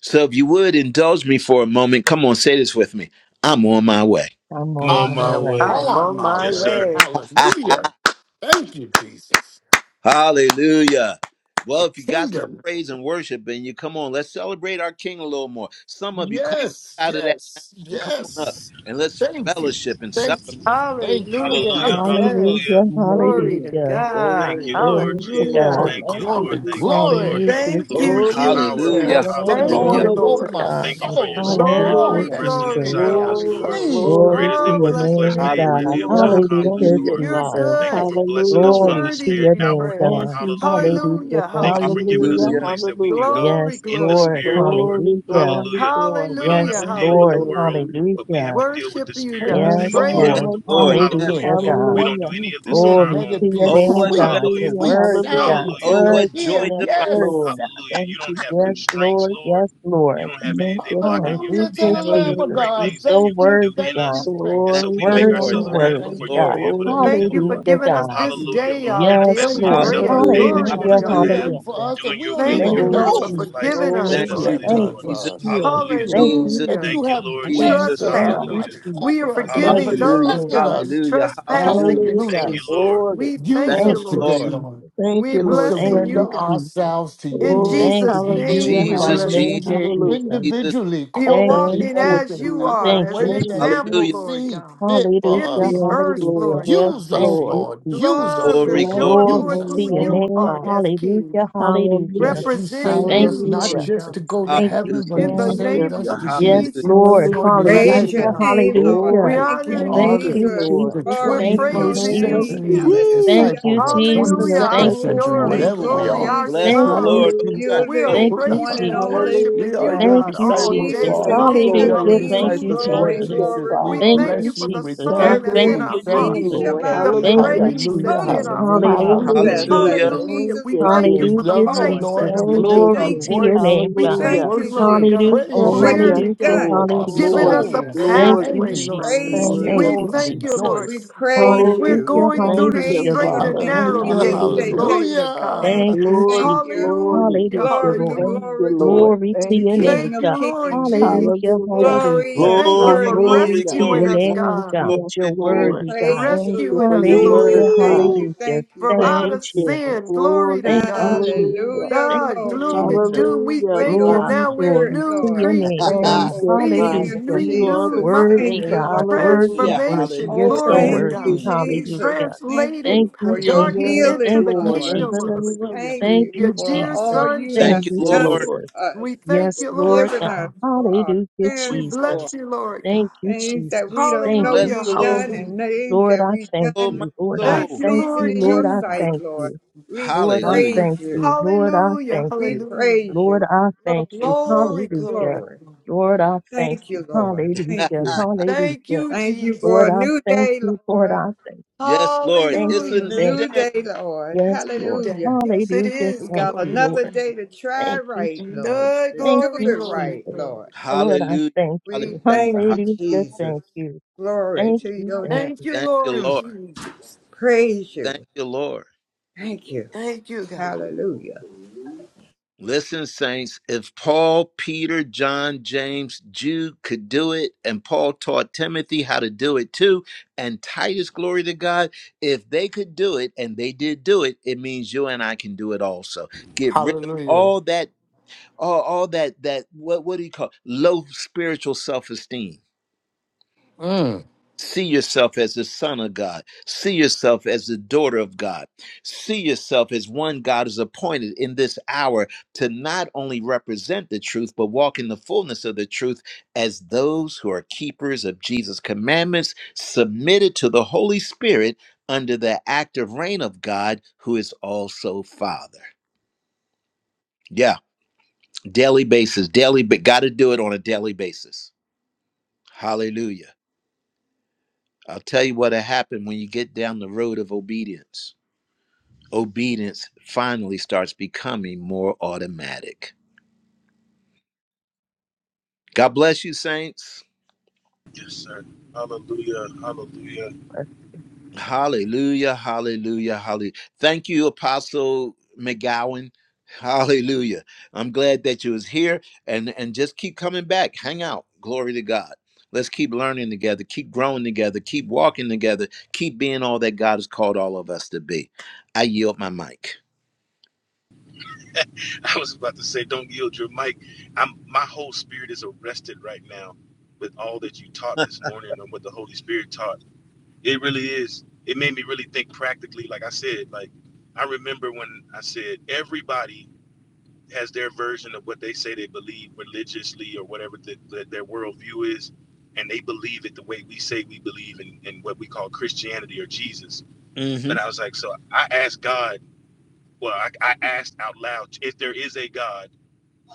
Speaker 1: So if you would indulge me for a moment, come on, say this with me. I'm on my way.
Speaker 3: Come
Speaker 2: I'm
Speaker 3: on,
Speaker 6: I
Speaker 2: on
Speaker 3: my way.
Speaker 2: my
Speaker 6: am
Speaker 2: way.
Speaker 3: Hallelujah.
Speaker 5: I'm
Speaker 6: on
Speaker 5: on
Speaker 6: my
Speaker 5: my
Speaker 2: Yes,
Speaker 6: way.
Speaker 2: sir.
Speaker 5: way.
Speaker 1: *laughs*
Speaker 6: Hallelujah. Thank you, Jesus.
Speaker 1: Hallelujah. Well,
Speaker 6: The
Speaker 1: if you got some
Speaker 6: kingdom
Speaker 1: praise and worship and you come on, let's celebrate our King a little more. Some of you come
Speaker 6: Yes,
Speaker 1: out of that lounge
Speaker 6: yes,
Speaker 1: and come on up
Speaker 6: yes.
Speaker 1: and let's
Speaker 6: Thank you.
Speaker 1: fellowship and
Speaker 6: Thank
Speaker 1: celebrate.
Speaker 6: you. Thank you.
Speaker 5: Hallelujah.
Speaker 2: Hallelujah.
Speaker 6: Thank you.
Speaker 5: Yes.
Speaker 2: Hallelujah.
Speaker 4: you.
Speaker 5: Glory
Speaker 4: Hallelujah.
Speaker 5: to
Speaker 3: Hallelujah.
Speaker 2: Thank
Speaker 5: God.
Speaker 2: you,
Speaker 4: Glory.
Speaker 3: Glory
Speaker 2: Lord
Speaker 4: Thank you,
Speaker 3: to
Speaker 2: Jesus.
Speaker 4: Lord.
Speaker 5: Hallelujah.
Speaker 3: God.
Speaker 6: Glory,
Speaker 2: Thank you,
Speaker 4: Thank you,
Speaker 6: glory,
Speaker 2: Lord. Thank you,
Speaker 4: Jesus.
Speaker 2: Lord.
Speaker 6: glory.
Speaker 3: Hallelujah,
Speaker 2: Thank you,
Speaker 5: Thank
Speaker 2: Lord, for
Speaker 5: you,
Speaker 3: Jesus.
Speaker 4: Oh,
Speaker 2: your
Speaker 4: bless
Speaker 2: power,
Speaker 4: your
Speaker 5: Jesus.
Speaker 2: Lord.
Speaker 1: Hallelujah.
Speaker 4: holy
Speaker 6: Bless the
Speaker 4: name.
Speaker 5: Thank
Speaker 2: Hallelujah.
Speaker 6: Lord,
Speaker 1: Hallelujah.
Speaker 5: you,
Speaker 3: Glory
Speaker 6: oh
Speaker 3: to
Speaker 5: Lord.
Speaker 4: Hallelujah.
Speaker 6: my
Speaker 3: God.
Speaker 2: Thank you for your
Speaker 6: soul, and
Speaker 2: spirit,
Speaker 6: all
Speaker 3: Hallelujah,
Speaker 5: Glory,
Speaker 2: Lord,
Speaker 4: Hallelujah.
Speaker 6: that's
Speaker 2: resting
Speaker 3: Jesus.
Speaker 5: glory,
Speaker 6: within
Speaker 2: inside
Speaker 6: me.
Speaker 2: of
Speaker 6: I
Speaker 2: us,
Speaker 5: glory,
Speaker 4: Glory,
Speaker 2: Lord.
Speaker 5: glory.
Speaker 6: praise,
Speaker 4: glory,
Speaker 3: Glory
Speaker 2: Greater
Speaker 3: to
Speaker 2: than
Speaker 5: Oh,
Speaker 3: your
Speaker 2: what the
Speaker 5: bless
Speaker 4: glory.
Speaker 5: the
Speaker 2: flesh
Speaker 3: name,
Speaker 2: may
Speaker 5: name of
Speaker 2: ever
Speaker 5: the
Speaker 3: God.
Speaker 2: be able to
Speaker 5: Lord.
Speaker 1: Hallelujah.
Speaker 4: Oh,
Speaker 2: accomplish,
Speaker 4: thank
Speaker 3: Hallelujah,
Speaker 1: Hallelujah.
Speaker 2: Lord.
Speaker 4: you,
Speaker 5: You're
Speaker 3: Jesus.
Speaker 4: Father.
Speaker 2: Thank you
Speaker 5: good.
Speaker 2: for blessing
Speaker 5: You're
Speaker 2: us
Speaker 4: Hallelujah.
Speaker 2: from
Speaker 3: Glory
Speaker 2: the
Speaker 3: to
Speaker 5: worthy to
Speaker 2: Spirit
Speaker 3: your
Speaker 5: be
Speaker 3: name,
Speaker 2: outward, Lord.
Speaker 4: Thank
Speaker 5: praised.
Speaker 3: God.
Speaker 4: you,
Speaker 2: Hallelujah.
Speaker 4: Jesus.
Speaker 3: Hallelujah.
Speaker 5: Hallelujah,
Speaker 3: Thank
Speaker 2: Thank you
Speaker 3: you,
Speaker 2: for giving
Speaker 5: hallelujah.
Speaker 2: us a
Speaker 4: Hallelujah.
Speaker 3: Jesus.
Speaker 1: Hallelujah.
Speaker 2: place that we can
Speaker 4: Hallelujah.
Speaker 2: go
Speaker 5: Glory,
Speaker 3: Yes,
Speaker 2: in the
Speaker 5: glory,
Speaker 3: Lord.
Speaker 2: Spirit,
Speaker 5: glory.
Speaker 2: Lord.
Speaker 4: Glory,
Speaker 3: Hallelujah.
Speaker 4: glory,
Speaker 2: Hallelujah. But we
Speaker 4: glory.
Speaker 2: don't have
Speaker 5: Hallelujah,
Speaker 3: Yes,
Speaker 2: to
Speaker 4: Thank
Speaker 2: deal
Speaker 4: you,
Speaker 2: with the
Speaker 3: Lord.
Speaker 4: Lord
Speaker 2: world,
Speaker 5: hallelujah.
Speaker 4: Jesus.
Speaker 2: but we have
Speaker 3: Hallelujah.
Speaker 2: to deal with
Speaker 5: Worship
Speaker 2: the
Speaker 5: you,
Speaker 2: Spirit
Speaker 6: take
Speaker 2: because
Speaker 5: God.
Speaker 2: then
Speaker 4: In the
Speaker 3: Yes,
Speaker 2: we can deal
Speaker 5: Praise
Speaker 1: Yes,
Speaker 4: name
Speaker 6: joy,
Speaker 2: with
Speaker 3: Lord.
Speaker 2: the
Speaker 4: of
Speaker 2: world.
Speaker 1: Lord.
Speaker 6: our
Speaker 3: Hallelujah,
Speaker 4: Jesus.
Speaker 1: Yes,
Speaker 2: Hallelujah.
Speaker 6: King,
Speaker 1: Lord.
Speaker 6: in
Speaker 3: God.
Speaker 2: We
Speaker 6: what
Speaker 2: don't do
Speaker 4: Hallelujah.
Speaker 2: any
Speaker 6: you
Speaker 2: of this on
Speaker 6: hear,
Speaker 2: our
Speaker 3: Glory
Speaker 6: let
Speaker 3: to
Speaker 6: it
Speaker 2: own,
Speaker 6: be
Speaker 3: your
Speaker 6: a
Speaker 2: Lord.
Speaker 1: Oh,
Speaker 3: name,
Speaker 1: what
Speaker 6: sweet,
Speaker 3: God.
Speaker 1: fellowship.
Speaker 3: You're
Speaker 2: Hallelujah.
Speaker 4: Hallelujah.
Speaker 6: sweet
Speaker 3: worthy,
Speaker 6: sound
Speaker 3: God.
Speaker 4: Hallelujah.
Speaker 6: into
Speaker 2: Hallelujah.
Speaker 1: Oh,
Speaker 6: your
Speaker 1: what
Speaker 3: Worthy, God.
Speaker 1: joy
Speaker 6: ear.
Speaker 4: Yes,
Speaker 1: divine.
Speaker 6: Yes.
Speaker 3: Worthy,
Speaker 4: Lord.
Speaker 3: God.
Speaker 2: Hallelujah.
Speaker 4: Thank
Speaker 2: You don't
Speaker 4: you,
Speaker 2: have
Speaker 3: Yes,
Speaker 4: Jesus.
Speaker 2: constraints,
Speaker 3: Lord.
Speaker 2: Lord.
Speaker 3: Yes,
Speaker 2: You
Speaker 3: Lord.
Speaker 2: don't have
Speaker 4: Thank
Speaker 2: anything
Speaker 4: you,
Speaker 2: blocking you
Speaker 4: Father.
Speaker 2: from
Speaker 6: Hallelujah to the
Speaker 2: being
Speaker 3: Hallelujah,
Speaker 2: able to do
Speaker 6: Lamb
Speaker 2: the
Speaker 6: of
Speaker 3: Jesus.
Speaker 4: Hallelujah.
Speaker 2: great
Speaker 6: God.
Speaker 3: He's
Speaker 2: things that
Speaker 3: so
Speaker 2: you
Speaker 6: Thank
Speaker 2: can
Speaker 6: you,
Speaker 2: do
Speaker 3: worthy,
Speaker 2: in
Speaker 6: thank
Speaker 3: God.
Speaker 2: us.
Speaker 6: you, thank
Speaker 2: And
Speaker 6: you.
Speaker 1: Thank
Speaker 2: so
Speaker 4: Glory
Speaker 2: we
Speaker 1: you,
Speaker 4: to
Speaker 2: make
Speaker 6: Thank
Speaker 4: your
Speaker 6: you,
Speaker 5: you,
Speaker 3: Worthy,
Speaker 1: Lord.
Speaker 2: ourselves
Speaker 5: Lord.
Speaker 6: Lord.
Speaker 1: Thank
Speaker 4: name,
Speaker 2: available
Speaker 1: you,
Speaker 3: worthy,
Speaker 2: for
Speaker 5: Jesus.
Speaker 6: Thank
Speaker 4: Lord.
Speaker 6: you,
Speaker 2: you to
Speaker 1: Lord.
Speaker 3: God.
Speaker 2: be
Speaker 6: Lord.
Speaker 1: Thank
Speaker 2: able to
Speaker 6: Thank
Speaker 2: do
Speaker 4: Glory
Speaker 5: Thank
Speaker 6: you,
Speaker 1: you,
Speaker 2: them,
Speaker 4: to
Speaker 1: Lord.
Speaker 5: you for
Speaker 4: your
Speaker 6: Lord.
Speaker 2: Lord.
Speaker 3: Hallelujah,
Speaker 5: giving us
Speaker 4: name,
Speaker 3: God.
Speaker 5: this
Speaker 4: Jesus.
Speaker 2: Hallelujah,
Speaker 5: day
Speaker 2: Lord.
Speaker 5: our
Speaker 3: Yes,
Speaker 2: Manifesting
Speaker 5: daily
Speaker 6: Thank you
Speaker 3: Lord.
Speaker 6: for
Speaker 2: yourself our
Speaker 6: the
Speaker 5: bread.
Speaker 1: Hallelujah.
Speaker 2: day
Speaker 4: Hallelujah.
Speaker 6: things
Speaker 2: that
Speaker 5: Glory
Speaker 2: you
Speaker 5: to
Speaker 6: that
Speaker 2: want
Speaker 3: Hallelujah,
Speaker 2: us
Speaker 6: you
Speaker 2: to
Speaker 5: God.
Speaker 6: have
Speaker 1: Hallelujah.
Speaker 2: have,
Speaker 4: Hallelujah.
Speaker 6: done for
Speaker 3: hallelujah.
Speaker 6: us that
Speaker 2: doing
Speaker 6: we
Speaker 2: your
Speaker 6: don't
Speaker 2: will and
Speaker 5: Thank
Speaker 3: Thank
Speaker 2: your
Speaker 5: you,
Speaker 6: even
Speaker 3: you,
Speaker 5: Lord,
Speaker 2: purpose
Speaker 5: for
Speaker 2: for
Speaker 6: know
Speaker 2: the
Speaker 4: Glory,
Speaker 3: Jesus.
Speaker 2: lives that
Speaker 5: forgiving
Speaker 2: you
Speaker 5: us,
Speaker 6: that
Speaker 1: Thank
Speaker 2: send
Speaker 4: glory.
Speaker 6: you
Speaker 2: us to
Speaker 1: you,
Speaker 5: Lord
Speaker 6: have
Speaker 2: live,
Speaker 5: God.
Speaker 3: Thank
Speaker 6: done
Speaker 2: Lord.
Speaker 3: you,
Speaker 1: Jesus.
Speaker 6: for us.
Speaker 1: Thank
Speaker 3: Jesus.
Speaker 4: Yes,
Speaker 1: you,
Speaker 2: Hallelujah.
Speaker 3: Thank
Speaker 4: Lord.
Speaker 3: you,
Speaker 1: Jesus.
Speaker 5: Hallelujah.
Speaker 6: That you
Speaker 2: Thank you,
Speaker 3: Jesus.
Speaker 6: have
Speaker 2: Lord
Speaker 4: Thank
Speaker 6: blessed
Speaker 2: Jesus.
Speaker 1: Jesus.
Speaker 4: you,
Speaker 6: us
Speaker 3: Thank
Speaker 6: and
Speaker 4: Father.
Speaker 3: you,
Speaker 5: trespasses.
Speaker 2: Hallelujah.
Speaker 6: watched
Speaker 3: Jesus.
Speaker 5: We are
Speaker 6: over us and
Speaker 4: Bless
Speaker 3: Thank
Speaker 5: forgiving
Speaker 2: Hallelujah.
Speaker 3: you,
Speaker 4: your
Speaker 1: Hallelujah.
Speaker 5: those,
Speaker 3: Jesus.
Speaker 4: holy
Speaker 6: protected
Speaker 5: God,
Speaker 4: name.
Speaker 5: who
Speaker 6: us.
Speaker 1: Hallelujah.
Speaker 3: Thank
Speaker 5: trespassed
Speaker 1: Hallelujah.
Speaker 3: you,
Speaker 5: against
Speaker 4: Hallelujah.
Speaker 2: Thank you,
Speaker 6: Hallelujah.
Speaker 5: us.
Speaker 3: Jesus.
Speaker 2: Lord.
Speaker 4: Glory.
Speaker 5: We
Speaker 1: Thank
Speaker 5: thank
Speaker 6: Use
Speaker 5: you,
Speaker 3: Thank
Speaker 4: Thank
Speaker 6: us
Speaker 1: you,
Speaker 3: you,
Speaker 4: you.
Speaker 5: Lord
Speaker 6: today,
Speaker 1: Lord.
Speaker 5: God.
Speaker 6: Lord.
Speaker 3: Jesus.
Speaker 4: Thank
Speaker 5: We're
Speaker 4: you,
Speaker 6: We
Speaker 4: Lord
Speaker 3: Thank
Speaker 5: blessing
Speaker 6: surrender
Speaker 5: you,
Speaker 3: you,
Speaker 4: Jesus.
Speaker 5: God.
Speaker 3: Jesus.
Speaker 6: ourselves to
Speaker 5: In
Speaker 6: you,
Speaker 4: Oh,
Speaker 3: Thank
Speaker 6: to
Speaker 5: Jesus'
Speaker 6: be
Speaker 3: you,
Speaker 5: name,
Speaker 4: hallelujah,
Speaker 6: used
Speaker 5: we're
Speaker 3: Jesus.
Speaker 6: by
Speaker 1: Jesus,
Speaker 6: you
Speaker 5: blessing
Speaker 3: Thank
Speaker 4: hallelujah,
Speaker 1: Jesus,
Speaker 3: you,
Speaker 5: you,
Speaker 6: today,
Speaker 5: Lord.
Speaker 4: hallelujah.
Speaker 3: Jesus.
Speaker 1: Jesus.
Speaker 6: individually,
Speaker 5: We are
Speaker 3: Thank
Speaker 6: corporately,
Speaker 3: you,
Speaker 4: Thank
Speaker 5: walking
Speaker 6: or
Speaker 4: you,
Speaker 5: as
Speaker 3: Jesus.
Speaker 5: you
Speaker 6: whatever
Speaker 4: Jesus.
Speaker 5: are,
Speaker 3: Thank
Speaker 5: as an
Speaker 3: you,
Speaker 6: way
Speaker 4: Thank
Speaker 6: that
Speaker 4: you,
Speaker 3: Jesus.
Speaker 6: you
Speaker 5: example,
Speaker 1: Hallelujah.
Speaker 5: Lord
Speaker 4: Jesus.
Speaker 6: see
Speaker 5: God,
Speaker 6: fit
Speaker 5: in
Speaker 6: for
Speaker 3: Hallelujah,
Speaker 5: the
Speaker 6: us.
Speaker 4: Yes,
Speaker 5: earth,
Speaker 4: Lord.
Speaker 3: hallelujah.
Speaker 5: Lord
Speaker 4: Yes,
Speaker 5: God.
Speaker 6: Use us,
Speaker 3: Thank
Speaker 4: Lord.
Speaker 3: you,
Speaker 6: Lord. Use
Speaker 3: Jesus.
Speaker 5: Lord,
Speaker 6: us,
Speaker 5: we're
Speaker 1: Glory,
Speaker 6: Lord.
Speaker 4: Bless
Speaker 1: glory,
Speaker 5: showing
Speaker 4: your
Speaker 6: Use
Speaker 3: Glory
Speaker 5: forth
Speaker 4: holy
Speaker 3: to
Speaker 5: who
Speaker 6: us.
Speaker 3: your
Speaker 6: Lord.
Speaker 4: name,
Speaker 5: you
Speaker 3: name.
Speaker 5: are
Speaker 1: glory.
Speaker 4: Father.
Speaker 5: as King,
Speaker 3: Hallelujah, hallelujah.
Speaker 4: Hallelujah,
Speaker 6: Yes, you
Speaker 5: representing
Speaker 6: saved
Speaker 3: Thank
Speaker 5: you,
Speaker 6: us
Speaker 3: you,
Speaker 6: not
Speaker 4: hallelujah.
Speaker 5: Lord
Speaker 6: just to
Speaker 5: God.
Speaker 3: Jesus.
Speaker 6: go to
Speaker 3: Thank you,
Speaker 6: heaven,
Speaker 1: Hallelujah.
Speaker 6: but
Speaker 5: In
Speaker 6: you
Speaker 5: the
Speaker 4: Thank
Speaker 3: Jesus.
Speaker 4: you,
Speaker 6: saved
Speaker 5: name
Speaker 6: us
Speaker 1: Hallelujah.
Speaker 5: of
Speaker 6: to
Speaker 4: Father.
Speaker 6: be
Speaker 3: Yes,
Speaker 1: Hallelujah.
Speaker 5: Jesus,
Speaker 3: Lord.
Speaker 6: your
Speaker 4: Hallelujah.
Speaker 5: bless
Speaker 7: Praise
Speaker 5: you,
Speaker 7: your
Speaker 3: Hallelujah,
Speaker 5: God.
Speaker 6: disciples.
Speaker 7: name, Lord.
Speaker 4: Lord,
Speaker 5: We're
Speaker 3: hallelujah.
Speaker 7: Thank you,
Speaker 6: We
Speaker 5: honoring
Speaker 4: thank
Speaker 5: you,
Speaker 6: are
Speaker 3: Thank
Speaker 6: the
Speaker 4: you,
Speaker 3: you,
Speaker 7: Jesus.
Speaker 5: King.
Speaker 4: Lord.
Speaker 6: the
Speaker 3: Jesus.
Speaker 5: We're
Speaker 7: Glory
Speaker 3: Thank
Speaker 7: to
Speaker 4: In the
Speaker 3: you,
Speaker 6: 21st
Speaker 7: your
Speaker 5: praising
Speaker 4: name of
Speaker 5: you,
Speaker 3: Jesus.
Speaker 7: name.
Speaker 6: century
Speaker 5: King.
Speaker 4: Jesus.
Speaker 7: Hallelujah.
Speaker 3: Thank
Speaker 1: Woo!
Speaker 3: you,
Speaker 6: disciples or
Speaker 4: In
Speaker 3: Jesus.
Speaker 5: Hallelujah.
Speaker 4: your
Speaker 5: Our
Speaker 6: 22nd
Speaker 3: Thank
Speaker 4: precious
Speaker 3: you,
Speaker 6: century,
Speaker 7: Oh,
Speaker 5: story,
Speaker 4: name,
Speaker 7: thank
Speaker 6: whatever
Speaker 3: Jesus.
Speaker 7: you,
Speaker 6: we
Speaker 5: glory,
Speaker 4: Father.
Speaker 6: are.
Speaker 5: our
Speaker 7: Jesus.
Speaker 1: Bless
Speaker 3: Thank
Speaker 1: the
Speaker 3: you,
Speaker 1: Lord,
Speaker 5: song.
Speaker 1: oh my
Speaker 4: Hallelujah,
Speaker 3: Jesus.
Speaker 7: You're
Speaker 5: We are
Speaker 7: the
Speaker 3: Thank
Speaker 1: soul.
Speaker 3: you,
Speaker 7: one
Speaker 5: praising
Speaker 6: *laughs*
Speaker 7: and
Speaker 5: and
Speaker 3: Jesus.
Speaker 7: only
Speaker 6: We
Speaker 5: worshiping
Speaker 6: are
Speaker 5: you,
Speaker 4: hallelujah.
Speaker 6: your
Speaker 3: Thank
Speaker 5: God,
Speaker 3: you,
Speaker 5: all
Speaker 4: Oh,
Speaker 6: disciples,
Speaker 3: Jesus.
Speaker 5: day
Speaker 7: Jesus
Speaker 4: yes,
Speaker 7: and
Speaker 6: Father.
Speaker 7: King
Speaker 5: long.
Speaker 6: We
Speaker 7: of
Speaker 6: are
Speaker 4: Lord.
Speaker 6: your
Speaker 3: Hallelujah. Thank
Speaker 7: Kings.
Speaker 3: you,
Speaker 6: disciples,
Speaker 5: Hallelujah.
Speaker 6: Lord
Speaker 7: Glory,
Speaker 4: Thank
Speaker 3: Jesus.
Speaker 4: you,
Speaker 6: Jesus.
Speaker 7: glory,
Speaker 6: We
Speaker 4: Father.
Speaker 5: We
Speaker 3: Thank
Speaker 5: thank
Speaker 7: glory.
Speaker 3: you,
Speaker 5: you
Speaker 6: bless
Speaker 5: for
Speaker 6: you.
Speaker 5: the
Speaker 6: We
Speaker 3: Jesus. I
Speaker 4: Thank
Speaker 5: song
Speaker 6: thank
Speaker 4: you
Speaker 6: you.
Speaker 5: that's
Speaker 3: thank
Speaker 5: in
Speaker 4: once
Speaker 6: We
Speaker 7: Every
Speaker 3: you,
Speaker 5: our
Speaker 6: thank
Speaker 5: heart,
Speaker 4: again,
Speaker 7: knee
Speaker 6: you.
Speaker 3: Jesus.
Speaker 7: shall
Speaker 6: We
Speaker 4: Lord.
Speaker 6: thank
Speaker 5: the
Speaker 7: bow
Speaker 6: you.
Speaker 7: and
Speaker 3: Thank
Speaker 4: Hallelujah.
Speaker 3: you,
Speaker 7: every
Speaker 5: praise
Speaker 6: Hallelujah.
Speaker 5: that's in
Speaker 3: Jesus.
Speaker 7: tongue
Speaker 5: our
Speaker 7: is going
Speaker 5: heart.
Speaker 6: Hallelujah.
Speaker 7: to
Speaker 3: Hallelujah,
Speaker 7: confess
Speaker 6: Hallelujah.
Speaker 4: Hallelujah.
Speaker 7: that
Speaker 1: Hallelujah.
Speaker 3: Jesus.
Speaker 5: Hallelujah.
Speaker 4: Thank
Speaker 7: Jesus
Speaker 5: We
Speaker 4: you,
Speaker 7: Christ
Speaker 5: thank you
Speaker 6: We
Speaker 5: for
Speaker 4: King.
Speaker 5: the
Speaker 7: is
Speaker 3: Hallelujah,
Speaker 6: love you,
Speaker 7: Lord.
Speaker 5: mindset
Speaker 6: Lord.
Speaker 3: Jesus.
Speaker 5: of
Speaker 6: We
Speaker 5: the
Speaker 4: Thank you,
Speaker 6: lift our
Speaker 5: kingdom.
Speaker 3: Glory
Speaker 7: Thank
Speaker 3: to
Speaker 4: King.
Speaker 7: you.
Speaker 3: your
Speaker 6: voice
Speaker 3: name,
Speaker 5: We
Speaker 6: to
Speaker 3: God.
Speaker 5: thank
Speaker 4: Hallelujah.
Speaker 7: Thank
Speaker 5: you,
Speaker 7: you,
Speaker 6: worship
Speaker 5: Lord
Speaker 6: and
Speaker 5: God,
Speaker 7: Jesus,
Speaker 5: for
Speaker 3: Hallelujah,
Speaker 7: for
Speaker 6: praise
Speaker 4: Oh,
Speaker 7: what
Speaker 6: you.
Speaker 7: you've
Speaker 4: yes,
Speaker 5: clearly,
Speaker 3: hallelujah,
Speaker 5: God,
Speaker 7: done.
Speaker 4: Lord.
Speaker 6: Our
Speaker 5: giving
Speaker 3: hallelujah.
Speaker 4: Glory,
Speaker 5: us a
Speaker 7: Hallelujah.
Speaker 6: souls,
Speaker 3: Thank
Speaker 4: glory.
Speaker 3: you,
Speaker 6: thank
Speaker 5: pathway,
Speaker 7: We
Speaker 6: you.
Speaker 5: Lord.
Speaker 3: Jesus.
Speaker 7: praise
Speaker 6: Our
Speaker 4: Thank
Speaker 3: Thank
Speaker 7: you.
Speaker 4: you,
Speaker 5: We
Speaker 6: souls
Speaker 3: you,
Speaker 5: thank
Speaker 4: Father.
Speaker 5: you,
Speaker 3: Jesus.
Speaker 7: We
Speaker 5: Lord.
Speaker 6: rejoice.
Speaker 7: praise
Speaker 4: Oh,
Speaker 5: We're
Speaker 7: you.
Speaker 4: we
Speaker 3: Hallelujah,
Speaker 5: going
Speaker 7: We
Speaker 5: through
Speaker 4: thank
Speaker 5: the
Speaker 4: you,
Speaker 3: hallelujah,
Speaker 7: praise
Speaker 5: straight
Speaker 7: your
Speaker 3: Lord.
Speaker 5: and
Speaker 4: Father.
Speaker 7: name.
Speaker 3: Thank
Speaker 5: narrow
Speaker 7: We
Speaker 3: you,
Speaker 6: Hallelujah,
Speaker 7: just
Speaker 5: gate.
Speaker 7: say
Speaker 3: Jesus.
Speaker 4: Hallelujah.
Speaker 7: thank
Speaker 5: Glory to
Speaker 7: you,
Speaker 6: hallelujah,
Speaker 5: God.
Speaker 7: thank
Speaker 3: Thank
Speaker 7: you,
Speaker 3: you,
Speaker 7: thank
Speaker 4: Glory,
Speaker 3: Jesus.
Speaker 7: you.
Speaker 4: glory.
Speaker 5: Hallelujah.
Speaker 3: Hallelujah,
Speaker 7: Glory,
Speaker 3: Lord.
Speaker 4: Thank
Speaker 5: Hallelujah.
Speaker 4: you,
Speaker 7: glory, glory
Speaker 4: Lord.
Speaker 3: Glory
Speaker 7: to
Speaker 3: to
Speaker 7: the
Speaker 4: Thank
Speaker 3: your
Speaker 4: you.
Speaker 7: King
Speaker 3: name,
Speaker 5: Thank
Speaker 7: of
Speaker 3: God.
Speaker 5: you, Lord
Speaker 7: Kings.
Speaker 5: Jesus.
Speaker 3: Hallelujah,
Speaker 4: Hallelujah.
Speaker 7: Glory
Speaker 3: hallelujah.
Speaker 7: and
Speaker 5: Thank you
Speaker 1: Glory,
Speaker 5: for
Speaker 7: worthy is
Speaker 1: glory,
Speaker 3: Glory
Speaker 4: Hallelujah.
Speaker 7: the
Speaker 3: to your
Speaker 5: rescuing
Speaker 1: glory, glory,
Speaker 5: us,
Speaker 7: King of
Speaker 3: name,
Speaker 5: God.
Speaker 3: God.
Speaker 7: Kings.
Speaker 4: Yes,
Speaker 1: glory.
Speaker 3: You're
Speaker 7: We
Speaker 4: Lord.
Speaker 3: worthy, God.
Speaker 7: praise
Speaker 4: Thank
Speaker 7: you.
Speaker 4: you
Speaker 5: Rescuing
Speaker 4: for
Speaker 5: us,
Speaker 4: your
Speaker 7: Thank
Speaker 5: Lord
Speaker 7: you,
Speaker 4: word,
Speaker 3: Hallelujah,
Speaker 5: God,
Speaker 7: thank
Speaker 4: God.
Speaker 1: Woo!
Speaker 7: you,
Speaker 3: hallelujah.
Speaker 7: thank you,
Speaker 5: from
Speaker 3: Thank
Speaker 7: thank
Speaker 5: out
Speaker 3: you,
Speaker 4: Thank
Speaker 7: you.
Speaker 5: of
Speaker 4: you.
Speaker 5: sin.
Speaker 3: Jesus.
Speaker 5: Glory to
Speaker 4: Glory.
Speaker 3: Thank you,
Speaker 5: God.
Speaker 3: Jesus.
Speaker 4: Hallelujah.
Speaker 7: Hallelujah,
Speaker 3: Thank
Speaker 5: God,
Speaker 3: you,
Speaker 5: gloom
Speaker 7: glory
Speaker 5: and
Speaker 3: Jesus.
Speaker 5: doom, we
Speaker 7: for
Speaker 4: Hallelujah,
Speaker 5: thank you.
Speaker 7: your
Speaker 3: Glory,
Speaker 4: Father.
Speaker 5: Now we're
Speaker 3: glory
Speaker 7: spirit,
Speaker 5: new
Speaker 3: to your
Speaker 7: Lord,
Speaker 1: *laughs*
Speaker 5: creatures,
Speaker 7: for
Speaker 3: name,
Speaker 7: your
Speaker 5: new
Speaker 4: Thank
Speaker 3: God.
Speaker 1: hallelujah,
Speaker 4: you,
Speaker 5: species,
Speaker 4: Father,
Speaker 7: obedience,
Speaker 3: Hallelujah.
Speaker 4: for you are the
Speaker 5: renewed
Speaker 7: Jesus.
Speaker 5: mind.
Speaker 3: Worthy
Speaker 7: Thank
Speaker 4: beginning.
Speaker 7: you,
Speaker 3: God,
Speaker 7: Lord.
Speaker 3: worthy,
Speaker 4: Hallelujah.
Speaker 3: worthy.
Speaker 5: transformation.
Speaker 3: You're
Speaker 7: Oh,
Speaker 1: hallelujah,
Speaker 3: so
Speaker 5: Glory to
Speaker 4: Thank
Speaker 7: thank you,
Speaker 4: you,
Speaker 3: worthy.
Speaker 5: God.
Speaker 1: hallelujah.
Speaker 4: Jesus.
Speaker 7: Jesus.
Speaker 3: Hallelujah.
Speaker 7: Thank
Speaker 5: Translated
Speaker 3: Thank
Speaker 7: you
Speaker 3: you,
Speaker 7: for your
Speaker 3: Jesus.
Speaker 5: darkness
Speaker 4: Yes,
Speaker 5: into
Speaker 3: Thank
Speaker 7: healing,
Speaker 5: the
Speaker 3: you,
Speaker 4: Lord.
Speaker 7: Lord.
Speaker 4: In
Speaker 5: kingdom.
Speaker 4: the name
Speaker 3: Jesus.
Speaker 4: of
Speaker 5: Hallelujah.
Speaker 7: Thank
Speaker 4: Jesus.
Speaker 3: Thank
Speaker 7: you
Speaker 5: Your
Speaker 3: you,
Speaker 7: for
Speaker 5: dear
Speaker 3: Jesus.
Speaker 7: all
Speaker 5: son,
Speaker 7: you
Speaker 3: Thank
Speaker 7: have
Speaker 1: Thank
Speaker 4: Thank
Speaker 1: you,
Speaker 5: Jesus.
Speaker 3: you,
Speaker 4: you,
Speaker 7: done
Speaker 1: Lord.
Speaker 4: Lord.
Speaker 3: Jesus.
Speaker 7: for us
Speaker 5: We
Speaker 7: and
Speaker 5: thank
Speaker 3: Yes,
Speaker 5: you,
Speaker 3: Lord
Speaker 5: Lord
Speaker 7: forgiven us
Speaker 3: God.
Speaker 5: God.
Speaker 7: for our
Speaker 3: Hallelujah,
Speaker 5: We
Speaker 7: sins,
Speaker 5: bless
Speaker 7: Lord.
Speaker 3: Jesus.
Speaker 5: you, Lord God.
Speaker 3: Thank you,
Speaker 7: Things that we
Speaker 3: Jesus.
Speaker 7: don't
Speaker 3: Thank
Speaker 7: know
Speaker 3: you,
Speaker 1: Bless
Speaker 5: Hallelujah.
Speaker 1: the
Speaker 7: we've done
Speaker 1: Lord,
Speaker 3: Jesus.
Speaker 5: Hallelujah.
Speaker 7: and things
Speaker 3: Lord,
Speaker 7: that
Speaker 3: I
Speaker 7: we've
Speaker 3: thank
Speaker 7: done
Speaker 1: oh
Speaker 7: that's
Speaker 1: my
Speaker 3: you. Lord, I
Speaker 7: not
Speaker 5: Thank
Speaker 1: soul.
Speaker 5: you,
Speaker 3: thank
Speaker 7: pleasing
Speaker 3: you.
Speaker 5: Lord
Speaker 7: in
Speaker 3: Lord,
Speaker 7: your
Speaker 3: I
Speaker 5: Jesus.
Speaker 7: sight,
Speaker 3: thank you.
Speaker 7: Lord. We
Speaker 3: Lord, I
Speaker 7: praise
Speaker 1: Hallelujah.
Speaker 3: thank
Speaker 7: you.
Speaker 3: you. Lord, I
Speaker 5: Hallelujah.
Speaker 3: thank
Speaker 7: We
Speaker 3: you.
Speaker 5: Hallelujah.
Speaker 7: praise
Speaker 3: Lord,
Speaker 7: you.
Speaker 3: I thank you.
Speaker 7: Glory, glory,
Speaker 5: Glory,
Speaker 3: Hallelujah.
Speaker 5: glory,
Speaker 7: glory.
Speaker 5: glory.
Speaker 3: Lord, I thank
Speaker 7: Thank
Speaker 3: you.
Speaker 7: you, Lord. Thank
Speaker 1: *laughs*
Speaker 3: Hallelujah.
Speaker 7: you.
Speaker 5: Thank
Speaker 3: Hallelujah.
Speaker 5: you,
Speaker 7: Thank you
Speaker 5: Jesus.
Speaker 7: for
Speaker 3: Lord,
Speaker 7: a
Speaker 3: I
Speaker 7: new
Speaker 3: thank
Speaker 7: day,
Speaker 3: you. Lord,
Speaker 7: Lord.
Speaker 3: I thank you.
Speaker 1: Yes, Lord.
Speaker 7: This
Speaker 3: Thank
Speaker 1: It's a
Speaker 3: you.
Speaker 7: is a
Speaker 5: Hallelujah.
Speaker 1: new
Speaker 3: Thank
Speaker 7: new
Speaker 1: day.
Speaker 3: you.
Speaker 7: day, Lord.
Speaker 3: Yes,
Speaker 5: It's a new
Speaker 3: Lord.
Speaker 5: day.
Speaker 7: Hallelujah.
Speaker 5: Yes, it
Speaker 3: Hallelujah.
Speaker 7: We
Speaker 5: is.
Speaker 3: Thank
Speaker 7: got
Speaker 5: Glory.
Speaker 3: you,
Speaker 5: to
Speaker 7: another
Speaker 3: Lord.
Speaker 5: God.
Speaker 7: day to try
Speaker 3: Thank you,
Speaker 7: right, Lord,
Speaker 3: Jesus.
Speaker 5: Lord,
Speaker 7: to
Speaker 3: Thank
Speaker 7: do
Speaker 5: glory,
Speaker 3: you,
Speaker 7: it
Speaker 5: glory,
Speaker 7: right,
Speaker 3: Jesus.
Speaker 5: glory.
Speaker 7: Lord.
Speaker 3: Lord, I
Speaker 1: Hallelujah.
Speaker 3: thank
Speaker 7: We
Speaker 3: you.
Speaker 1: Hallelujah.
Speaker 7: thank
Speaker 1: ha-
Speaker 7: you,
Speaker 3: Hallelujah.
Speaker 7: Jesus.
Speaker 3: Thank you.
Speaker 7: Glory
Speaker 3: Thank
Speaker 7: to
Speaker 3: you.
Speaker 7: your
Speaker 3: Thank
Speaker 7: name.
Speaker 5: Thank
Speaker 3: you.
Speaker 5: you,
Speaker 1: Thank you,
Speaker 5: Lord
Speaker 7: Mm,
Speaker 1: Lord.
Speaker 5: Jesus.
Speaker 7: Praise
Speaker 1: Thank
Speaker 7: you.
Speaker 1: you, Lord.
Speaker 7: Thank you.
Speaker 5: Thank you, God.
Speaker 7: Hallelujah.
Speaker 1: Listen, saints, if Paul, Peter, John, James, Jude could do it, and Paul taught Timothy how to do it too, and Titus, glory to God, if they could do it and they did do it, it means you and I can do it also. Get rid of
Speaker 6: hallelujah.
Speaker 1: all that, all, all that, that, what, what do you call it? low spiritual self esteem
Speaker 6: Mm,
Speaker 1: See yourself as the son of God. See yourself as the daughter of God. See yourself as one God is appointed in this hour to not only represent the truth, but walk in the fullness of the truth as those who are keepers of Jesus' commandments, submitted to the Holy Spirit under the active reign of God, who is also Father. Yeah, daily basis, daily, but got to do it on a daily basis. Hallelujah. I'll tell you what'll happen when you get down the road of obedience. obedience finally starts becoming more automatic. God bless you, saints.
Speaker 2: Yes, sir. Hallelujah. Hallelujah.
Speaker 1: Hallelujah, hallelujah, hallelujah. Thank you, Apostle McGowan. Hallelujah. I'm glad that you was here and, and just keep coming back. Hang out. Glory to God. Let's keep learning together, keep growing together, keep walking together, keep being all that God has called all of us to be. I yield my mic.
Speaker 2: *laughs* I was about to say, don't yield your mic. I'm my whole spirit is arrested right now with all that you taught this morning and what the Holy Spirit taught. It really is. It made me really think practically. Like I said, like I remember when I said everybody has their version of what they say they believe religiously or whatever the, the, their worldview is, and they believe it the way we say we believe in, in what we call Christianity or Jesus.
Speaker 1: hmm
Speaker 2: But I was like, so I asked God well, I, I asked out loud if there is a God,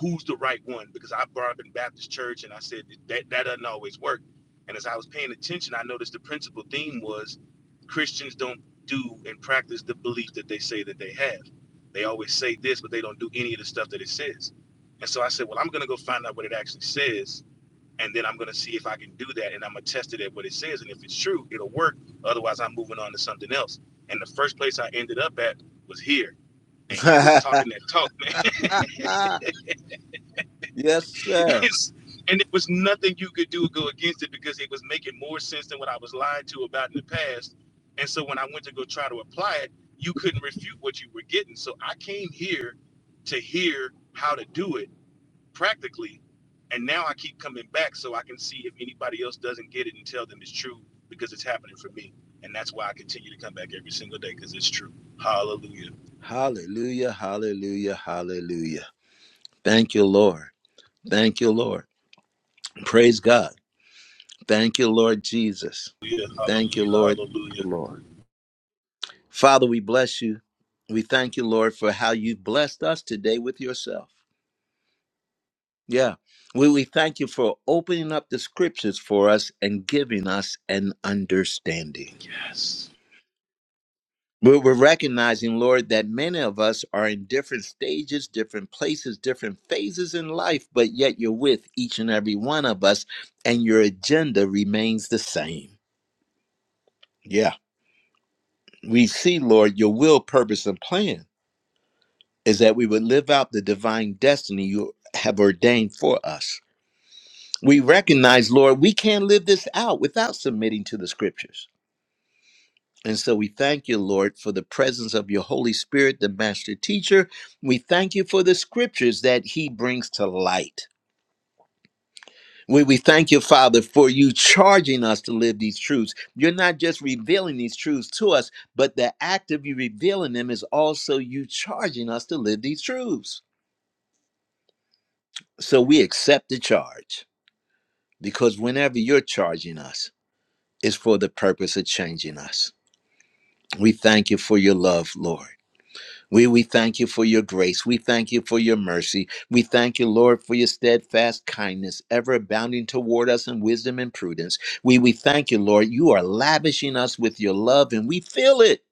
Speaker 2: who's the right one? Because I brought up in Baptist church and I said that that doesn't always work. And as I was paying attention, I noticed the principal theme was Christians don't do and practice the belief that they say that they have. They always say this, but they don't do any of the stuff that it says. And so I said, well, I'm going to go find out what it actually says, and then I'm going to see if I can do that, and I'm going to test it at what it says, and if it's true, it'll work. Otherwise, I'm moving on to something else. And the first place I ended up at was here and you was talking that talk, man.
Speaker 1: *laughs* yes,
Speaker 2: *laughs*
Speaker 1: sir.
Speaker 2: and it was nothing you could do to go against it because it was making more sense than what I was lied to about in the past. And so when I went to go try to apply it, you couldn't refute what you were getting. So I came here to hear how to do it practically. And now I keep coming back so I can see if anybody else doesn't get it and tell them it's true because it's happening for me. And that's why I continue to come back every single day because it's true. Hallelujah.
Speaker 1: Hallelujah, hallelujah, hallelujah. Thank you, Lord. Thank you, Lord. Praise God. Thank you, Lord Jesus.
Speaker 2: Hallelujah.
Speaker 1: Thank you,
Speaker 2: Hallelujah.
Speaker 1: Lord.
Speaker 2: Hallelujah.
Speaker 1: Thank you, Lord. Father, we bless you. We thank you, Lord, for how you blessed us today with yourself. Yeah. We, we thank you for opening up the scriptures for us and giving us an understanding.
Speaker 2: Yes.
Speaker 1: But we're recognizing, Lord, that many of us are in different stages, different places, different phases in life, but yet you're with each and every one of us, and your agenda remains the same. Yeah. We see, Lord, your will, purpose, and plan is that we would live out the divine destiny you have ordained for us. We recognize, Lord, we can't live this out without submitting to the scriptures. And so we thank you, Lord, for the presence of your Holy Spirit, the master teacher. We thank you for the scriptures that he brings to light. We, we thank you, Father, for you charging us to live these truths. You're not just revealing these truths to us, but the act of you revealing them is also you charging us to live these truths. So we accept the charge because whenever you're charging us, it's for the purpose of changing us. We thank you for your love, Lord. We, we thank you for your grace. We thank you for your mercy. We thank you, Lord, for your steadfast kindness, ever abounding toward us in wisdom and prudence. We, we thank you, Lord. You are lavishing us with your love, and we feel it.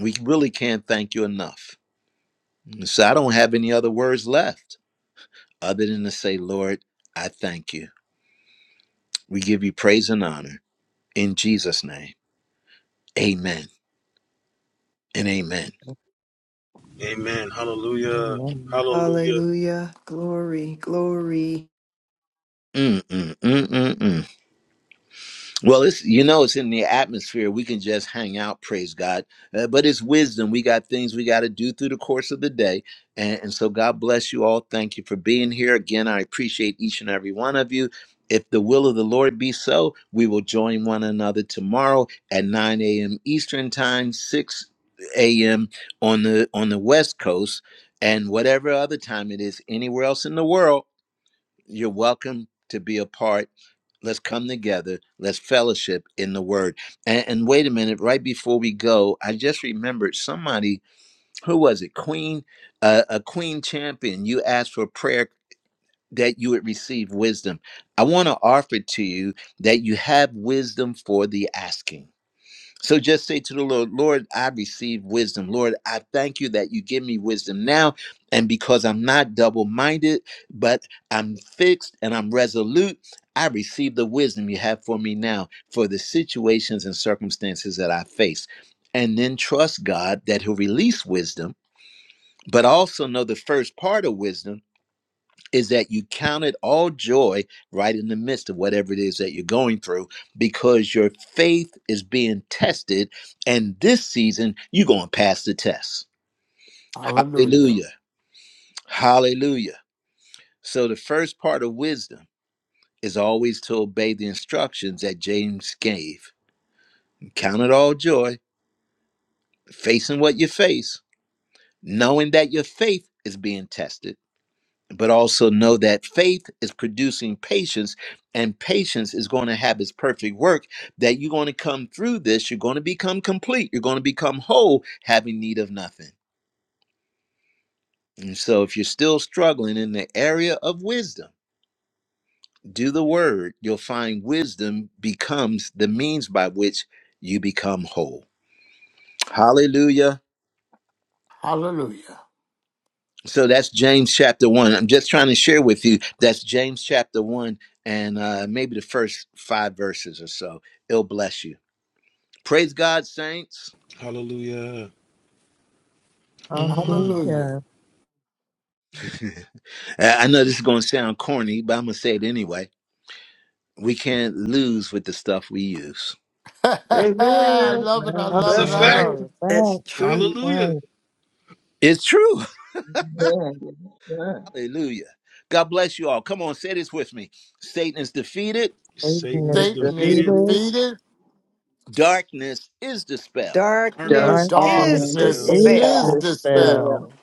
Speaker 1: We really can't thank you enough. So I don't have any other words left other than to say, Lord, I thank you. We give you praise and honor in Jesus' name. Amen and amen.
Speaker 2: Amen. Hallelujah.
Speaker 3: Amen.
Speaker 2: Hallelujah.
Speaker 5: Hallelujah. Glory, glory.
Speaker 1: Mm-mm-mm-mm-mm. Well, it's you know it's in the atmosphere. We can just hang out, praise God. Uh, but it's wisdom. We got things we got to do through the course of the day, and, and so God bless you all. Thank you for being here again. I appreciate each and every one of you. If the will of the Lord be so, we will join one another tomorrow at 9 a.m. Eastern Time, 6 a.m. on the on the West Coast, and whatever other time it is anywhere else in the world. You're welcome to be a part. Let's come together. Let's fellowship in the word. And, and wait a minute, right before we go, I just remembered somebody, who was it? Queen, uh, a queen champion. You asked for prayer that you would receive wisdom. I want to offer to you that you have wisdom for the asking. So just say to the Lord, Lord, I receive wisdom. Lord, I thank you that you give me wisdom now. And because I'm not double minded, but I'm fixed and I'm resolute, I receive the wisdom you have for me now for the situations and circumstances that I face. And then trust God that He'll release wisdom, but also know the first part of wisdom is that you count it all joy right in the midst of whatever it is that you're going through because your faith is being tested. And this season, you're going to pass the test.
Speaker 6: hallelujah,
Speaker 1: Hallelujah. Hallelujah. So, the first part of wisdom is always to obey the instructions that James gave. Count it all joy, facing what you face, knowing that your faith is being tested but also know that faith is producing patience and patience is going to have its perfect work that you're going to come through this you're going to become complete you're going to become whole having need of nothing and so if you're still struggling in the area of wisdom do the word you'll find wisdom becomes the means by which you become whole hallelujah
Speaker 6: hallelujah,
Speaker 1: so that's James chapter one. I'm just trying to share with you that's James chapter one and uh, maybe the first five verses or so. It'll bless you. Praise God, saints.
Speaker 2: Hallelujah. Mm.
Speaker 6: hallelujah.
Speaker 3: Hallelujah.
Speaker 1: *laughs* I know this is going to sound corny, but I'm going to say it anyway. We can't lose with the stuff we use.
Speaker 6: *laughs*
Speaker 5: Amen.
Speaker 6: I
Speaker 3: All
Speaker 6: love it, I
Speaker 3: right,
Speaker 2: That's a
Speaker 6: love it,
Speaker 5: That's
Speaker 3: all
Speaker 6: I
Speaker 3: of this
Speaker 2: fact.
Speaker 5: right.
Speaker 6: love
Speaker 3: is
Speaker 6: it.
Speaker 5: That's
Speaker 3: back. That's
Speaker 5: true.
Speaker 2: Hallelujah.
Speaker 3: right.
Speaker 1: It's true.
Speaker 4: Yes, yes.
Speaker 1: *laughs* Hallelujah. God bless you all. Come on, say this with me. Satan is defeated,
Speaker 2: Satan
Speaker 3: Satan is
Speaker 2: is
Speaker 4: It's the
Speaker 6: Satan is
Speaker 2: defeated.
Speaker 4: thing
Speaker 3: defeated.
Speaker 6: defeated,
Speaker 1: darkness is dispelled
Speaker 4: done
Speaker 2: Darkness
Speaker 5: Darkness
Speaker 2: is
Speaker 5: is
Speaker 8: against
Speaker 3: Darkness
Speaker 4: and
Speaker 8: this
Speaker 6: darkness
Speaker 2: dispelled
Speaker 4: is
Speaker 3: is
Speaker 5: dispelled
Speaker 8: despair.
Speaker 6: is
Speaker 4: this well
Speaker 3: dispelled
Speaker 6: dispelled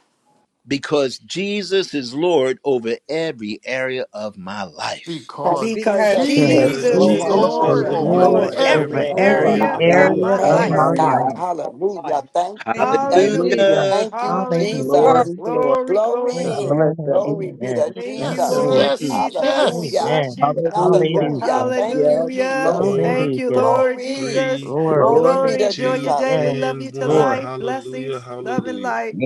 Speaker 1: because Jesus is Lord over every area of my life.
Speaker 8: Because
Speaker 6: because
Speaker 5: because
Speaker 7: Because
Speaker 8: Jesus
Speaker 3: because
Speaker 4: because
Speaker 8: is
Speaker 6: Jesus
Speaker 2: because
Speaker 7: Jesus
Speaker 5: Jesus
Speaker 6: is
Speaker 5: is
Speaker 7: is
Speaker 8: Lord
Speaker 4: Jesus
Speaker 3: Jesus
Speaker 2: Jesus
Speaker 6: Lord
Speaker 2: is
Speaker 3: is
Speaker 8: over
Speaker 4: is
Speaker 5: Lord
Speaker 2: Lord
Speaker 6: over
Speaker 3: Lord
Speaker 5: over
Speaker 8: every
Speaker 4: Lord
Speaker 2: over
Speaker 7: Lord
Speaker 6: everything
Speaker 3: over
Speaker 4: over
Speaker 5: every
Speaker 8: area
Speaker 2: every
Speaker 8: of
Speaker 7: over
Speaker 2: area
Speaker 3: every
Speaker 4: every
Speaker 8: my
Speaker 5: area
Speaker 2: of my
Speaker 5: of
Speaker 8: life.
Speaker 4: area
Speaker 5: my
Speaker 3: area
Speaker 7: every
Speaker 2: life.
Speaker 4: of
Speaker 3: of
Speaker 5: life.
Speaker 4: my
Speaker 8: Praise
Speaker 3: my
Speaker 7: area
Speaker 8: God.
Speaker 3: life.
Speaker 7: of
Speaker 4: life.
Speaker 7: our
Speaker 8: Hallelujah.
Speaker 7: life.
Speaker 8: Thank
Speaker 7: Thank
Speaker 8: you.
Speaker 7: you,
Speaker 8: Thank you.
Speaker 5: Hallelujah.
Speaker 7: Jesus.
Speaker 4: Hallelujah.
Speaker 3: Yes.
Speaker 1: Hallelujah.
Speaker 8: Thank you,
Speaker 5: Hallelujah.
Speaker 3: Hallelujah.
Speaker 8: Jesus.
Speaker 4: Glory,
Speaker 7: Glory
Speaker 4: glory.
Speaker 5: Glory, glory,
Speaker 4: God
Speaker 5: glory.
Speaker 8: Glory.
Speaker 4: bless
Speaker 3: Amen and
Speaker 8: Glory
Speaker 4: everyone.
Speaker 8: be to
Speaker 3: amen.
Speaker 5: Thank
Speaker 1: Mm-mm,
Speaker 3: Yes,
Speaker 5: you,
Speaker 6: Yes,
Speaker 8: Jesus.
Speaker 1: mm-mm,
Speaker 3: Lord.
Speaker 5: Lord
Speaker 1: mm.
Speaker 6: yes,
Speaker 5: Jesus. We
Speaker 6: yes.
Speaker 8: Hallelujah.
Speaker 3: Amen.
Speaker 5: bless you.
Speaker 4: Hallelujah.
Speaker 8: Hallelujah.
Speaker 3: Hallelujah.
Speaker 8: Thank you,
Speaker 4: Yes,
Speaker 5: Hallelujah.
Speaker 8: Jesus.
Speaker 4: Lord.
Speaker 2: Four,
Speaker 5: Thank you,
Speaker 3: Hallelujah.
Speaker 5: Lord
Speaker 8: Glory.
Speaker 5: Jesus.
Speaker 2: three,
Speaker 3: Glory.
Speaker 8: Glory be
Speaker 4: Lord,
Speaker 5: Glory.
Speaker 8: to
Speaker 5: Enjoy your
Speaker 2: two,
Speaker 8: Jesus.
Speaker 5: day.
Speaker 3: Yes,
Speaker 5: We love
Speaker 2: and
Speaker 5: you to
Speaker 2: one.
Speaker 8: Thank
Speaker 3: Lord.
Speaker 5: life.
Speaker 2: Hallelujah.
Speaker 5: Blessings, love, and
Speaker 2: Hallelujah.
Speaker 5: light.